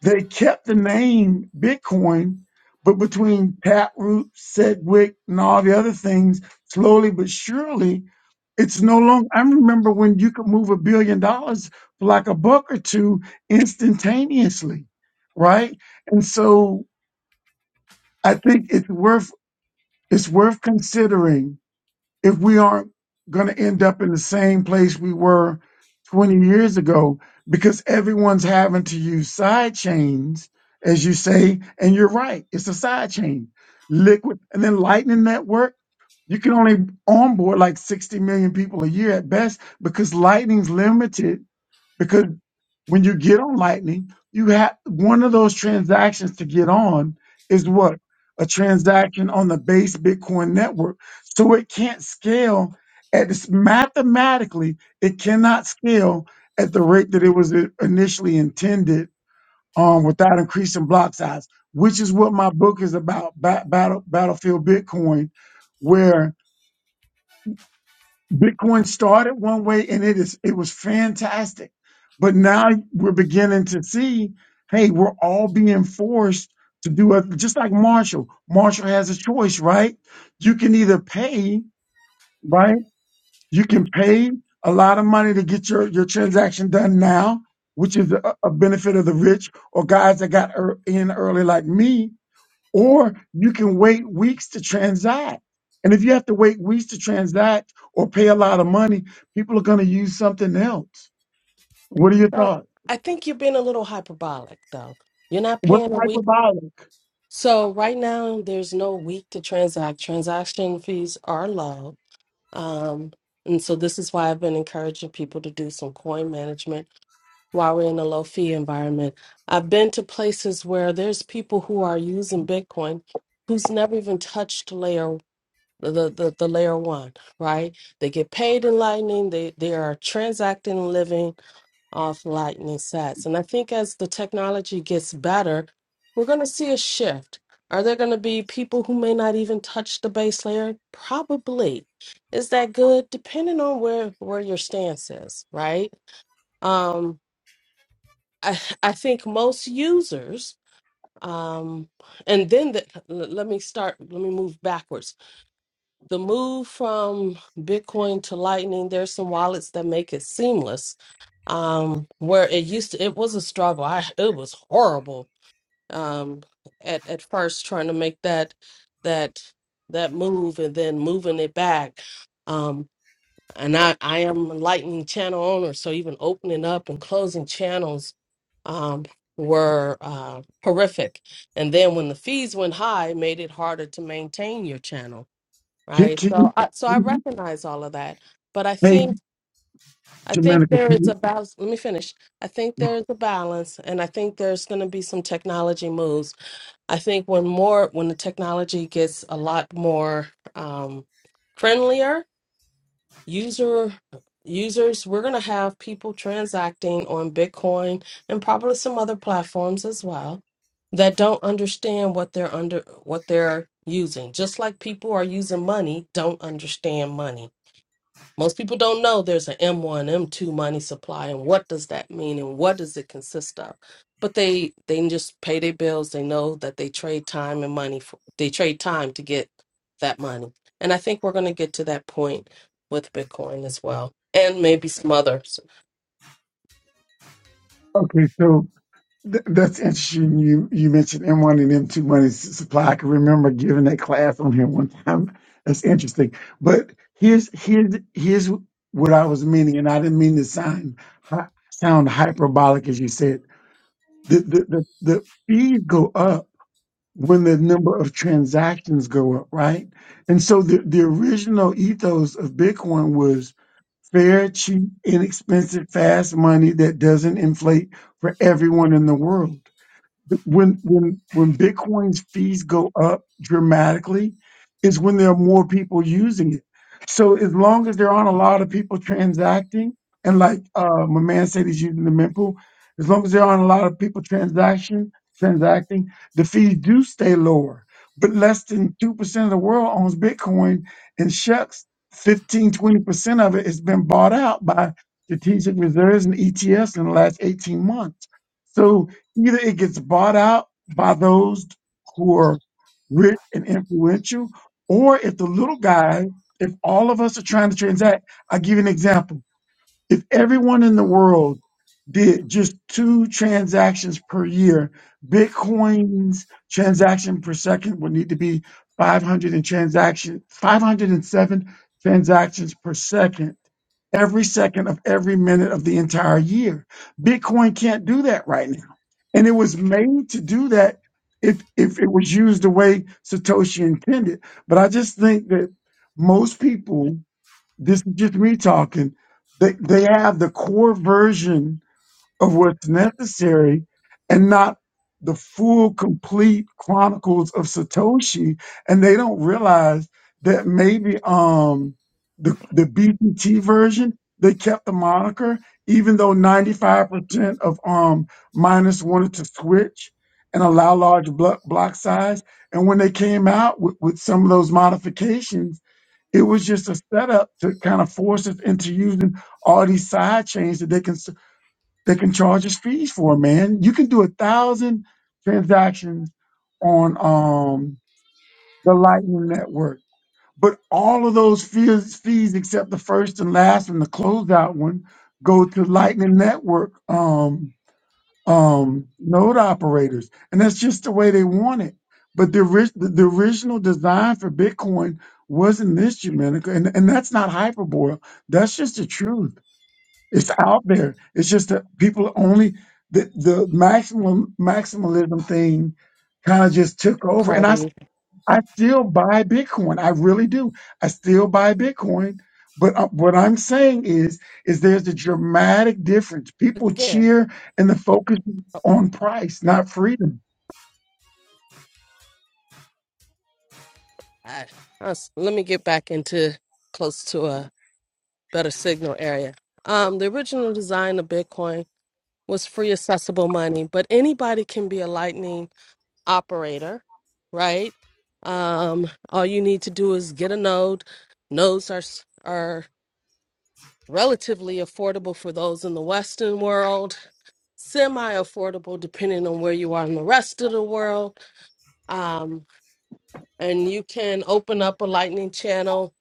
F: They kept the name Bitcoin, but between Taproot, Sedgwick, and all the other things, slowly but surely it's no longer. I remember when you could move a billion dollars for like a buck or two instantaneously, right? And so I think it's worth it's worth considering if we aren't going to end up in the same place we were 20 years ago because everyone's having to use side chains, as you say, and you're right. It's a side chain, liquid, and then Lightning Network. You can only onboard like 60 million people a year at best because Lightning's limited. Because when you get on Lightning, you have one of those transactions to get on is what? A transaction on the base Bitcoin network. So it can't scale at this mathematically, it cannot scale at the rate that it was i- initially intended um, without increasing block size, which is what my book is about, Ba- Battle, Battlefield Bitcoin, where Bitcoin started one way and it is it was fantastic. But now we're beginning to see, hey, we're all being forced to do a just like Marshall. Marshall has a choice, right? You can either pay, right? You can pay a lot of money to get your, your transaction done now, which is a, a benefit of the rich or guys that got er, in early like me or you can wait weeks to transact. And if you have to wait weeks to transact or pay a lot of money, people are going to use something else. What are your
B: no,
F: thoughts?
B: I think you're being a little hyperbolic though. You're not
F: What
B: paying a
F: type
B: week.
F: of violence?
B: So right now there's no week to transact. Transaction fees are low. Um, and so this is why I've been encouraging people to do some coin management while we're in a low fee environment. I've been to places where there's people who are using Bitcoin who's never even touched layer the, the, the the layer one, right? They get paid in Lightning. They they are transacting and living off Lightning sats. And I think as the technology gets better, we're going to see a shift. Are there going to be people who may not even touch the base layer? Probably. Is that good? Depending on where where your stance is, right? Um, I I think most users. Um, and then the, let me start. Let me move backwards the move from Bitcoin to Lightning, there's some wallets that make it seamless. Um, where it used to, it was a struggle. I it was horrible. Um, at at first trying to make that that that move and then moving it back. Um, and I I am a Lightning channel owner, so even opening up and closing channels, um, were uh horrific. And then when the fees went high, it made it harder to maintain your channel
F: Can,
B: right
F: can
B: so
F: you,
B: I, so i
F: can you-
B: recognize all of that but i
F: hey,
B: think i think
F: Jamaica,
B: there
F: can
B: is a
F: you?
B: balance let me finish i think
F: yeah.
B: there's a balance and i think there's going to be some technology moves i think when more when the technology gets a lot more um friendlier user users we're going to have people transacting on bitcoin and probably some other platforms as well that don't understand what they're under what they're using just like people are using money don't understand money most people don't know there's an M1, M2 money supply, and what does that mean, and what does it consist of? But they they can just pay their bills. They know that they trade time and money. For, they trade time to get that money, and I think we're going to get to that point with Bitcoin as well, and maybe some other
F: Okay, so th- that's interesting. You you mentioned M1 and M2 money s- supply. I can remember giving that class on here one time. (laughs) That's interesting. But here's here's here's what I was meaning, and I didn't mean to sound hy- sound hyperbolic as you said the, the, the, the fees go up when the number of transactions go up, right? And so the, the original ethos of Bitcoin was fair, cheap, inexpensive, fast money that doesn't inflate for everyone in the world when when when Bitcoin's fees go up dramatically is when there are more people using it. So as long as there aren't a lot of people transacting, and like uh, my man said, he's using the mempool. As long as there aren't a lot of people transaction transacting, the fees do stay lower. But less than two percent of the world owns Bitcoin, and shucks, 15 20 percent of it has been bought out by strategic reserves and ETFs in the last eighteen months. So Either it gets bought out by those who are rich and influential, or if the little guy, if all of us are trying to transact, I'll give you an example. If everyone in the world did just two transactions per year, Bitcoin's transaction per second would need to be 500 and transaction, 507 transactions per second every second of every minute of the entire year. Bitcoin can't do that right now. And it was made to do that if if it was used the way Satoshi intended. But I just think that most people, this is just me talking, they, they have the core version of what's necessary and not the full complete chronicles of Satoshi and they don't realize that maybe um the the BPT version they kept the moniker even though 95% of um miners wanted to switch and allow large block block size and when they came out with, with some of those modifications it was just a setup to kind of force us into using all these side chains that they can they can charge us fees for, man. You can do a thousand transactions on um, the Lightning Network, but all of those fees, fees except the first and last and the closeout one go to Lightning Network um, um, node operators, and that's just the way they want it. But the, orig- the the original design for Bitcoin wasn't this, Jamenica, and, and that's not hyperbole. That's just the truth it's out there. It's just that people only the the maximum maximalism thing kind of just took over. And I s-
B: party
F: I still buy Bitcoin. I really do. I still buy Bitcoin. But uh, what I'm saying is is there's a dramatic difference. People
B: again.
F: cheer and the focus is on price, not freedom.
B: I, us- let me get back into close to a better signal area. Um, the original design of Bitcoin was free accessible money, but anybody can be a lightning operator, right? Um, all you need to do is get a node. Nodes are s- are relatively affordable for those in the Western world, semi-affordable depending on where you are in the rest of the world. Um, and you can open up a Lightning channel.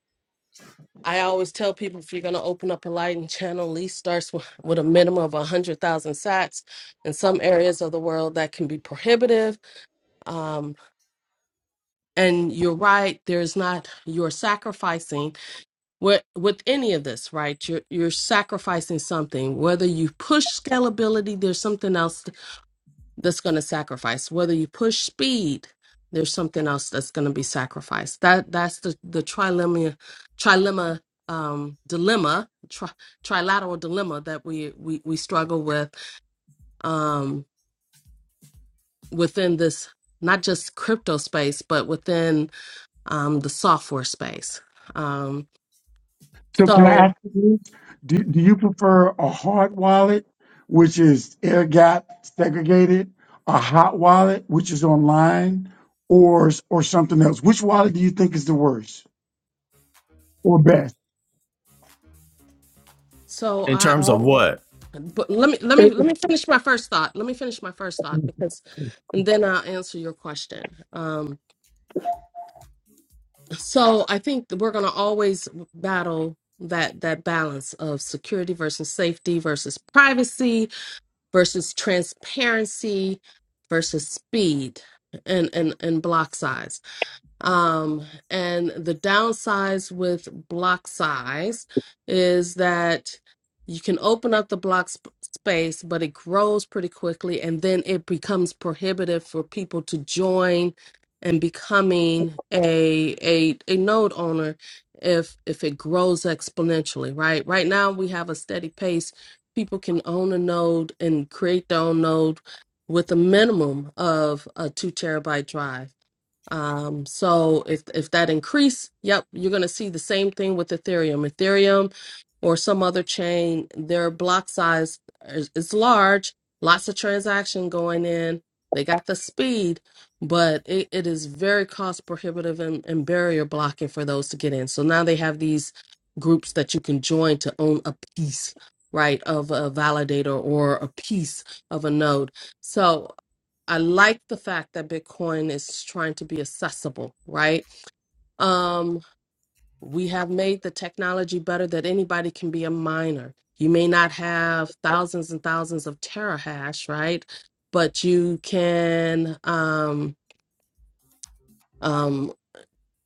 B: I always tell people if you're going to open up a Lightning channel, lease starts with, with a minimum of 100,000 sats. In some areas of the world, that can be prohibitive. Um, and you're right there's not you're sacrificing with with any of this right you're you're sacrificing something whether you push scalability there's something else that's going to sacrifice whether you push speed there's something else that's going to be sacrificed that that's the the trilemma trilemma um dilemma tri, trilateral dilemma that we we we struggle with um within this not just crypto space but within um, the software space. Um,
F: So can I
B: so
F: ask you this? Do, do you prefer a hard wallet, which is air gap segregated, a hot wallet, which is online, or or something else? Which wallet do you think is the worst or best?
B: so
A: In
B: I
A: terms of
B: I'll,
A: what?
B: but let me let me
F: It-
B: let me finish my first thought. Let me finish my first thought because and then I'll answer your question. Um, so I think that we're going to always battle that that balance of security versus safety versus privacy versus transparency versus speed and and and block size Um, and the downsides with block size is that you can open up the block sp- space, but it grows pretty quickly, and then it becomes prohibitive for people to join and becoming a a a node owner if if it grows exponentially, right? Right now we have a steady pace. People can own a node and create their own node with a minimum of a two terabyte drive um, so if if that increase, yep, you're going to see the same thing with Ethereum. Ethereum or some other chain, their block size is, is large, lots of transaction going in. They got the speed, but it, it is very cost prohibitive and, and barrier blocking for those to get in. So now they have these groups that you can join to own a piece, right, of a validator or a piece of a node. So. I like the fact that Bitcoin is trying to be accessible, right? Um, we have made the technology better that anybody can be a miner. You may not have thousands and thousands of terahash, right? But you can um, um,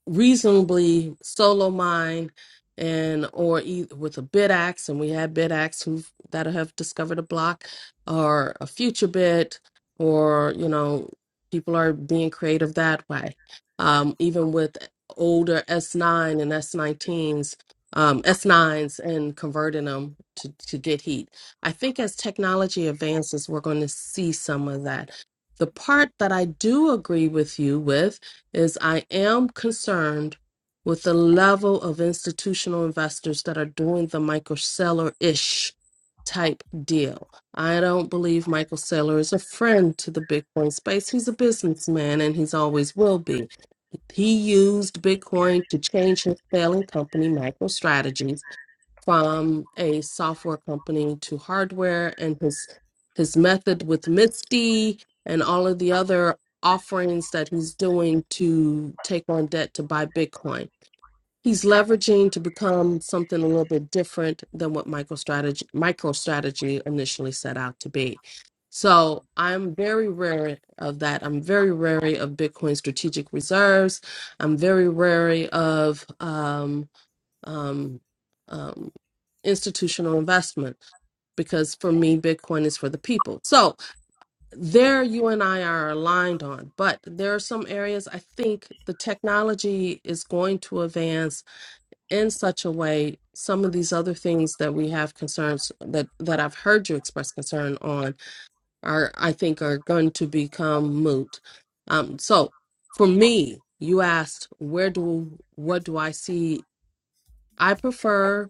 B: reasonably solo mine and or e- with a bid axe and we had bid axe who that have discovered a block or a future bid or you know people are being creative that way um even with older s9 and s19s um s9s and converting them to to get heat i think as technology advances we're going to see some of that the part that i do agree with you with is I am concerned with the level of institutional investors that are doing the Michael Saylor ish type deal. I don't believe Michael Saylor is a friend to the Bitcoin space. He's a businessman and he's always will be. He used Bitcoin to change his failing company, MicroStrategies from a software company to hardware and his his method with Misty and all of the other offerings that he's doing to take on debt to buy Bitcoin. He's leveraging to become something a little bit different than what MicroStrategy MicroStrategy initially set out to be. So I'm very wary of that. I'm very wary of Bitcoin strategic reserves. I'm very wary of um um, um, institutional investment because for me, Bitcoin is for the people. So there you and I are aligned on, but there are some areas I think the technology is going to advance in such a way. Some of these other things that we have concerns that, that I've heard you express concern on are, I think, are going to become moot. Um, so for me, you asked, where do, what do I see? I prefer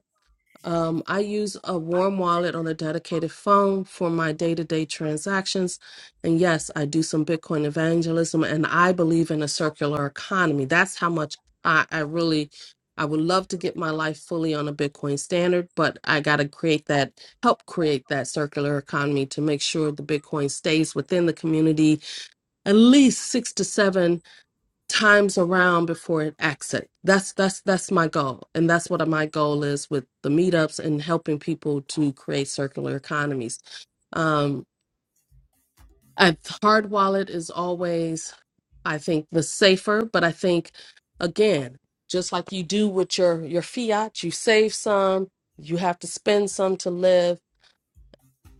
B: um, I use a warm wallet on a dedicated phone for my day to day transactions. And yes, I do some Bitcoin evangelism and I believe in a circular economy. That's how much I, I really, I would love to get my life fully on a Bitcoin standard, but I got to create that, help create that circular economy to make sure the Bitcoin stays within the community at least six to seven times around before it exits. That's that's that's my goal, and that's what my goal is with the meetups and helping people to create circular economies. Um, a hard wallet is always, I think, the safer, but I think again, just like you do with your your fiat, you save some, you have to spend some to live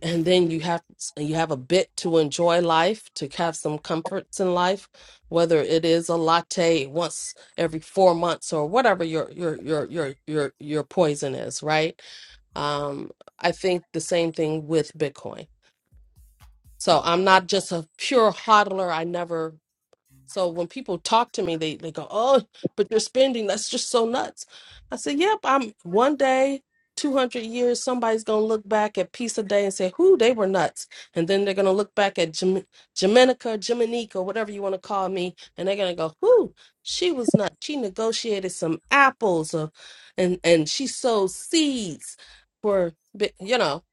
B: and then you have you have a bit to enjoy life to have some comforts in life whether it is a latte once every 4 months or whatever your your your your your your poison is right um i think the same thing with bitcoin so i'm not just a pure hodler i never so when people talk to me, they, they go, Oh, but you're spending, that's just so nuts. I said, Yep, I'm one day, 200 years, somebody's going to look back at Peace a Day and say, Who, they were nuts. And then they're going to look back at Jam- Jaminica, Jaminica, whatever you want to call me, and they're going to go, Who, she was nuts. She negotiated some apples uh, and, and she sowed seeds for, bi- you know.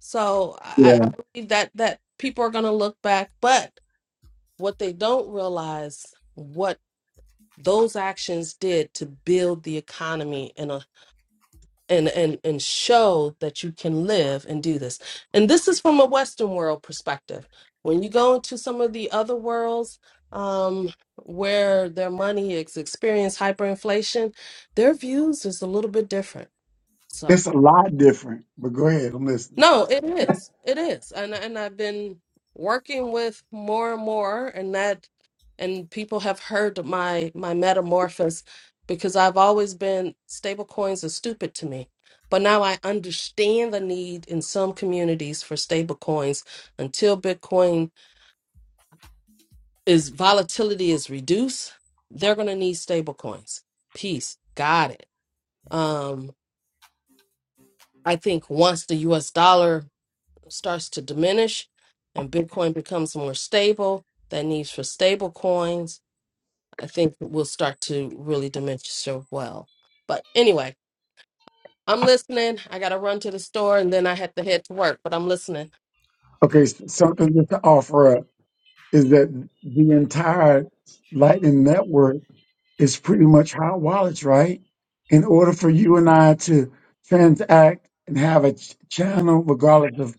B: So I,
F: yeah,
B: I believe that, that people are going to look back, but what they don't realize what those actions did to build the economy and a and, and and show that you can live and do this. And this is from a Western world perspective. When you go into some of the other worlds um, where their money is experience hyperinflation, their views is a little bit different. So
F: it's a lot different. But go ahead, I'm listening.
B: No, it is. It is. And and I've been working with more and more and that and people have heard my my metamorphosis because I've always been stable coins are stupid to me. But now I understand the need in some communities for stable coins until Bitcoin is volatility is reduced, they're gonna need stable coins. Peace. Got it. Um I think once the US dollar starts to diminish and Bitcoin becomes more stable, that needs for stable coins, I think will start to really diminish as well. But anyway, I'm listening. I got to run to the store and then I had to head to work, but I'm listening.
F: Okay, s- something just to offer up is that the entire Lightning Network is pretty much hot wallets, right? In order for you and I to transact and have a ch- channel, regardless of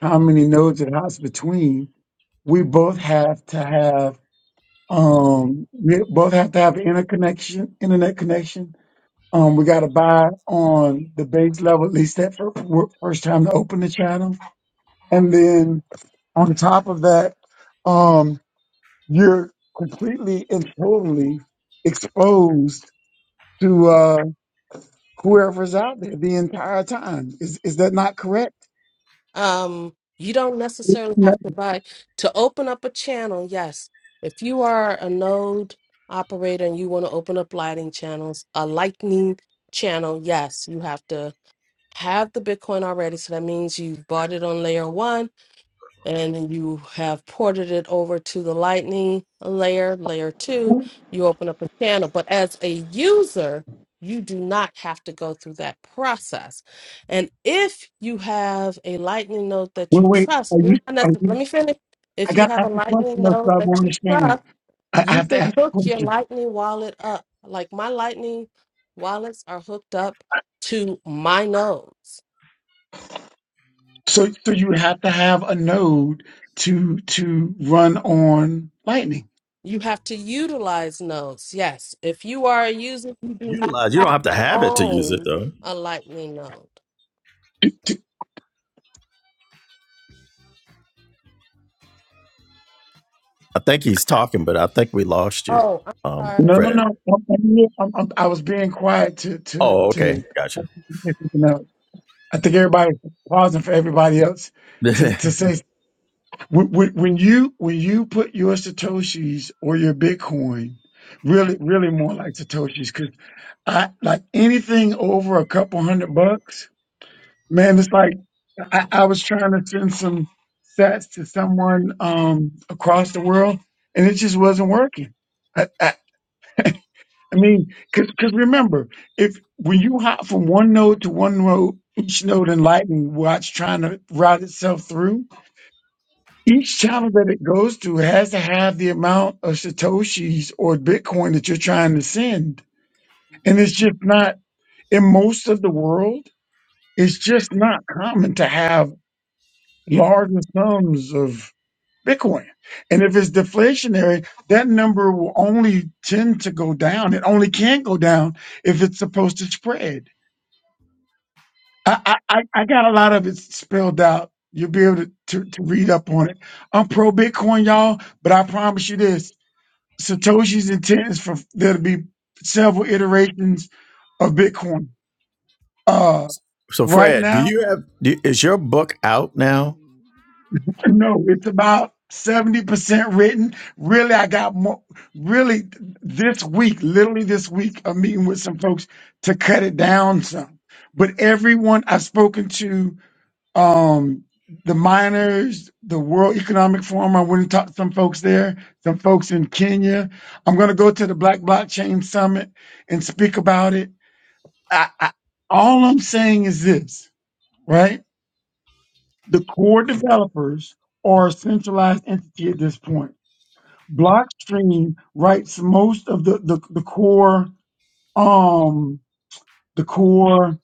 F: how many nodes it has between, we both have to have um we both have to have interconnection, internet connection. Um, we got to buy on the base level, at least that fir- fir- first time to open the channel, and then on top of that, um, you're completely and totally exposed to. uh, whoever's out there the entire time. Is is that not correct?
B: Um, you don't necessarily
F: No.
B: have to buy to open up a channel. Yes. If you are a node operator and you want to open up lighting channels, a lightning channel, yes, you have to have the Bitcoin already. So that means you bought it on layer one and you have ported it over to the lightning layer, layer two,
F: Well,
B: you open up a channel. But as a user, you do not have to go through that process. And if you have a lightning node that you
F: wait.
B: trust,
F: Are you?
B: you're not
F: Are
B: necessarily, let
F: you?
B: me finish.
F: I
B: If you
F: got to
B: have a
F: ask a
B: lightning
F: question, else
B: node
F: I won't
B: that you
F: understand.
B: trust,
F: I, I
B: you
F: have to
B: can
F: ask a
B: hook your
F: question.
B: lightning wallet up. Like my lightning wallets are hooked up to my nodes.
F: So, so you have to have a node to to run on Lightning.
B: You have to utilize nodes. Yes. If you are a user, you do not
A: Utilize you don't
B: have
A: have to
B: to
A: have it to use it
B: own
A: though.
B: a lightning node.
A: I think he's talking, but I think we lost you,
B: Oh, I'm
A: um,
F: No,
B: sorry.
F: no, no.
A: Fred.
F: I'm, I'm, here. I'm, I'm, I was being quiet to to
A: Oh, okay,
F: to.
A: gotcha.
F: I think everybody was pausing for everybody else
A: (laughs)
F: to to say. When, when when you when you put your satoshis or your Bitcoin, really really more like satoshis, because I like anything over a couple hundred bucks, man. It's like I, I was trying to send some sats to someone um across the world, and it just wasn't working. I I, I mean, because because remember, if when you hop from one node to one node, each node in Lightning Watch trying to route itself through. Each channel that it goes to has to have the amount of Satoshis or Bitcoin that you're trying to send. And it's just not, in most of the world, it's just not common to have larger sums of Bitcoin. And if it's deflationary, that number will only tend to go down. It only can go down if it's supposed to spread. I, I, I I got a lot of it spelled out. You'll be able to, to, to read up on it. I'm pro Bitcoin, y'all, but I promise you this. Satoshi's intent is for there to be several iterations of Bitcoin. Uh,
A: so,
F: right
A: Fred, do
F: now,
A: you have do, is your book out now?
F: no, it's about 70% written. Really, I got more, really this week, literally this week, I'm meeting with some folks to cut it down some. But everyone I've spoken to, um, the miners, the World Economic Forum, I went and talked to some folks there, some folks in Kenya. I'm going to go to the Black Blockchain Summit and speak about it I, I, all I'm saying is this, right? The core developers are a centralized entity at this point. Blockstream writes most of the, the, the core um the core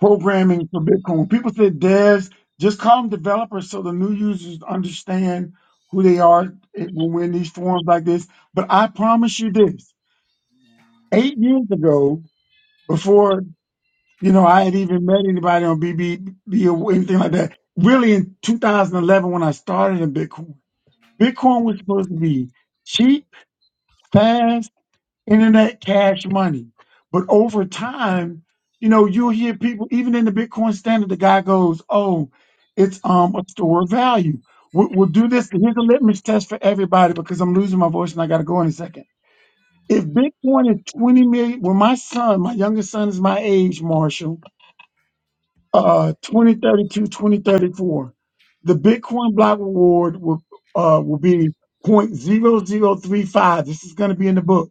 F: programming for Bitcoin. When people say devs, just call them developers so the new users understand who they are when we're in these forums like this. But I promise you this: eight years ago, before You know, I hadn't even met anybody on BBB or anything like that. Really, in 2011, when I started in Bitcoin, Bitcoin was supposed to be cheap, fast, internet cash money. But over time, you know, you'll hear people, even in the Bitcoin standard, the guy goes, "Oh, it's um a store of value. We'll, we'll do this. Here's a litmus test for everybody because I'm losing my voice and I got to go in a second. If Bitcoin is 20 million, well, my son, my youngest son, is my age, Marshall." uh, 2032, 2034, the Bitcoin block reward will, uh, will be point zero zero three five. This is going to be in the book.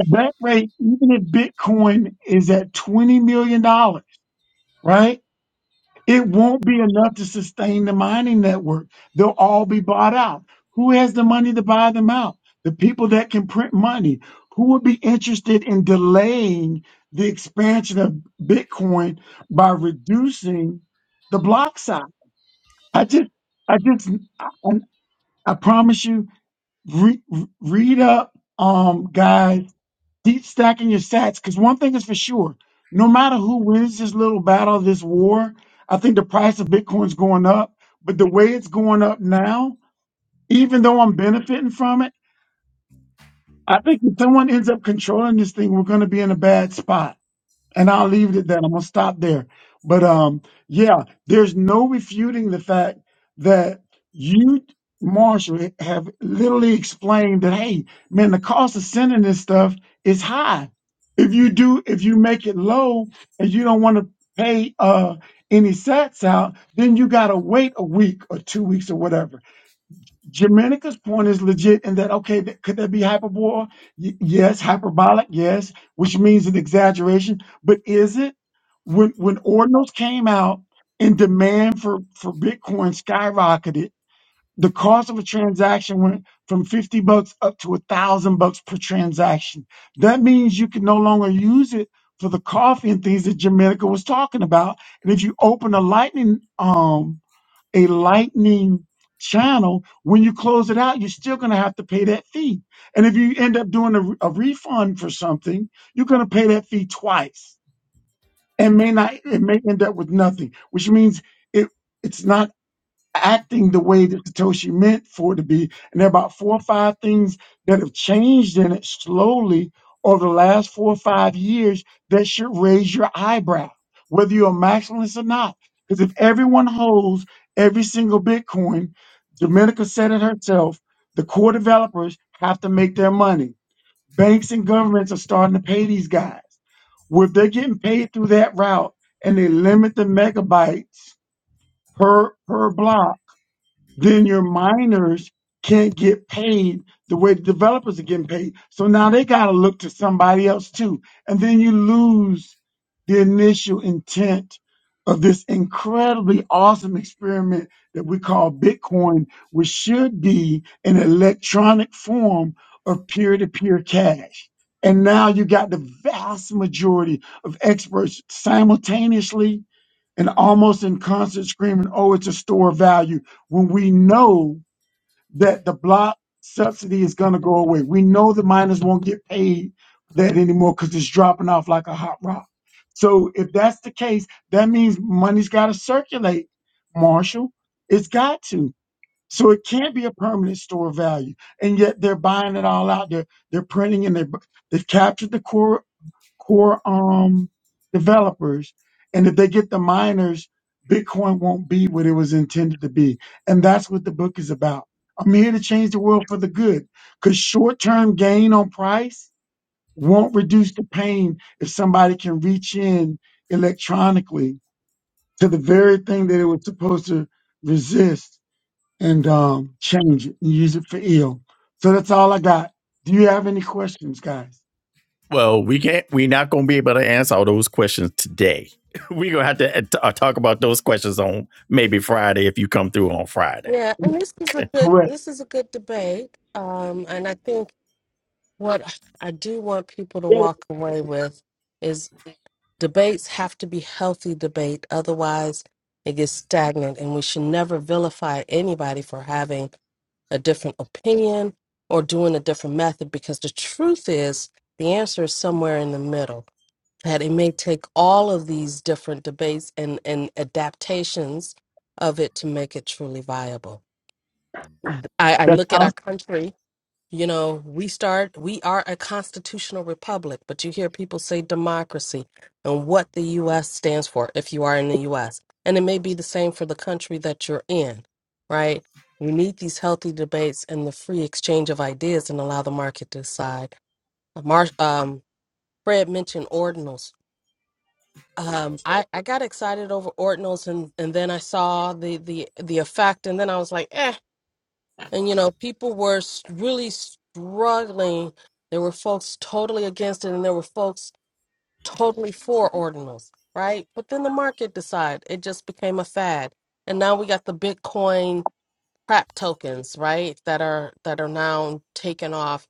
F: At that rate, even if Bitcoin is at $20 million, dollars, right? It won't be enough to sustain the mining network. They'll all be bought out. Who has the money to buy them out? The people that can print money. Who would be interested in delaying the expansion of Bitcoin by reducing the block size? I just, I just, I, I promise you, re, read up, um, guys keep stacking your stats because one thing is for sure no matter who wins this little battle this war i think the price of bitcoin's going up but the way it's going up now even though i'm benefiting from it i think if someone ends up controlling this thing we're going to be in a bad spot and I'll leave it at that. I'm gonna stop there. But um, yeah, there's no refuting the fact that you, Marshall, have literally explained that hey, man, the cost of sending this stuff is high. If you do, if you make it low and you don't want to pay uh any sets out, then you gotta wait a week or two weeks or whatever Germanica's point is legit in that, okay, th- could that be hyperbole? Y- yes, hyperbolic, yes, which means an exaggeration. But is it? When when ordinals came out and demand for, for Bitcoin skyrocketed, the cost of a transaction went from 50 bucks up to a thousand bucks per transaction. That means you can no longer use it for the coffee and things that Germanica was talking about. And if you open a lightning um a lightning channel when you close it out you're still going to have to pay that fee and if you end up doing a, a refund for something you're going to pay that fee twice and may not it may end up with nothing which means it it's not acting the way that Satoshi meant for it to be. And there are about four or five things that have changed in it slowly over the last four or five years that should raise your eyebrow, whether you're a maximalist or not. Because if everyone holds every single Bitcoin, Dominica said it herself, the core developers have to make their money. Banks and governments are starting to pay these guys. Well, if they're getting paid through that route and they limit the megabytes per per block then your miners can't get paid the way the developers are getting paid. So now they got to look to somebody else too. And then you lose the initial intent of this incredibly awesome experiment that we call Bitcoin, which should be an electronic form of peer to peer cash. And now you got the vast majority of experts simultaneously and almost in concert screaming, oh, it's a store of value, when we know that the block subsidy is going to go away. We know the miners won't get paid that anymore because it's dropping off like a hot rock. So if that's the case, that means money's got to circulate, Marshall. It's got to. So it can't be a permanent store of value. And yet they're buying it all out. They're, they're printing and they they've captured the core core um developers and if they get the miners bitcoin won't be what it was intended to be and that's what the book is about i'm here to change the world for the good because short-term gain on price won't reduce the pain if somebody can reach in electronically to the very thing that it was supposed to resist and um, change it and use it for ill so that's all i got do you have any questions guys
A: Well, we can't. We're not going to be able to answer all those questions today. (laughs) We're gonna have to uh, t- uh, talk about those questions on maybe Friday if you come through on Friday.
B: Yeah, and this is a
A: Okay.
B: good
F: correct
B: this is a good debate. Um, and I think what I do want people to walk away with is debates have to be healthy debate, otherwise it gets stagnant and we should never vilify anybody for having a different opinion or doing a different method because the truth is the answer is somewhere in the middle that it may take all of these different debates and, and adaptations of it to make it truly viable i, I
F: that's
B: look at our
F: out
B: country you know, we start, we are a constitutional republic, but you hear people say democracy and what the U.S. stands for if you are in the U.S. And it may be the same for the country that you're in, right? We need these healthy debates and the free exchange of ideas and allow the market to decide. Mar- um, Fred mentioned ordinals. Um, I, I got excited over ordinals and, and then I saw the, the, the effect, and then I was like, eh, and you know, people were s- really struggling. There were folks totally against it, and there were folks totally for ordinals, right? But then the market decided it just became a fad, and now we got the Bitcoin crap tokens, right? That are that are now taken off,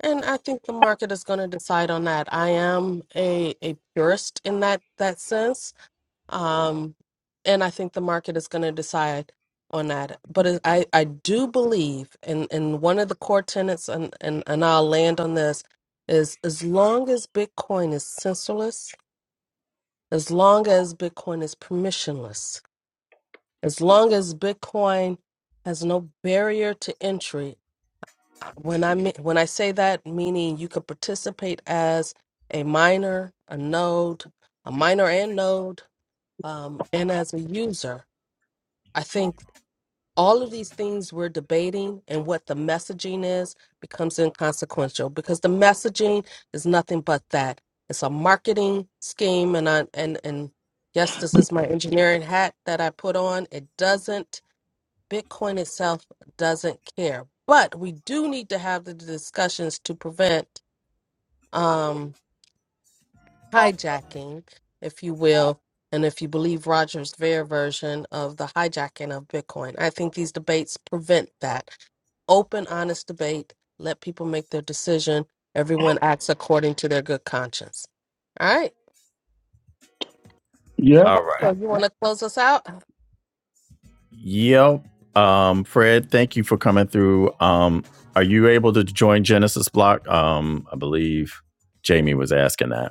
B: and I think the market is going to decide on that. I am a a purist in that that sense um, and I think the market is going to decide on that. But it- I, I do believe, and, and one of the core tenets, and, and, and I'll land on this, is as long as Bitcoin is censorless, as long as Bitcoin is permissionless, as long as Bitcoin has no barrier to entry. When I me- when I say that, meaning you could participate as a miner, a node, a miner and node, um, and as a user I think all of these things we're debating and what the messaging is becomes inconsequential because the messaging is nothing but that. It's a marketing scheme and I and and yes, this is my engineering hat that I put on. It doesn't Bitcoin itself doesn't care. But we do need to have the discussions to prevent Um, hijacking, if you will, and if you believe Roger's Ver version of the hijacking of Bitcoin. I think these debates prevent that. Open, honest debate. Let people make their decision. Everyone acts according to their good conscience. All right.
F: yeah
A: Uh,
B: Marco, you want to close us out?
A: yep. Um, Fred, thank you for coming through. Um, are you able to join Genesis Block? Um, I believe Jamie was asking that.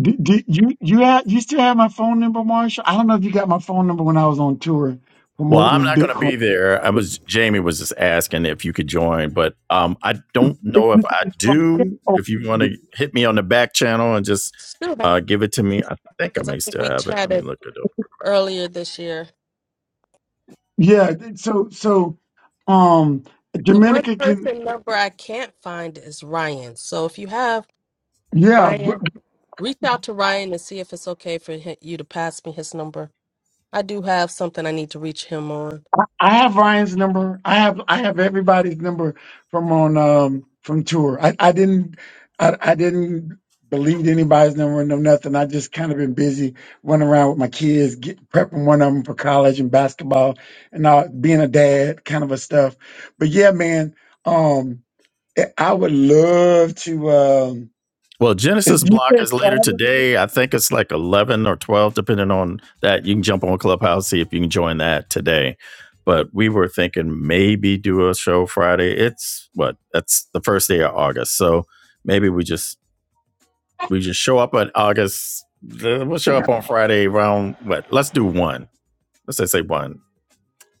F: Did, did you you have you still have my phone number, Marshall? I don't know if you got my phone number when I was on tour
A: Well, I'm
F: promoting
A: not going to
F: Bitcoin.
A: be there. I was Jamie was just asking if you could join, but um, I don't know if I do. If you want to hit me on the back channel and just
B: Still,
A: uh, give it to me, I think I
B: because I
A: may
B: think
A: still
B: we
A: have it. Let me
B: chatted
A: look it up.
B: earlier this year.
F: Yeah, so so um
B: The one
F: Dominica can
B: person number I can't find is Ryan. So if you have
F: yeah.
B: Ryan, reach out to Ryan and see if it's okay for hi- you to pass me his number I do have something I need to reach him on.
F: I have Ryan's number. I have I have everybody's number from on um from tour. I, I didn't I, I didn't believe anybody's number no nothing. I just kind of been busy running around with my kids, get, prepping one of them for college and basketball and all, being a dad kind of a stuff. But yeah, man, um, I I would love to. Um,
A: Well,
F: if
A: Genesis
F: you
A: block
F: said
A: is later
F: Friday,
A: today. I think it's like 11 or 12, depending on that. You can jump on Clubhouse see if you can join that today. But we were thinking maybe do a show Friday. It's what? That's the first day of August, so maybe we just We just show up on August. We'll show up on Friday around what? Let's do one. Let's just say one.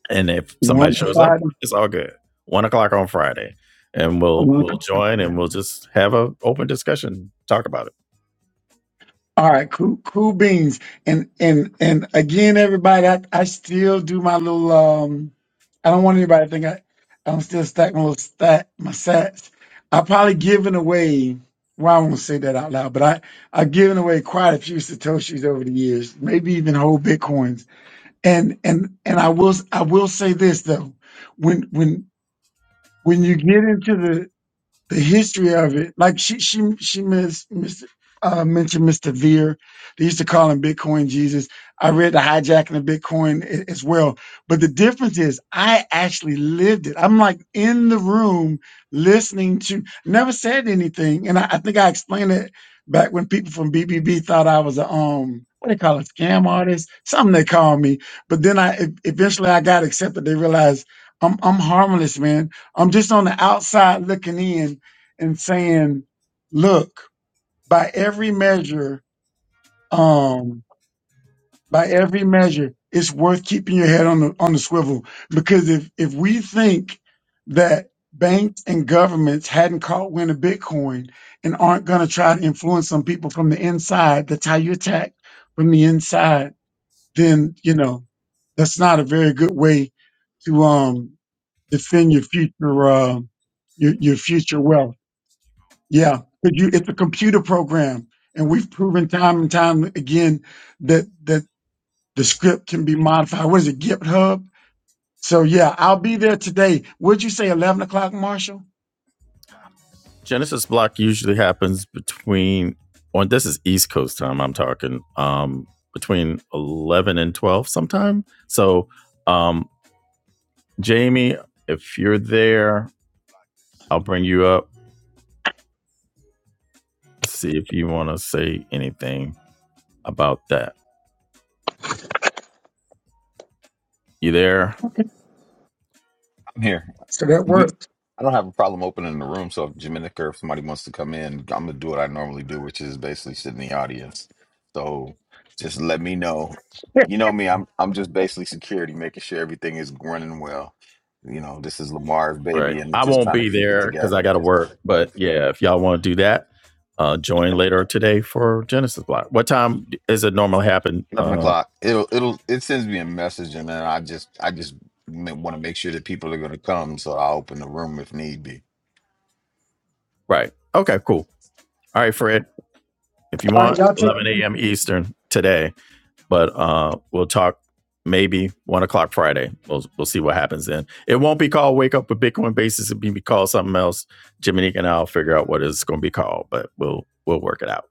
A: And if
F: one
A: somebody shows up,
F: Friday,
A: it's all good. One o'clock on Friday, and we'll we'll join and we'll just have an open discussion, talk about it.
F: All right, cool, cool beans. And and and again, everybody, I, I still do my little. um I don't want anybody to think I I'm still stacking my little stat my sats. I probably given away. Well, I won't say that out loud, but I I've given away quite a few satoshis over the years, maybe even whole bitcoins. And and and I will I will say this though, when when when you get into the the history of it. Like she she she mis, mis, uh, mentioned Mr. Veer. They used to call him Bitcoin Jesus. I read the hijacking of Bitcoin a- as well. But the difference is I actually lived it. I'm like in the room listening to never said anything. And I, I think I explained it back when people from BBB thought I was a um what they call it, scam artist, something they call me. But then I e- eventually I got accepted. They realized I'm I'm harmless, man. I'm just on the outside looking in and saying, look, by every measure, um, by every measure, it's worth keeping your head on the on the swivel because if if we think that banks and governments hadn't caught wind of Bitcoin and aren't going to try to influence some people from the inside, that's how you attack from the inside. Then you know that's not a very good way to um defend your future uh, your your future wealth. Yeah, because you it's a computer program, and we've proven time and time again that that the script can be modified. What is it, GitHub? So yeah, I'll be there today. Would you say eleven o'clock, Marshall?
A: Genesis block usually happens between. Well, this is East Coast time. I'm talking um, between eleven and twelve sometime. So um, Jamie, if you're there, I'll bring you up. See if you want to say anything about that. You there?
G: I'm here.
F: That works.
G: We I don't have a problem opening the room, so if Dominica or if somebody wants to come in, I'm gonna do what I normally do, which is basically sit in the audience. So just let me know. You know me, I'm I'm just basically security, making sure everything is running well. You know, this is Lamar's
A: Right.
G: baby and
A: I
G: just
A: won't
G: trying to
A: be
G: keep it
A: there because
G: together.
A: I got to work. But yeah, if y'all want to do that, uh, join later today for Genesis Block. What time is it normally happen?
G: Eleven
A: Uh,
G: o'clock. It'll it'll it sends me a message and then I just I just want to make sure that people are gonna come, so i open the room if need be.
A: right. Okay, cool. All right, Fred, if you
F: All right,
A: want,
F: y'all take
A: 11
F: care.
A: a.m. Eastern today. but uh, we'll talk maybe one o'clock Friday. We'll we'll see what happens then. It won't be called Wake Up with Bitcoin Basis. It'll be called something else. Jiminique and I'll figure out what it's going to be called, but we'll we'll work it out.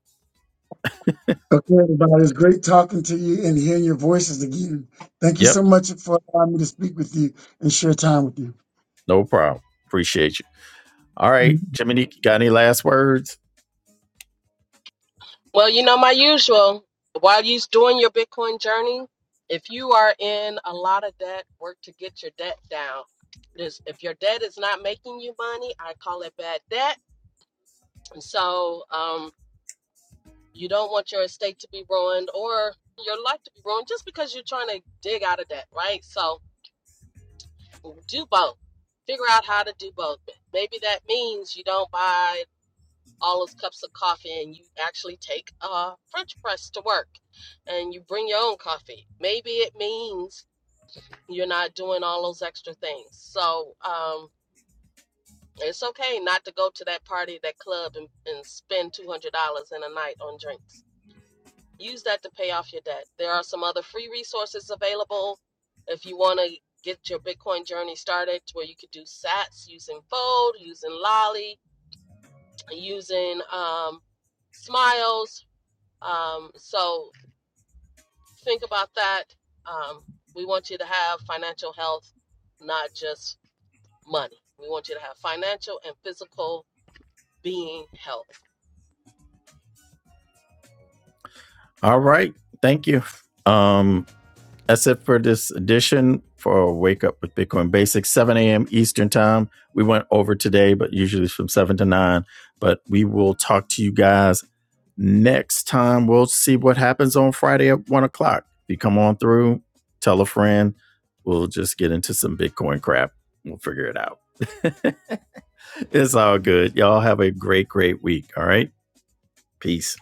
F: Okay, everybody, it's great talking to you and hearing your voices again. Thank you
A: Yep,
F: so much for allowing me to speak with you and share time with you.
A: no problem. Appreciate you. All right, Jiminique, you got any last words?
B: Well, you know, my usual, while you're doing your Bitcoin journey, if you are in a lot of debt, work to get your debt down. Because if your debt is not making you money, I call it bad debt. And so um, you don't want your estate to be ruined or your life to be ruined just because you're trying to dig out of debt, right? So do both. Figure out how to do both. Maybe that means you don't buy all those cups of coffee and you actually take a french press to work and you bring your own coffee maybe it means you're not doing all those extra things so um it's okay not to go to that party that club and, and spend $200 in a night on drinks use that to pay off your debt there are some other free resources available if you want to get your bitcoin journey started where you could do sats using fold using lolly using um, smiles Um, so think about that. Um, we want you to have financial health, not just money. We want you to have financial and physical being health.
A: All right, thank you. Um, That's it for this edition for Wake Up with Bitcoin Basics, 7 a.m. Eastern Time. We went over today, but usually it's from 7 to 9. But we will talk to you guys next time. We'll see what happens on Friday at 1 o'clock. If you come on through, tell a friend. We'll just get into some Bitcoin crap. We'll figure it out. (laughs) it's all good. Y'all have a great, great week. All right. Peace.